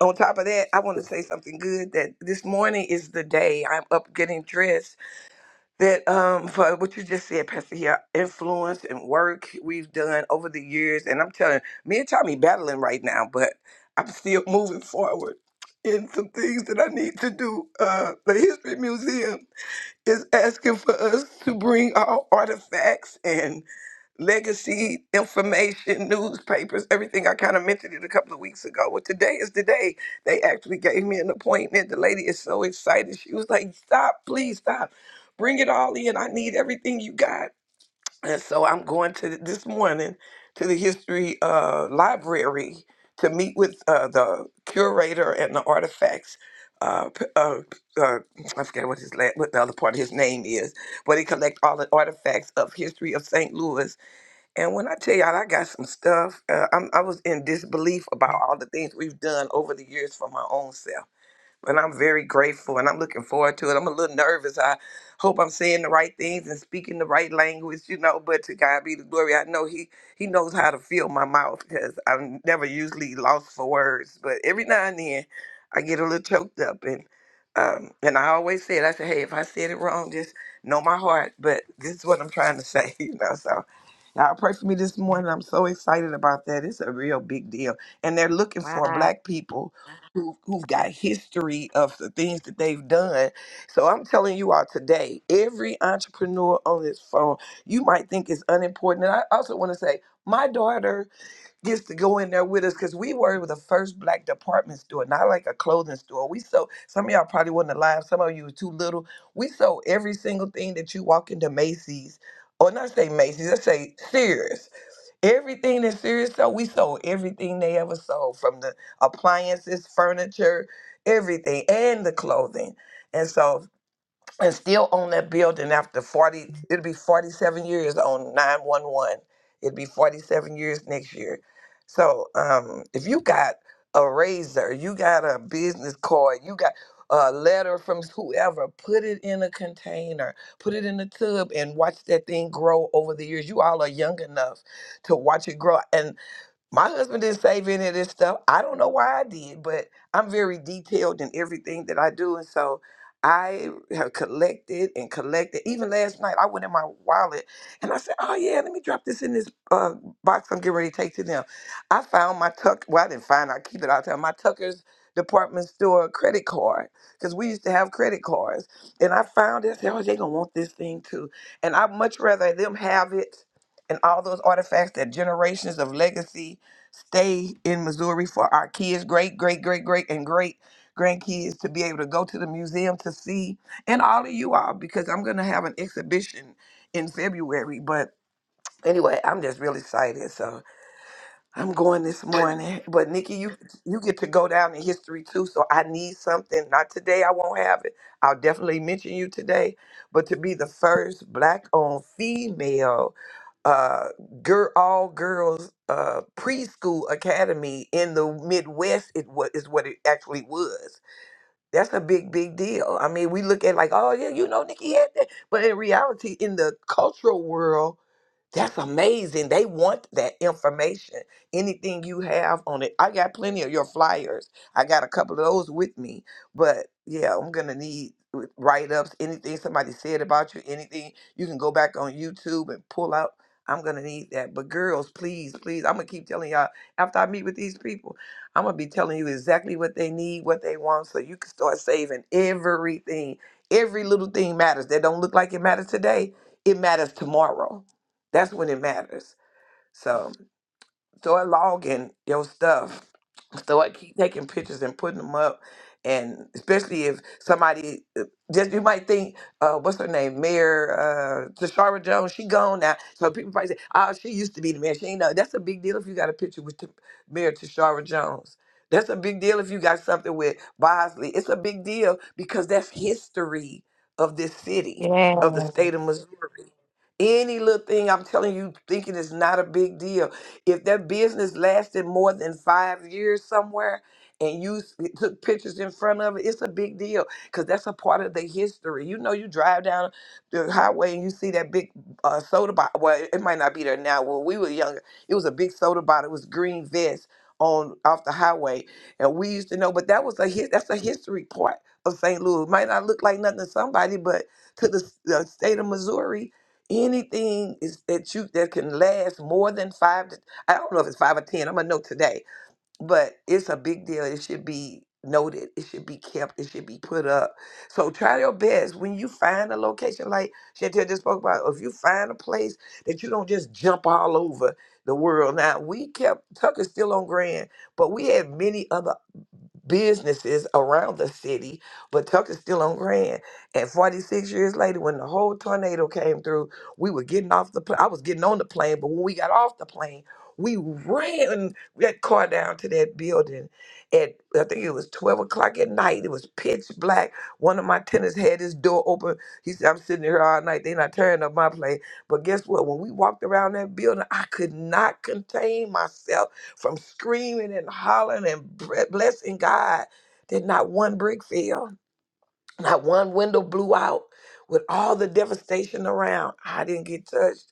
on top of that, I want to say something good that this morning is the day I'm up getting dressed. That um for what you just said, Pastor here, influence and work we've done over the years. And I'm telling you, me and Tommy battling right now, but I'm still moving forward in some things that I need to do. Uh the History Museum is asking for us to bring our artifacts and legacy information, newspapers, everything. I kind of mentioned it a couple of weeks ago. Well, today is the day. They actually gave me an appointment. The lady is so excited. She was like, Stop, please stop. Bring it all in. I need everything you got. And so I'm going to th- this morning to the history uh, library to meet with uh, the curator and the artifacts. Uh, p- uh, p- uh, I forget what his la- what the other part of his name is, but he collect all the artifacts of history of St. Louis. And when I tell y'all, I got some stuff. Uh, I'm, I was in disbelief about all the things we've done over the years for my own self but I'm very grateful and I'm looking forward to it. I'm a little nervous. I hope I'm saying the right things and speaking the right language, you know. But to God be the glory. I know He He knows how to fill my mouth because I'm never usually lost for words. But every now and then, I get a little choked up and um, and I always said, I said, hey, if I said it wrong, just know my heart. But this is what I'm trying to say, you know. So y'all pray for me this morning. I'm so excited about that. It's a real big deal, and they're looking for Wow. black people who've, who've got history of the things that they've done. So I'm telling you all today, every entrepreneur on this phone, you might think is unimportant. And I also want to say, my daughter gets to go in there with us because we were the first black department store, not like a clothing store. We sold, some of y'all probably wasn't alive, some of you were too little. We sold every single thing that you walk into Macy's, or not say Macy's, let's say Sears. Everything that Sirius sold, we sold everything they ever sold from the appliances, furniture, everything, and the clothing. And so and still own that building after 40 it'll be 47 years on 911 it'll be 47 years next year so um, if you got a razor you got a business card you got a letter from whoever put it in a container put it in a tub and watch that thing grow over the years you all are young enough to watch it grow my husband didn't save any of this stuff. I don't know why I did, but I'm very detailed in everything that I do. And so I have collected and collected. Even last night, I went in my wallet and I said, Oh, yeah, let me drop this in this uh, box I'm getting ready to take to them. I found my Tuck, well, I didn't find, it. I keep it all the time, my Tucker's department store credit card because we used to have credit cards. And I found it. I said, Oh, they're going to want this thing too. And I'd much rather them have it and all those artifacts that generations of legacy stay in Missouri for our kids, great, great, great, great, and great grandkids to be able to go to the museum to see, and all of you all, because I'm going to have an exhibition in February. But anyway, I'm just really excited. So I'm going this morning. But Nikki, you you get to go down in history too. So I need something. Not today. I won't have it. I'll definitely mention you today. But to be the first black-owned female uh, gir- all girls uh, preschool academy in the Midwest. It was is what it actually was. That's a big, big deal. I mean, we look at like, oh yeah, you know, Nikki had that, but in reality, in the cultural world, that's amazing. They want that information. Anything you have on it. I got plenty of your flyers. I got a couple of those with me. But yeah, I'm going to need write ups, anything somebody said about you, anything. You can go back on YouTube and pull out. I'm going to need that. But girls, please, please, I'm going to keep telling y'all after I meet with these people, I'm going to be telling you exactly what they need, what they want, so you can start saving everything. Every little thing matters. That don't look like it matters today, it matters tomorrow that's when it matters. So, so I log in your stuff. So I keep taking pictures and putting them up. And especially if somebody uh, just you might think, uh, what's her name, Mayor uh, Tashara Jones, she gone now. So people probably say, oh, she used to be the mayor. She ain't know. That's a big deal if you got a picture with T- Mayor Tashara Jones. That's a big deal if you got something with Bosley. It's a big deal because that's history of this Yeah. city, of the Always. state of Missouri. Any little thing I'm telling you, thinking is not a big deal if their business lasted more than five years somewhere and you s- took pictures in front of it, it's a big deal because that's a part of the history. You know, you drive down the highway and you see that big uh, soda bottle. Well, it might not be there now. When we were younger, it was a big soda bottle. It was green vest on off the highway, and we used to know. But that was a his, that's a history part of St. Louis. It might not look like nothing to somebody, but to the, s- the state of Missouri, anything is that you that can last more than five to I don't know if it's five or ten. I'm gonna know today, but it's a big deal. It should be noted. It should be kept. It should be put up. So try your best when you find a location like Chantel just spoke about. If you find a place that you don't just jump all over the world. Now we kept Tucker's still on Grand, but we had many other businesses around the city, but Tucker's still on Grand. And 46 years later, when the whole tornado came through, we were getting off the plane. I was getting on the plane, but when we got off the plane, we ran that car down to that building at I think it was 12 o'clock at night. It was pitch black. One of my tenants had his door open. He said, I'm sitting here all night. They're not tearing up my plane. But guess what? When we walked around that building, I could not contain myself from screaming and hollering and bre- blessing God that not one brick fell, not one window blew out. With all the devastation around, I didn't get touched.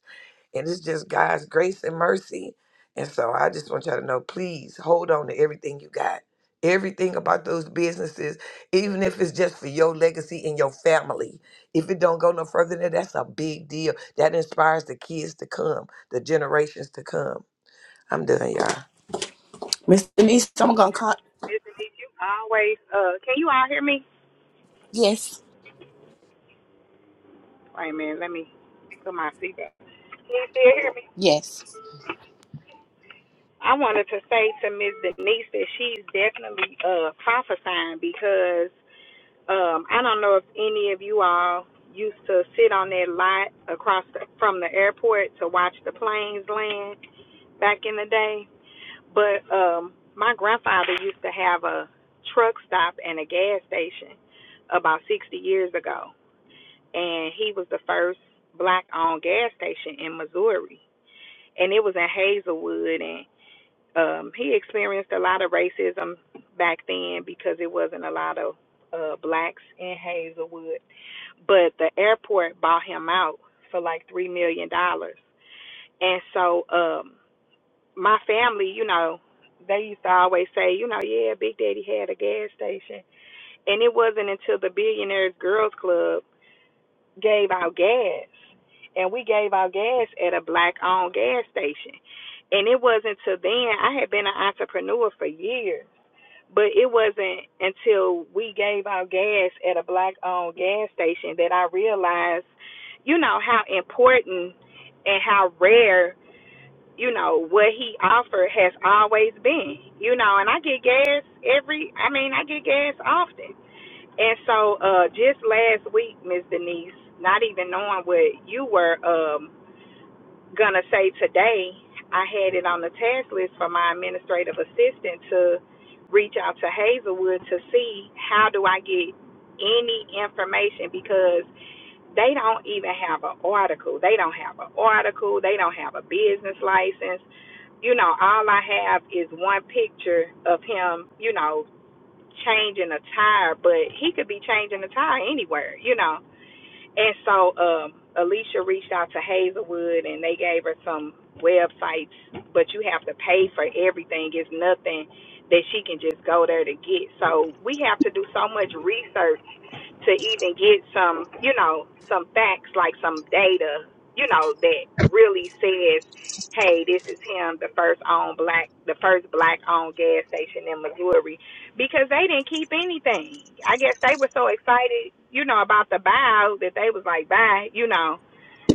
And it's just God's grace and mercy. And so I just want y'all to know please hold on to everything you got. Everything about those businesses, even if it's just for your legacy and your family. If it don't go no further than that, that's a big deal. That inspires the kids to come, the generations to come. I'm done, y'all. Miss Denise, I'm gonna call. Uh, can you all hear me? Yes. Wait a minute, let me put my seatbelt. Can you still hear me? Yes. Um, I don't know if any of you all used to sit on that lot across the, from the airport to watch the planes land back in the day, but um, my grandfather used to have a truck stop and a gas station about 60 years ago, and he was the first black-owned gas station in Missouri, and it was in Hazelwood, and. Um, he experienced a lot of racism back then because it wasn't a lot of uh, blacks in Hazelwood. But the airport bought him out for like three million dollars. And so um, my family, you know, they used to always say, you know, yeah, Big Daddy had a gas station. And it wasn't until the Billionaires Girls Club gave out gas. And we gave out gas at a black owned gas station. And it wasn't till then, I had been an entrepreneur for years. But it wasn't until we gave our gas at a black owned gas station that I realized, you know, how important and how rare, you know, what he offered has always been. You know, and I get gas every I mean, I get gas often. And so, uh just last week, Miss Denise, not even knowing what you were, um, gonna say today I had it on the task list for my administrative assistant to reach out to Hazelwood to see how do I get any information because they don't even have an article. They don't have an article. They don't have a business license. You know, all I have is one picture of him, you know, changing a tire, but he could be changing a tire anywhere, you know. And so um, Alicia reached out to Hazelwood and they gave her some websites, but you have to pay for everything. It's nothing that she can just go there to get. So we have to do so much research to even get some, you know, some facts like some data, you know, that really says, hey, this is him, the first owned black, the first black owned gas station in Missouri, because they didn't keep anything. I guess they were so excited, you know, about the buyout that they was like, bye, you know,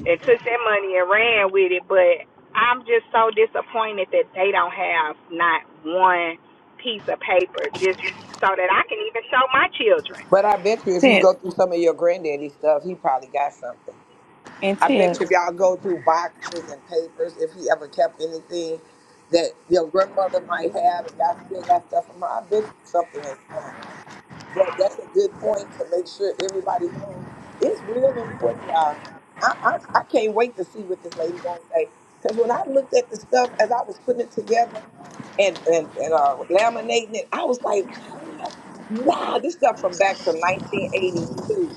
and took that money and ran with it. But I'm just so disappointed that they don't have not one piece of paper just so that I can even show my children. But I bet you if you Tiff go through some of your granddaddy stuff, he probably got something. and I Tiff. bet you if y'all go through boxes and papers, if he ever kept anything that your grandmother might have, if y'all still got stuff from her, I bet you something is somewhere. But that's a good point to make sure everybody knows. It's real important, y'all. I, I, I can't wait to see what this lady gonna say. Cause when I looked at the stuff as I was putting it together, and and, and uh, laminating it. I was like, I don't know. wow, this stuff from back from 1982.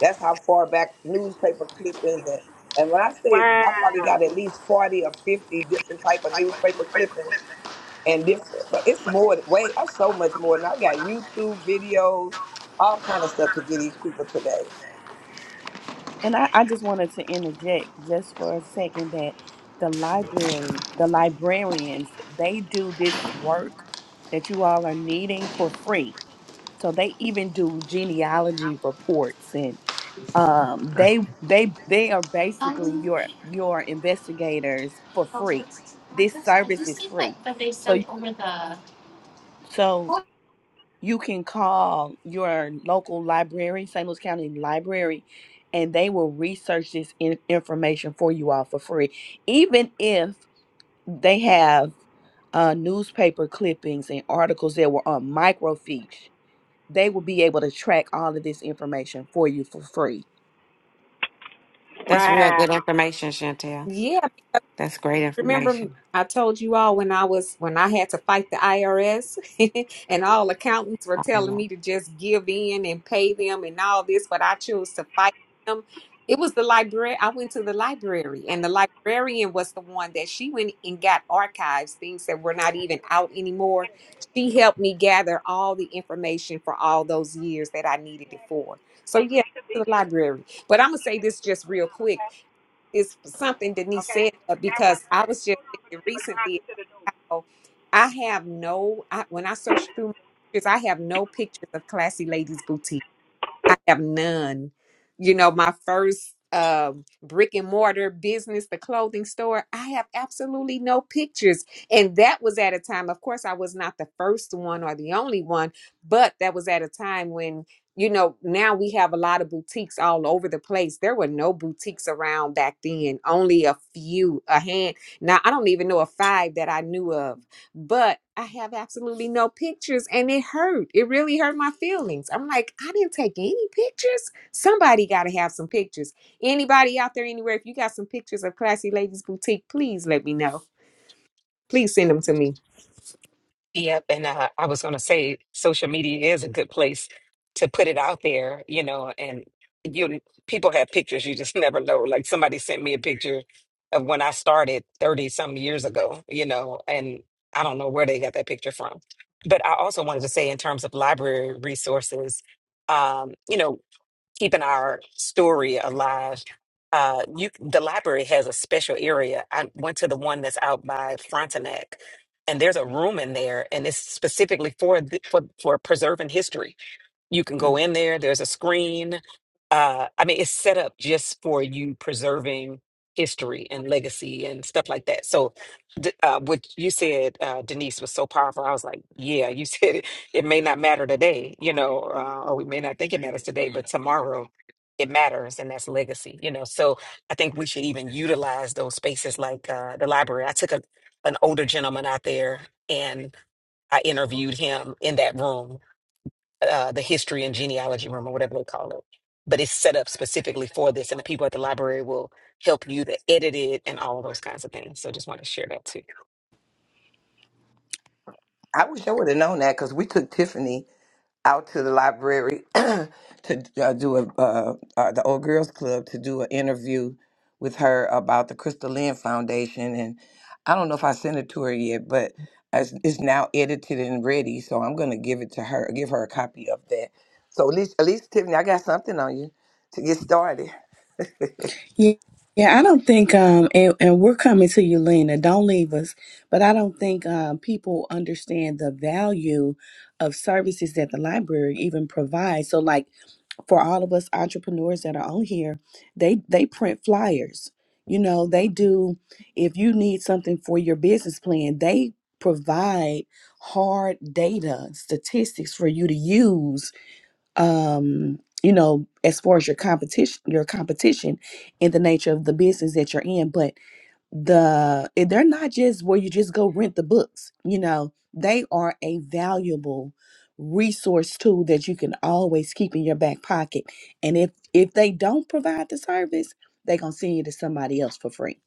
That's how far back newspaper clippings and and when I say I probably got at least 40 or 50 different type of newspaper clippings and different, but it's more than- way i so much more. And I got YouTube videos, all kind of stuff to get these people today. And I, I just wanted to interject just for a second that the library, the librarians, they do this work that you all are needing for free. So they even do genealogy reports and um they they they are basically your your investigators for free. This service is free. So so you can call your local library, St. Louis County Library, and they will research this in- information for you all for free. Even if they have uh, newspaper clippings and articles that were on microfiche, they will be able to track all of this information for you for free. that's real Wow. good information, Chantel. Yeah. That's great Remember, I information. told you all when I was when I had to fight the IRS, and all accountants were Oh, telling yeah. me to just give in and pay them and all this, but I chose to fight them. It was the library. I went to the library, and the librarian was the one that she went and got archives, things that were not even out anymore. She helped me gather all the information for all those years that I needed it for. So yeah, to the library. But I'm gonna say this just real quick it's something Denise said uh, because I was just thinking recently about how I have no I, when I search through my pictures, I have no pictures of classy ladies boutique. I have none. You know, my first um brick and mortar business, the clothing store, I have absolutely no pictures. And that was at a time, of course, I was not the first one or the only one, but that was at a time when, you know, now we have a lot of boutiques all over the place. There were no boutiques around back then, only a few, a hand. Now, I don't even know a five that I knew of but I have absolutely no pictures and it hurt. It really hurt my feelings. I'm like, I didn't take any pictures. Somebody got to have some pictures. Anybody out there anywhere, if you got some pictures of Classy Ladies Boutique, please let me know. Please send them to me. Yep, and uh, I was going to say social media is a good place to put it out there, you know, and you people have pictures, you just never know. Like somebody sent me a picture of when I started 30 some years ago, you know, and I don't know where they got that picture from. But I also wanted to say in terms of library resources, um, you know, keeping our story alive. Uh, you, the library has a special area. I went to the one that's out by Frontenac, and there's a room in there, and it's specifically for the, for for preserving history. You can go Mm. in there, there's a screen. Uh, I mean, it's set up just for you preserving history and legacy and stuff like that. So, d- uh, what you said, uh, Denise, was so powerful. I was like, yeah, you said it, it may not matter today, you know, uh, or we may not think it matters today, but tomorrow it matters, and that's legacy, you know. So, I think we should even utilize those spaces like uh, the library. I took a, an older gentleman out there and I interviewed him in that room uh, the history and genealogy room or whatever they call it. But it's set up specifically for this, and the people at the library will help you to edit it and all of those kinds of things. So just want to share that too. I wish I would have known that because we took Tiffany. out to the library to uh, do a uh, uh, the old girls club to do an interview with her about the Crystal Lynn Foundation, and I don't know if I sent it to her yet, but it's, it's now edited and ready, so I'm gonna give it to her, give her a copy of that. So at least, at least Tiffany, I got something on you to get started. Yeah, yeah, I don't think, um, and, and we're coming to you, Lena. Don't leave us. But I don't think um, people understand the value of services that the library even provides. So, like for all of us entrepreneurs that are on here, they they print flyers. You know, they do. If you need something for your business plan, they provide hard data statistics for you to use um you know as far as your competition your competition in the nature of the business that you're in but the eh, they're not just where you just go rent the books you know they are a valuable resource tool that you can always keep in your back pocket and if if they don't provide the service they're going to send you to somebody else for free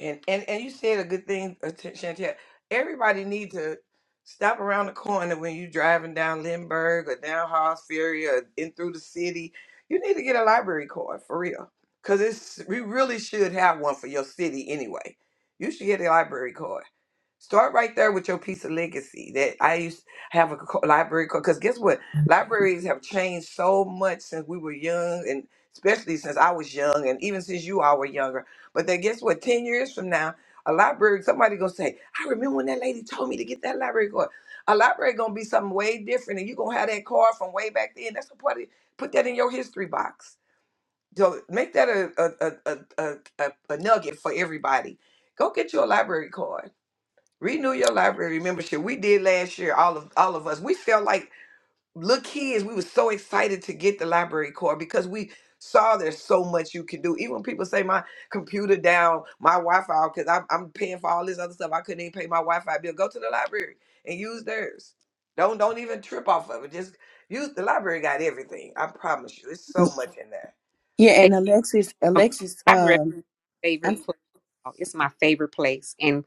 And and and you said a good thing, uh, Ch- Chantel. Everybody need to stop around the corner when you are driving down Lindbergh or down Hall's Ferry or in through the city. You need to get a library card for real, cause it's we really should have one for your city anyway. You should get a library card Start right there with your piece of legacy that I used to have a co- library because guess what? Libraries have changed so much since we were young and especially since I was young and even since you all were younger. But then guess what? 10 years from now, a library, somebody gonna say, I remember when that lady told me to get that library card. A library gonna be something way different and you gonna have that card from way back then. That's a part of Put that in your history box. So make that a, a, a, a, a, a a nugget for everybody. Go get you a library card Renew your library membership. We did last year, all of all of us. We felt like little kids. We were so excited to get the library card because we saw there's so much you can do. Even when people say my computer down, my Wi-Fi, because I'm, I'm paying for all this other stuff. I couldn't even pay my Wi-Fi bill. Go to the library and use theirs. Don't don't even trip off of it. Just use the library got everything. I promise you. It's Mm, so much in there. Yeah, and Alexis, Alexis, They- um, I'm. favorite place. Oh, It's my favorite place. And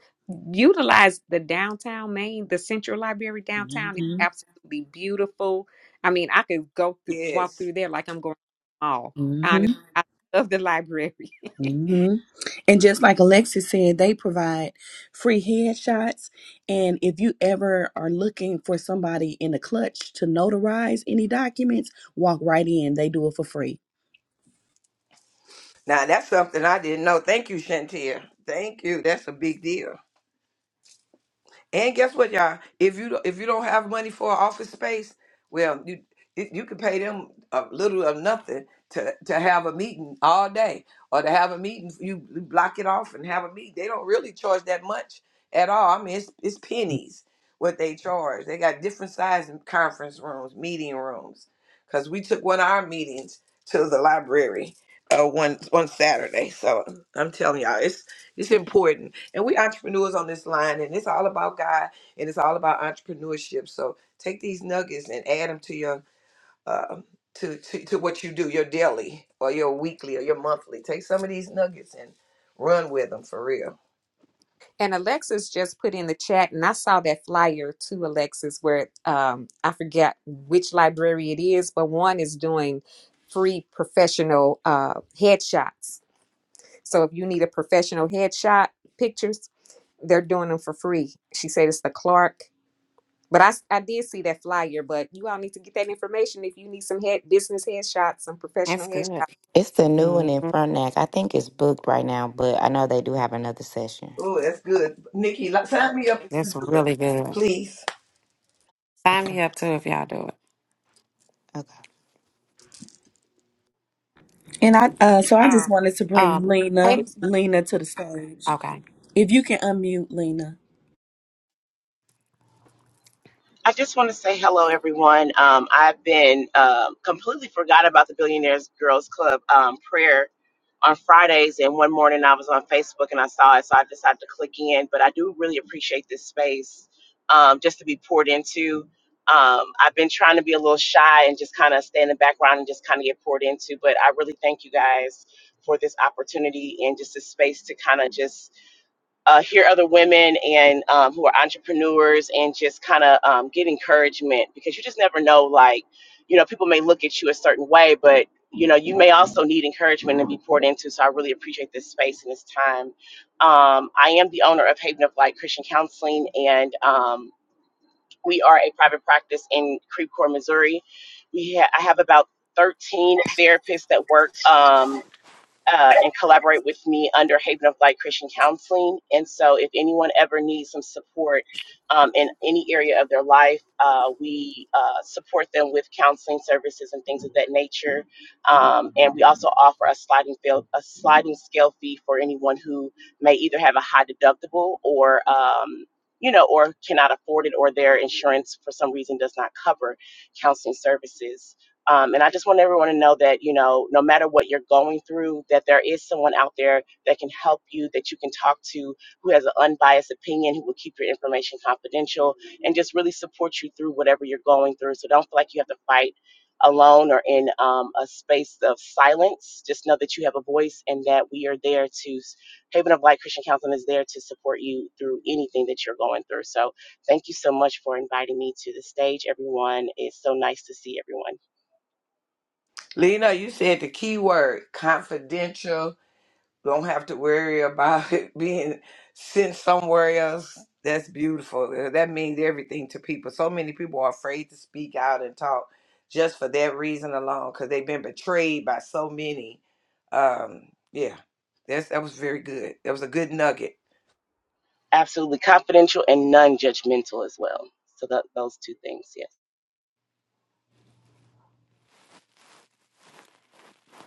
utilize the downtown Maine, the Central Library downtown is hmm absolutely beautiful. I mean, I could go through, walk Yes. through there like I'm going to the mall. Honestly, I love the library. hmm And just like Alexis said, they provide free headshots. And if you ever are looking for somebody in the clutch to notarize any documents, walk right in. They do it for free. Now that's something I didn't know. Thank you, Shantia. Thank you. That's a big deal. And guess what, y'all? If you if you don't have money for an office space, well, you you you can pay them a little or nothing to to have a meeting all day, or to have a meeting. You block it off and have a meeting. They don't really charge that much at all. I mean, it's it's pennies what they charge. They got different size conference rooms, meeting rooms. Cause we took one of our meetings to the library uh, one one Saturday. So I'm telling y'all, it's important. And we entrepreneurs on this line, and it's all about God and it's all about entrepreneurship. So take these nuggets and add them to your uh, to, to to what you do, your daily or your weekly or your monthly. Take some of these nuggets and run with them for real. And Alexis just put in the chat, and I saw that flyer to Alexis where um, I forget which library it is, but one is doing free professional uh, headshots. So if you need a professional headshot pictures, they're doing them for free. She said it's the Clark. But I I did see that flyer, but you all need to get that information if you need some head business headshots, some That's professional good. headshots. It's the new hmm one in Frontenac. I think it's booked right now, but I know they do have another session. Oh, that's good. Nikki, li- sign me up if you That's do it. really good. Please. Sign Okay. me up too if y'all do it. Okay. And I, uh, so I just wanted to bring Um, hey- Lena, Lena to the stage. okay. If you can unmute Lena, I just want to say hello, everyone. Um, I've been um completely forgot about the Billionaires Girls Club um, prayer on Fridays, and one morning I was on Facebook and I saw it, so I decided to click in. But I do really appreciate this space um, just to be poured into. Um, I've been trying to be a little shy and just kind of stay in the background and just kind of get poured into, but I really thank you guys for this opportunity and just this space to kind of just uh, hear other women and um, who are entrepreneurs and just kind of um, get encouragement because you just never know like you know people may look at you a certain way but you know you may also need encouragement and be poured into so i really appreciate this space and this time um, i am the owner of haven of light christian counseling and um, we are a private practice in creve coeur missouri we ha- i have about 13 therapists that work um, uh, and collaborate with me under Haven of Light Christian Counseling. And so, if anyone ever needs some support um, in any area of their life, uh, we uh, support them with counseling services and things of that nature. Um, and we also offer a sliding fail, a sliding scale fee for anyone who may either have a high deductible or um, you know, or cannot afford it, or their insurance for some reason does not cover counseling services. Um, and I just want everyone to know that, you know, no matter what you're going through, that there is someone out there that can help you, that you can talk to, who has an unbiased opinion, who will keep your information confidential, and just really support you through whatever you're going through. So don't feel like you have to fight alone or in um, a space of silence. Just know that you have a voice and that we are there to, Haven of Light Christian Counseling is there to support you through anything that you're going through. So thank you so much for inviting me to the stage, everyone. It's so nice to see everyone. Lena, you said the key word confidential Don't have to worry about it being sent somewhere else. That's beautiful. Uh, That means everything to people. So many people are afraid to speak out and talk just for that reason alone because they've been betrayed by so many. Um, yeah, that's, that was very good. That was a good nugget. Absolutely confidential and non judgmental as well. So that, those two things, yeah.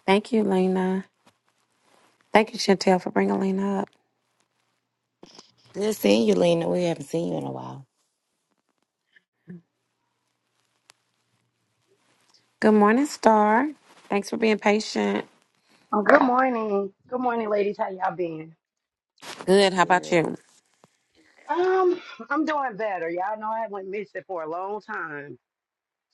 Thank you, Lena. Thank you, Chantel, for bringing Lena up. Good seeing you, Lena. We haven't seen you in a while. Good morning, Star. Thanks for being patient. Oh, Good morning. Good morning, ladies. How y'all been? Good. How about Good. you? Um, I'm doing better. Y'all know I went missing for a long time.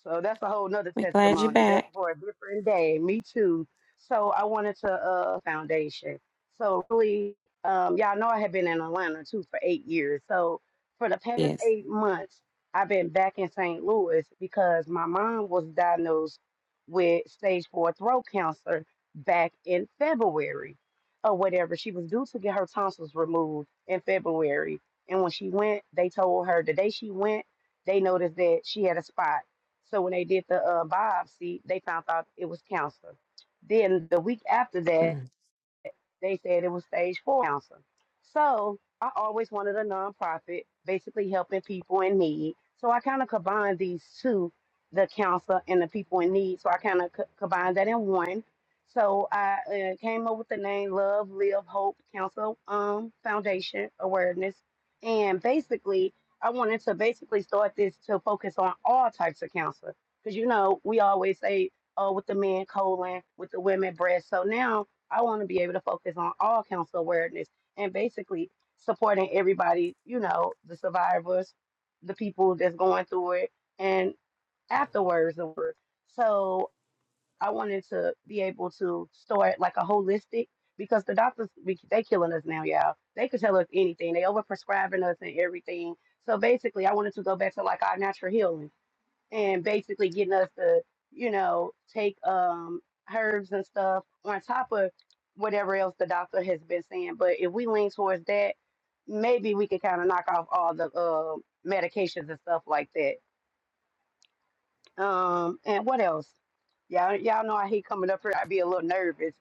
So that's a whole nother We glad you're testimony. That's back. for a different day. Me too. So I wanted to uh foundation. So really, um, y'all know I have been in Atlanta too for eight years. So for the past Yes. eight months, I've been back in St. Louis because my mom was diagnosed with stage four throat cancer back in February or whatever. She was due to get her tonsils removed in February. And when she went, they told her the day she went, they noticed that she had a spot so when they did the uh, biopsy, they found out it was cancer. Then the week after that, Mm. they said it was stage four cancer. So I always wanted a nonprofit, basically helping people in need. So I kind of combined these two, the cancer and the people in need. So I kind of co- combined that in one. So I uh, came up with the name Love, Live, Hope Cancer um, Foundation Awareness. And basically, I wanted to basically start this to focus on all types of cancer. Because, you know, we always say, oh, with the men, colon, with the women, breast. So now I want to be able to focus on all council awareness and basically supporting everybody, you know, the survivors, the people that's going through it, and afterwards the work. So I wanted to be able to start like a holistic because the doctors we, they killing us now, y'all. They could tell us anything. They overprescribing us and everything. So basically, I wanted to go back to like our natural healing and basically getting us to, you know, take um herbs and stuff on top of whatever else the doctor has been saying. But if we lean towards that, maybe we could kind of knock off all the uh, medications and stuff like that um, and what else? Y'all, y'all know I hate coming up here. I'd be a little nervous.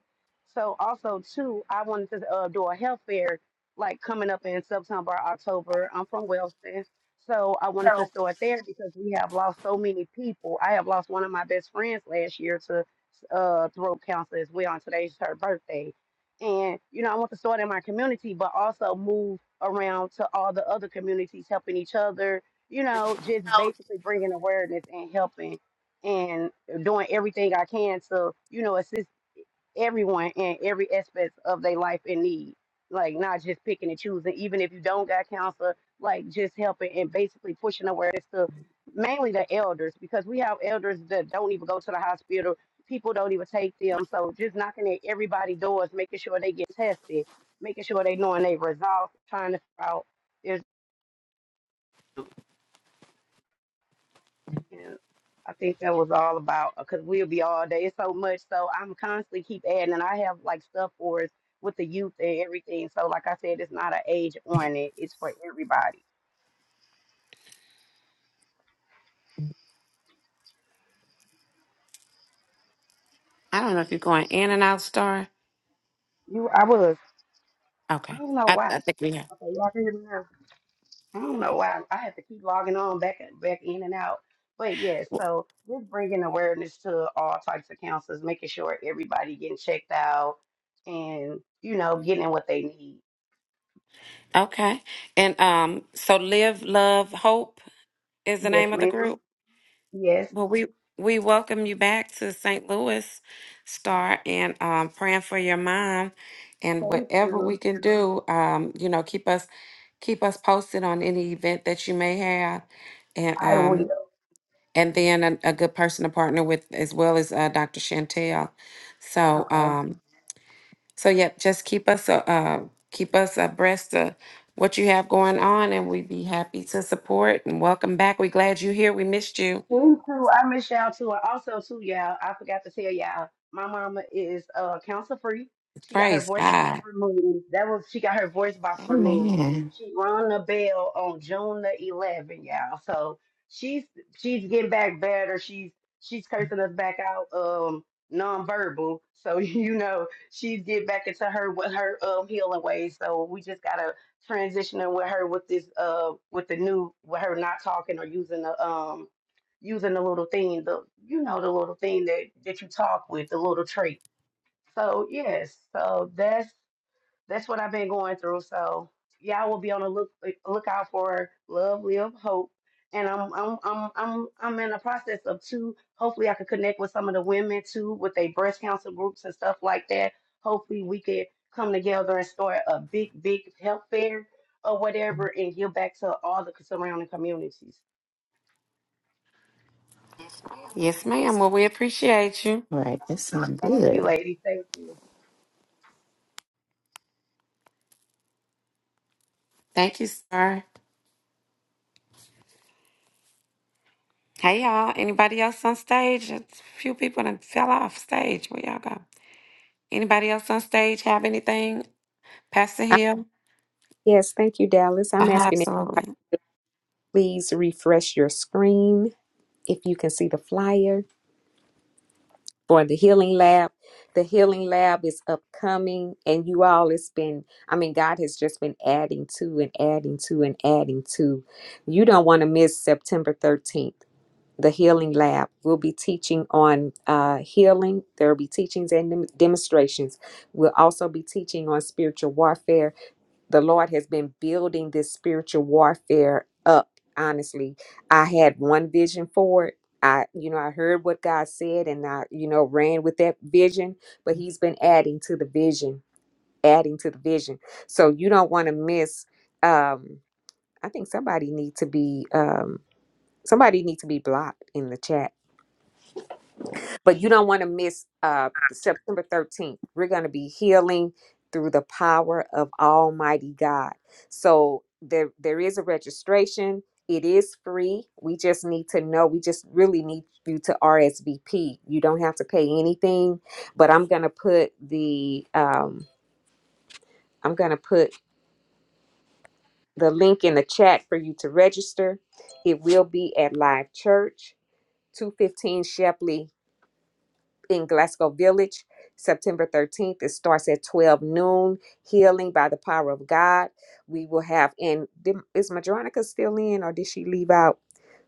So also too, I wanted to uh, do a health fair like coming up in September, October. I'm from Wellston, so I wanted to So start there because we have lost so many people. I have lost one of my best friends last year to uh, throat cancer as well. And today's her birthday, and you know I want to start in my community, but also move around to all the other communities, helping each other, you know, just basically bringing awareness and helping and doing everything I can to, you know, assist everyone in every aspect of their life in need. Like not just picking and choosing, even if you don't got counsel, like just helping and basically pushing awareness to mainly the elders because we have elders that don't even go to the hospital. People don't even take them. So just knocking at everybody's doors, making sure they get tested, making sure they knowing they results, trying to figure out. Yeah, I think that was all about because we'll be all day. It's so much, so I'm constantly keep adding, and I have like stuff for us with the youth and everything. So, like I said, it's not an age on it; it's for everybody. I don't know if you're going in and out, Star. You, I was, I Okay. don't know I, why. I think we have. Okay, y'all can hear me now. I don't know why I have to keep logging on back and back in and out. But yes, so just bringing awareness to all types of counselors, making sure everybody getting checked out, and you know, getting what they need. Okay. And um, so Live, Love, Hope is the name Yes, of the ma'am. group. Yes, Well, we we welcome you back to St. Louis, Star, and um, praying for your mom, and thank whatever you. we can do, um, you know, keep us keep us posted on any event that you may have, and I will. um, and then a, a good person to partner with as well as uh, Dr. Chantel. So, Okay. um, so yep, just keep us uh, uh, keep us abreast of what you have going on, and we'd be happy to support and welcome back. We're glad you're here. We missed you. Me too. I miss y'all too. And Also too, y'all. I forgot to tell y'all. My mama is uh cancer free. She got her Praise voice box God. removed. That was she got her voice box Oh, removed. man. She rung the bell on June the 11th, y'all. So she's she's getting back better. She's she's cursing us back out um nonverbal. So you know she's getting back into her with her um healing ways. So we just gotta transitioning with her with this uh with the new with her not talking or using the um using the little thing, the you know the little thing that that you talk with, the little trait. So yes, so that's that's what I've been going through. So y'all will be on the look like, lookout for love, live, hope. And I'm I'm I'm I'm I'm in the process of two. Hopefully, I can connect with some of the women too with their breast cancer groups and stuff like that. Hopefully, we could come together and start a big big health fair or whatever and give back to all the surrounding communities. Yes, ma'am. Well, we appreciate you. Right. That sounds Thank you, good. ladies. Thank you. Thank you, sir. Hey, y'all. Anybody else on stage? A few people that fell off stage. Where y'all go? Anybody else on stage have anything? Pastor I- Hill? Yes, thank you, Dallas. Uh I'm huh. asking everybody, Absolutely. please refresh your screen if you can see the flyer. for the healing lab. The healing lab is upcoming, and you all, it's been, I mean, God has just been adding to and adding to and adding to. You don't want to miss September 13th. The healing lab will be teaching on uh, healing. There will be teachings and dem- demonstrations. We'll also be teaching on spiritual warfare the Lord has been building this spiritual warfare up. Honestly, I had one vision for it. I, you know, I heard what God said and I, you know, ran with that vision, but He's been adding to the vision, adding to the vision. So you don't want to miss. Um, I think somebody need to be um, somebody need to be blocked in the chat but you don't want to miss uh, September 13th. We're going to be healing through the power of Almighty God. So there, there is a registration. It is free. We just need to know. We just really need you to RSVP. You don't have to pay anything, but I'm going to put the um, I'm going to put the link in the chat for you to register. It will be at Live Church, 215 Shepley in Glasgow Village, September 13th. It starts at 12 noon. Healing by the power of God. We will have, and did- is Madronica still in or did she leave out?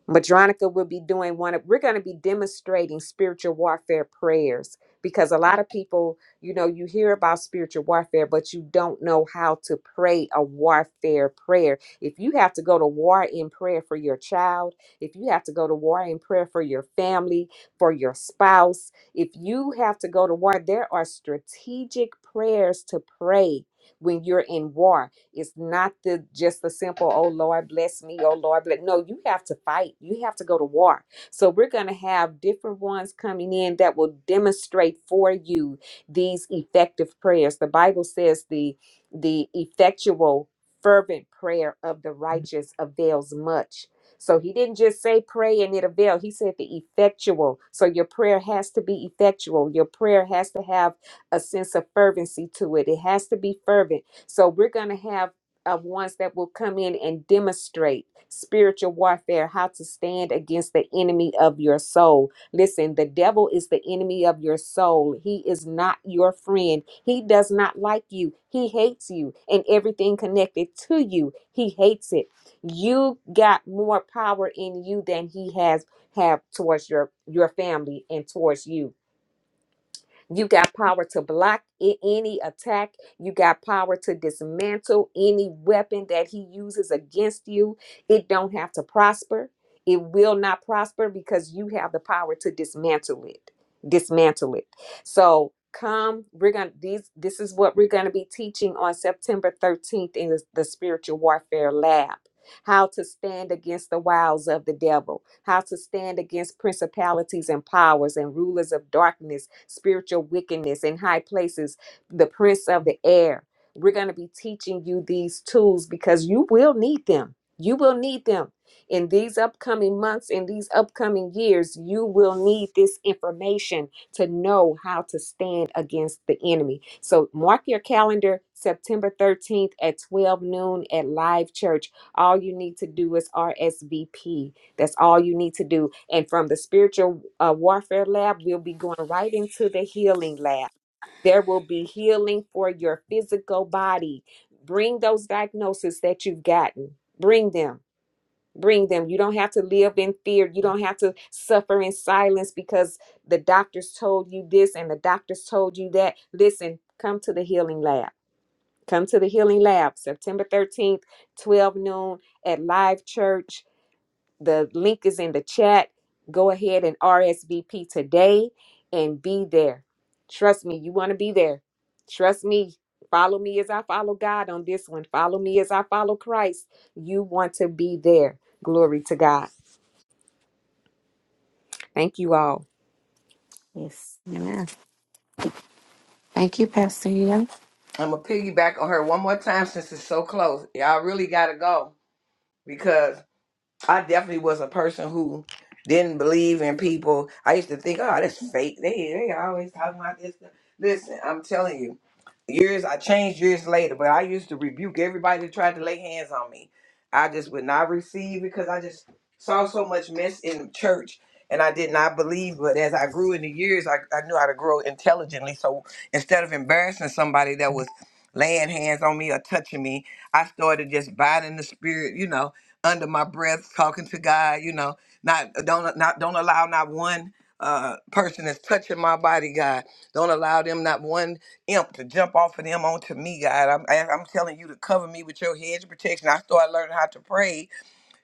Madronica will be doing one of, we're going to be demonstrating spiritual warfare prayers because a lot of people, you know, you hear about spiritual warfare, but you don't know how to pray a warfare prayer. If you have to go to war in prayer for your child, if you have to go to war in prayer for your family, for your spouse, if you have to go to war, there are strategic prayers to pray when you're in war it's not the just the simple, oh Lord, bless me, oh Lord, bless. No, you have to fight. You have to go to war. So we're gonna have different ones coming in that will demonstrate for you these effective prayers. The Bible says the the effectual fervent prayer of the righteous avails much. So he didn't just say pray and it avail. He said the effectual. So your prayer has to be effectual. Your prayer has to have a sense of fervency to it. It has to be fervent. So we're going to have uh, ones that will come in and demonstrate spiritual warfare, how to stand against the enemy of your soul. Listen, the devil is the enemy of your soul. He is not your friend. He does not like you. He hates you and everything connected to you. He hates it. You got more power in you than he has have towards your your family and towards you. You got power to block a- any attack. You got power to dismantle any weapon that he uses against you. It don't have to prosper. It will not prosper because you have the power to dismantle it. Dismantle it. So come, we're gonna these this is what we're gonna be teaching on September 13th in the the spiritual warfare lab how to stand against the wiles of the devil, how to stand against principalities and powers and rulers of darkness, spiritual wickedness in high places, the prince of the air. We're going to be teaching you these tools because you will need them. You will need them in these upcoming months, in these upcoming years. You will need this information to know how to stand against the enemy. So mark your calendar September 13th at 12 noon at Live Church. All you need to do is RSVP. That's all you need to do. And from the spiritual uh, warfare lab, we'll be going right into the healing lab. There will be healing for your physical body. Bring those diagnoses that you've gotten. Bring them. Bring them. You don't have to live in fear. You don't have to suffer in silence because the doctors told you this and the doctors told you that. Listen, come to the healing lab Come to the Healing Lab September 13th, 12 noon at Live Church. The link is in the chat. Go ahead and RSVP today and be there. Trust me, you want to be there. Trust me. Follow me as I follow God on this one. Follow me as I follow Christ. You want to be there. Glory to God. Thank you all. Yes. Amen. Thank you, Pastor Hill. I'm going to piggyback on her one more time since it's so close. Y'all really got to go because. I definitely was a person who didn't believe in people. I used to think, oh, that's fake. They they always talking about this. Listen, I'm telling you, years I changed years later, but I used to rebuke everybody that tried to lay hands on me. I just would not receive because I just saw so much mess in the church and I did not believe. But as I grew in the years, I, I knew how to grow intelligently. So instead of embarrassing somebody that was laying hands on me or touching me, I started just biting the spirit, you know under my breath talking to God, you know, not don't not don't allow not one uh person that's touching my body, God. Don't allow them not one imp to jump off of them onto me, God. I'm I- I'm telling you to cover me with your hedge of protection. I started learning how to pray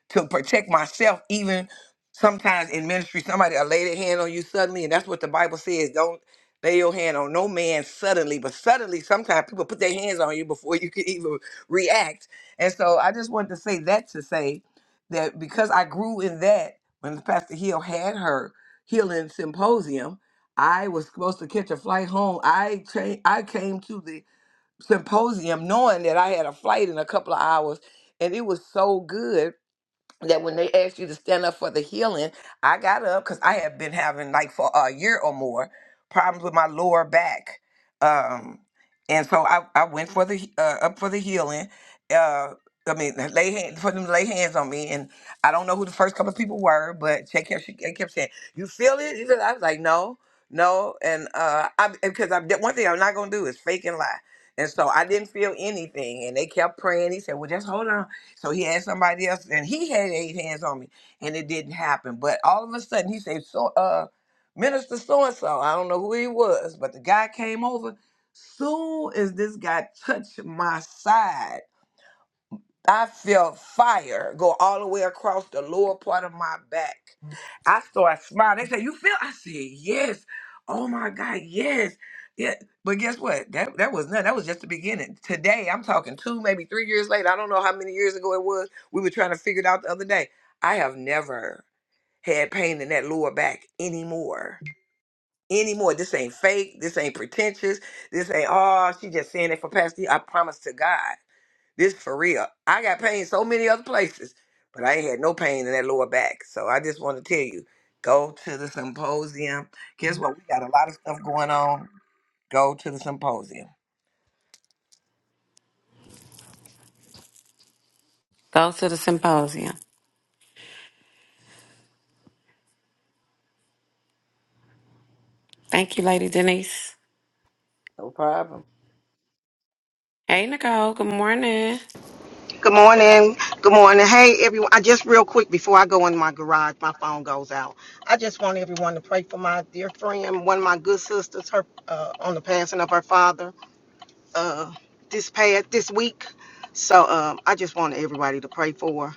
to protect myself even sometimes in ministry somebody will lay their hand on you suddenly and that's what the bible says don't lay your hand on no man suddenly but suddenly sometimes people put their hands on you before you can even react and so i just wanted to say that to say that because i grew in that when pastor hill had her healing symposium i was supposed to catch a flight home i tra- i came to the symposium knowing that i had a flight in a couple of hours and it was so good that when they asked you to stand up for the healing, I got up because I have been having like for a year or more problems with my lower back, um, and so I, I went for the he- uh, up for the healing. Uh, I mean, lay hand, for them to lay hands on me, and I don't know who the first couple of people were, but she kept she they kept saying, "You feel it?" He said- I was like, "No, no," and uh, I because I one thing I'm not gonna do is fake and lie. And so I didn't feel anything, and they kept praying. He said, "Well, just hold on." So he had somebody else, and he had eight hands on me, and it didn't happen. But all of a sudden, he said, "So, uh, Minister so and so, I don't know who he was, but the guy came over. Soon as this guy touched my side." I felt fire go all the way across the lower part of my back. I started smiling. They said, "You feel?" I said, "Yes." Oh my God, yes, yeah. But guess what? That that was nothing. That was just the beginning. Today, I'm talking two, maybe three years later. I don't know how many years ago it was. We were trying to figure it out the other day. I have never had pain in that lower back anymore. Anymore. This ain't fake. This ain't pretentious. This ain't oh, she just saying it for pasty. I promise to God. This for real. I got pain so many other places, but I ain't had no pain in that lower back. So I just want to tell you, go to the symposium. Guess what? We got a lot of stuff going on. Go to the symposium. Go to the symposium. Thank you, Lady Denise. No problem. Hey, Nicole. Good morning. Good morning. Good morning. Hey, everyone. I just real quick before I go in my garage, my phone goes out. I just want everyone to pray for my dear friend, one of my good sisters, her uh, on the passing of her father uh, this past this week. So um, I just want everybody to pray for her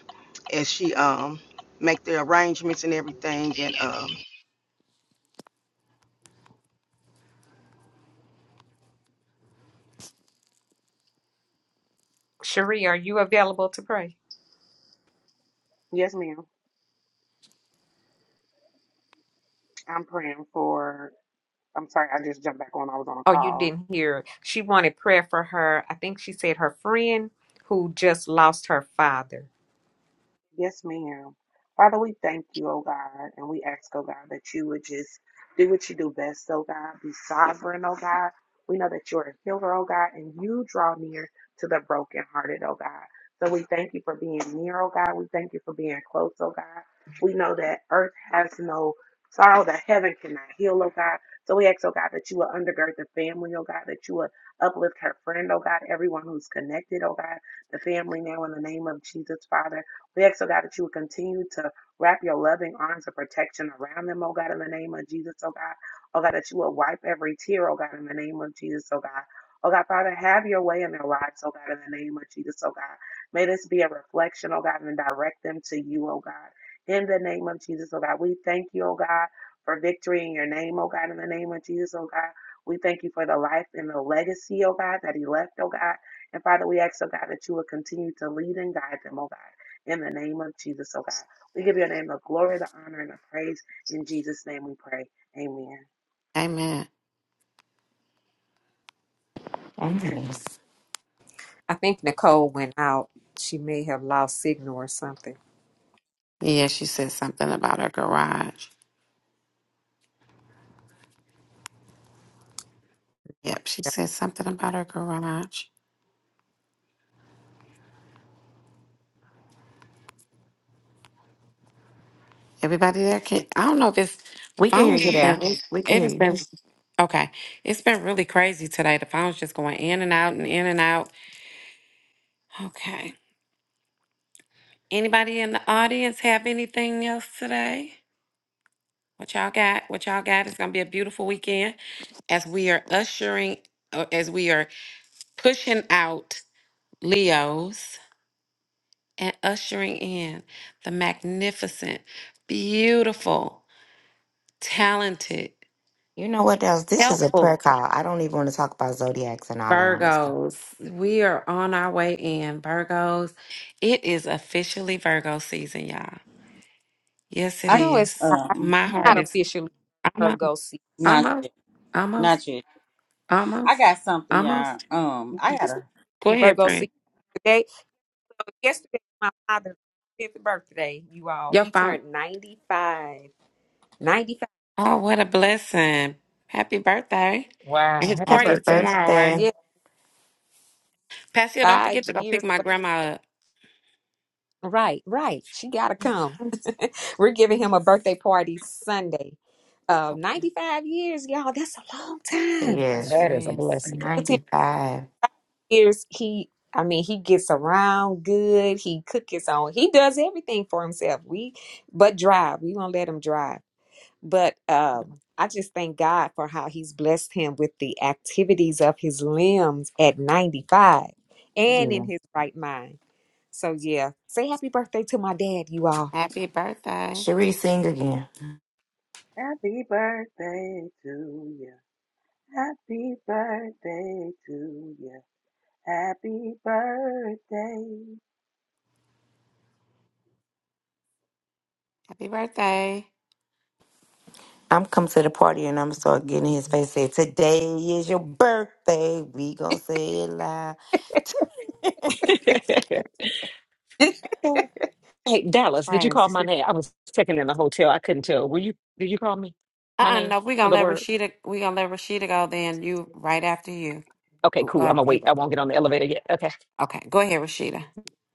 as she um, make the arrangements and everything. and. uh, Cherie, are you available to pray? you. Oh, you didn't hear. She wanted prayer for her. I think she said her friend who just lost her father. Yes, ma'am. Father, we thank you, oh God, and we ask, oh God, that you would just do what you do best, oh God. Be sovereign, oh God. We know that you're a healer, oh God, and you draw near to the brokenhearted, God. So we thank you for being near, oh God. We thank you for being close, oh God. We know that earth has no sorrow that heaven cannot heal, oh God. So we ask, oh God, that you will undergird the family, oh God, that you will uplift her friend, oh God, everyone who's connected, oh God, the family now in the name of Jesus, Father. We ask, oh God, that you will continue to wrap your loving arms of protection around them, oh God, in the name of Jesus, oh God. Oh God, that you will wipe every tear, oh God, in the name of Jesus, oh God. Oh God, Father, have your way in their lives, oh God, in the name of Jesus, oh God. May this be a reflection, oh God, and direct them to you, oh God. In the name of Jesus, oh God. We thank you, oh God, for victory in your name, oh God, in the name of Jesus, oh God. We thank you for the life and the legacy, oh God, that he left, oh God. And Father, we ask, oh God, that you would continue to lead and guide them, oh God, in the name of Jesus, oh God. We give your name the glory, the honor, and the praise. In Jesus' name we pray. Amen. Amen. Yes. I think Nicole went out. She may have lost signal or something. Yeah, she said something about her garage. Yep, she said something about her garage. Everybody there can. I don't know if it's the We can hear phones you have there. been. We can It hear has you. been. Okay, it's been really crazy today. The phone's just going in and out and in and out. Okay. Anybody in the audience have anything else today? What y'all got? What y'all got? It's gonna be a beautiful weekend as we are ushering, uh, as we are pushing out Leos and ushering in the magnificent, beautiful, talented, You know what else? This is a prayer helpful call. I don't even want to talk about zodiacs and all that on this stuff. Virgos. We are on our way in, Virgos. It is officially Virgo season, y'all. Yes, it I No, it's is. not, um My not heart is officially almost, Virgo season. not almost, yet, almost, not yet. I almost, got something, y'all. almost. Um, I It's not gotta. Go officially ahead, Virgo friend. season today. So yesterday, my father's fifth birthday, you all. Your He phone. turned 95. 95. Oh, what a blessing. Happy birthday. And Wow. his Happy Happy party's birthday. tomorrow, right? birthday. Yeah, Pastor, don't five forget to go pick years my away. grandma up. Right, right. She got to come. We're giving him a birthday party Sunday. Uh, 95 years, y'all. That's a long time. It Yes. That sure is a is. blessing. 95. years he i mean he gets around good he cook his own he does everything for himself we but drive we won't let him drive but um i just thank god for how he's blessed him with the activities of his limbs at 95 and in Yeah. his right mind so yeah say happy birthday to my dad you all Happy birthday. Cherie, sing again. Happy birthday to you. Happy birthday to you. Happy birthday. Happy birthday. I'm come to the party and I'm gonna start getting in his face. Say, today is your birthday. We gonna say it loud. Happy hey, Dallas, did you call Praise. my name? I was checking in the hotel. I couldn't tell. Were you did you call me? My Uh-uh, name no, we're for gonna the let word. Rashida we gonna let Rashida go then. You right after you. Okay, Oh, cool. Uh, I'm gonna you wait. I right. won't get on the elevator yet. Okay. Okay, go ahead, Rashida.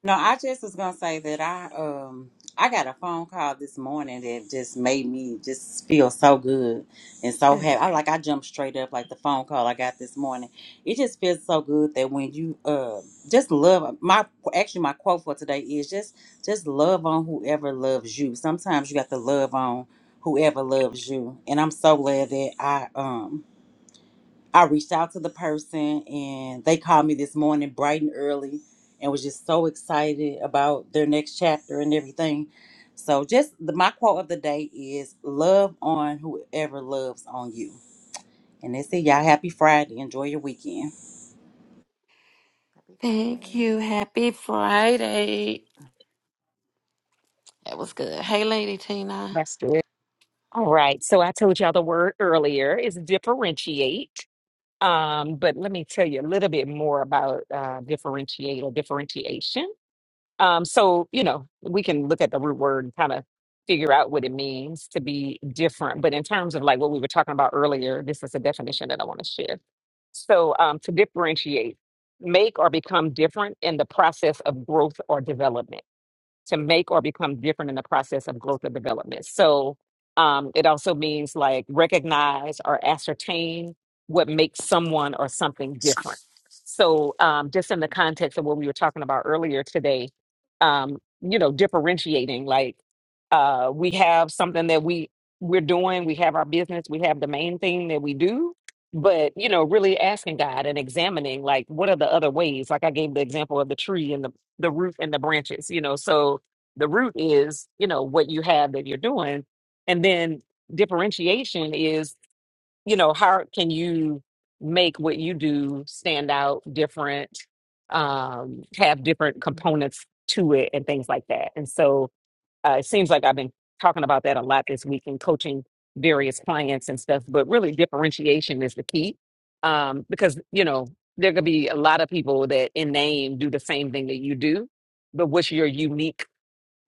No, I just was gonna say that I um I got a phone call this morning that just made me just feel so good and so Good. happy. I like I jumped straight up like the phone call I got this morning. It just feels so good that when you uh just love my actually my quote for today is just just love on whoever loves you. Sometimes you got to love on whoever loves you, and I'm so glad that I um I reached out to the person and they called me this morning bright and early and was just so excited about their next chapter and everything. So just the my quote of the day is love on whoever loves on you. And that's it, y'all. Happy Friday. Enjoy your weekend. Thank Friday. you. Happy Friday. That was good. Hey Lady Tina. That's good. All right. So I told y'all the word earlier is differentiate. Um, but let me tell you a little bit more about uh, differentiate or differentiation. Um, so, you know, we can look at the root word and kind of figure out what it means to be different. But in terms of like what we were talking about earlier, this is a definition that I want to share. So, um, to differentiate, make or become different in the process of growth or development to make or become different in the process of growth or development. So um, it also means like recognize or ascertain what makes someone or something different. So um, just in the context of what we were talking about earlier today, um, you know, differentiating like uh, we have something that we we're doing, we have our business, we have the main thing that we do. But you know, really asking God and examining, like, what are the other ways? Like I gave the example of the tree and the the root and the branches, you know. So the root is, you know, what you have that you're doing. And then differentiation is, you know, how can you make what you do stand out different, um, have different components to it and things like that. And so uh, it seems like I've been talking about that a lot this week in coaching various clients and stuff, but really differentiation is the key um, because, you know, there could be a lot of people that in name do the same thing that you do, but what's your unique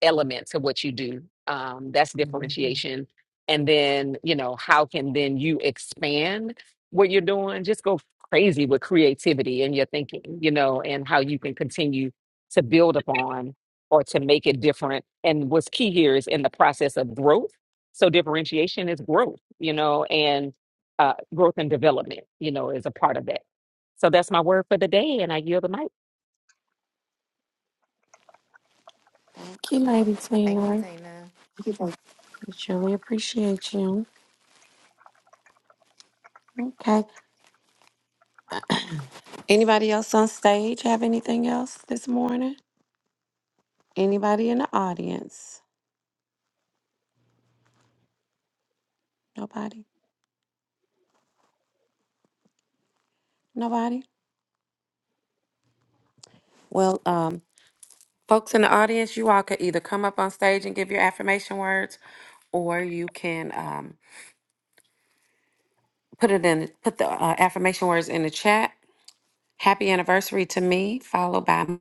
elements of what you do. Um, that's Thank differentiation. And then, you know, how can then you expand what you're doing? Just go crazy with creativity and your thinking, you know, and how you can continue to build upon or to make it different. And what's key here is in the process of growth. So differentiation is growth, you know, and uh, growth and development, you know, is a part of that. So that's my word for the day, and I yield the mic. you, Lady Thank you, Tina. Tina. We truly appreciate you. Okay. Anybody else on stage have anything else this morning? Anybody in the audience? Nobody? Nobody? Well, um, folks in the audience, you all could either come up on stage and give your affirmation words, or you can um, put it in, put the uh, affirmation words in the chat. Happy anniversary to me, followed by my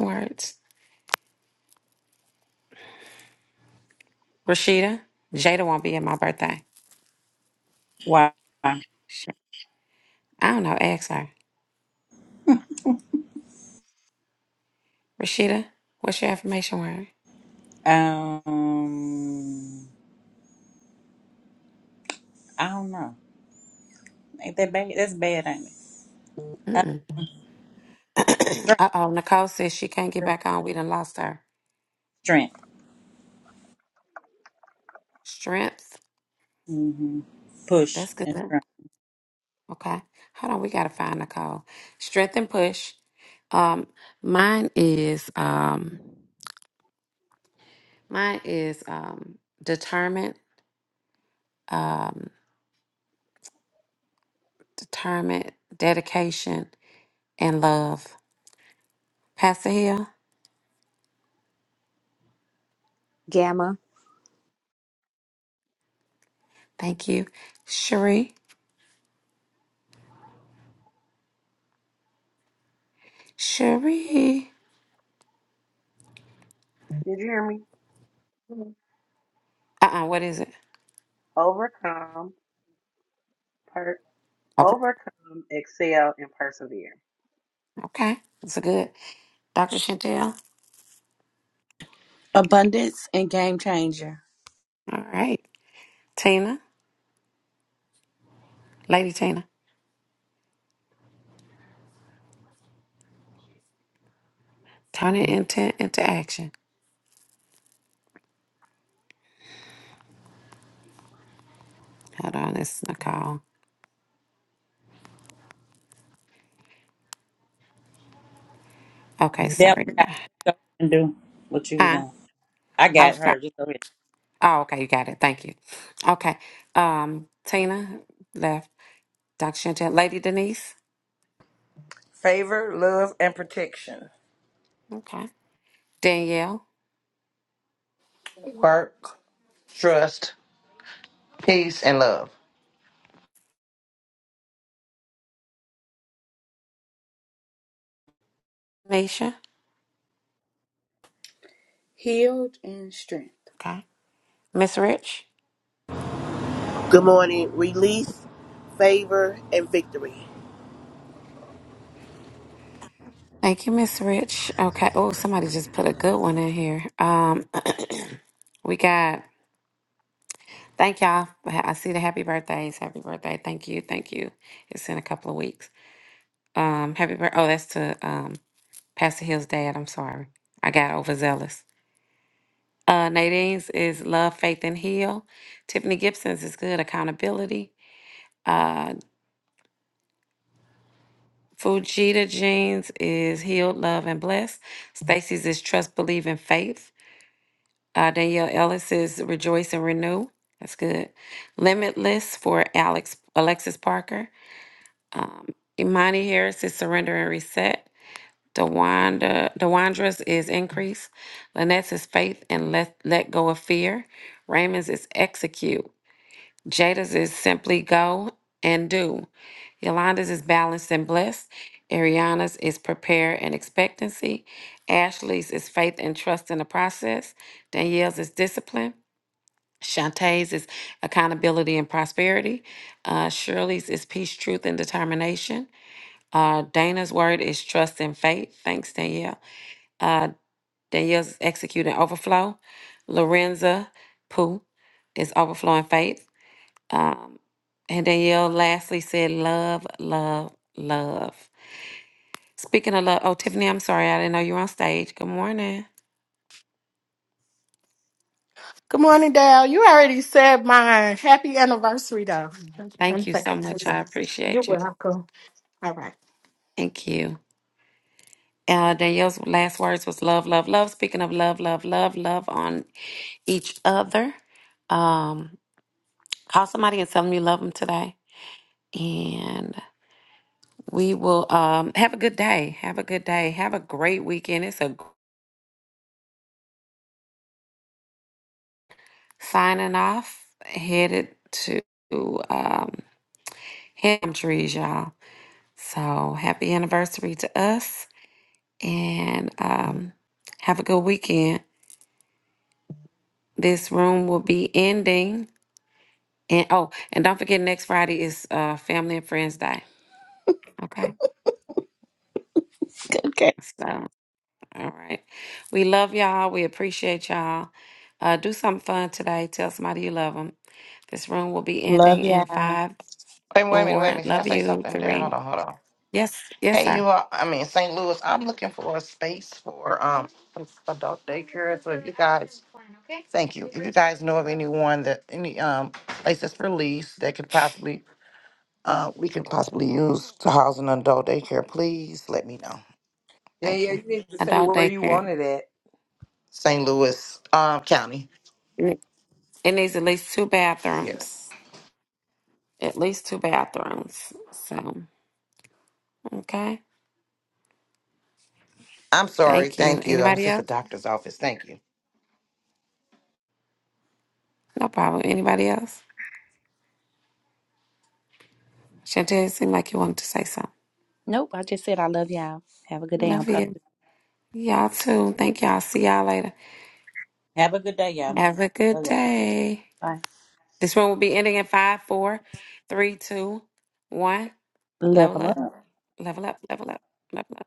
words. Rashida, Jada won't be at my birthday. Why? Sh- I don't know. Ask her. Rashida, what's your affirmation word? Um I don't know. Ain't that bad? That's bad, ain't it? Uh, Mm-mm. strength. Uh oh, Nicole says she can't get back on. We done lost her. Strength. Strength. hmm Push That's good. and strength. Okay. Hold on, we gotta find Nicole. Strength and push. Um, mine is um mine is um determined, um, determined, dedication, and love. Pastor Hill, gamma thank you. Cherie, Cherie. Did you Uh-uh, what is it? overcome hurt? Oh, Okay, it's a good. Dr. Chantel. abundance and game changer. All right. Tina, Lady Tina. Turn intent into into action. Hold on, this is Nicole. Okay, Dell, sorry. I got it. Go and do what you was Huh? on. I I got was trying. her. Just go ahead. Oh, okay, you got it. Thank you. Okay. Um, Tina left. Dr. Chantel, Lady Denise. Favor, love, and protection. Okay. Danielle, Work, trust, peace, and love. Nisha. Healed and strength. Okay. Miss Rich. Good morning. Release, favor, and victory. Thank you, Miss Rich. Okay. Oh, somebody just put a good one in here. Um, we got. Thank y'all. I see the happy birthdays. Happy birthday. Thank you. Thank you. It's in a couple of weeks. Um, happy birthday. Oh, that's to um Pastor Hill's dad. I'm sorry. I got overzealous. Uh, Nadine's is Love, Faith, and Heal. Tiffany Gibson's is Good Accountability. Uh, Fujita Jean's is Healed, Love, and Blessed. Stacy's is Trust, Believe, and Faith. Uh, Danielle Ellis is Rejoice and Renew. That's good. Limitless for Alex Alexis Parker. Um, Imani Harris is Surrender and Reset. Dewanda, Dewandra's is increase. Lynette's is faith and let, let go of fear. Raymond's is execute. Jada's is simply go and do. Yolanda's is balanced and blessed. Ariana's is prepare and expectancy. Ashley's is faith and trust in the process. Danielle's is discipline. Shantae's is accountability and prosperity. Uh, Shirley's is peace, truth, and determination. Uh, Dana's word is trust and faith. Thanks, Danielle. Uh, Danielle's executing overflow. Lorenza Pooh is overflowing faith. Um, and Danielle lastly said, love, love, love. Speaking of love, oh, Tiffany, I'm sorry. I didn't know you were on stage. Good morning. Good morning, Dale. You already said mine. Happy anniversary, though. Thank I'm you saying- so much. I You're appreciate you. welcome. All right. Thank you. Uh, Danielle's last words was love, love, love. Speaking of love, love, love, love on each other. Um, call somebody and tell them you love them today. And We will um, have a good day. Have a good day. Have a great weekend. It's a gr- signing off, headed to um, Ham Trees, y'all. So happy anniversary to us and um, have a good weekend. This room will be ending. And oh, and don't forget, next Friday is uh, Family and Friends Day. Okay. Okay. so. All right. We love y'all. We appreciate y'all. Uh, do something fun today. Tell somebody you love them. This room will be ending Love in y'all. five, Wait, wait a minute, wait a four. minute. Can I Love say you. something there? Hold Three. on, hold on. Yes. Yes, Hey, you sir. all. I mean, St. Louis. I'm looking for a space for um adult daycare. So if you guys Thank you. If you guys know of anyone that, any, um, places for lease that could possibly, uh, we could possibly use to house an adult daycare, please let me know. Thank Danielle, you. you need to say Adult where you want daycare. it at. St. Louis, um, County. Mm. It needs at least two Yeah. bathrooms. At least two bathrooms. So, okay. I'm sorry. Thank you. Thank you. I was Anybody at the else? doctor's office. Thank you. No problem. Anybody else? Chantel, it seemed like you wanted to say something. Nope, I just said I love y'all. Have a good day on Love you. purpose. Y'all too. Thank y'all. See y'all later. Have a good day, y'all. Have a good Love day. Bye. This one will be ending in five, four, three, two, one. Level Level up. up, level up, level up, level up.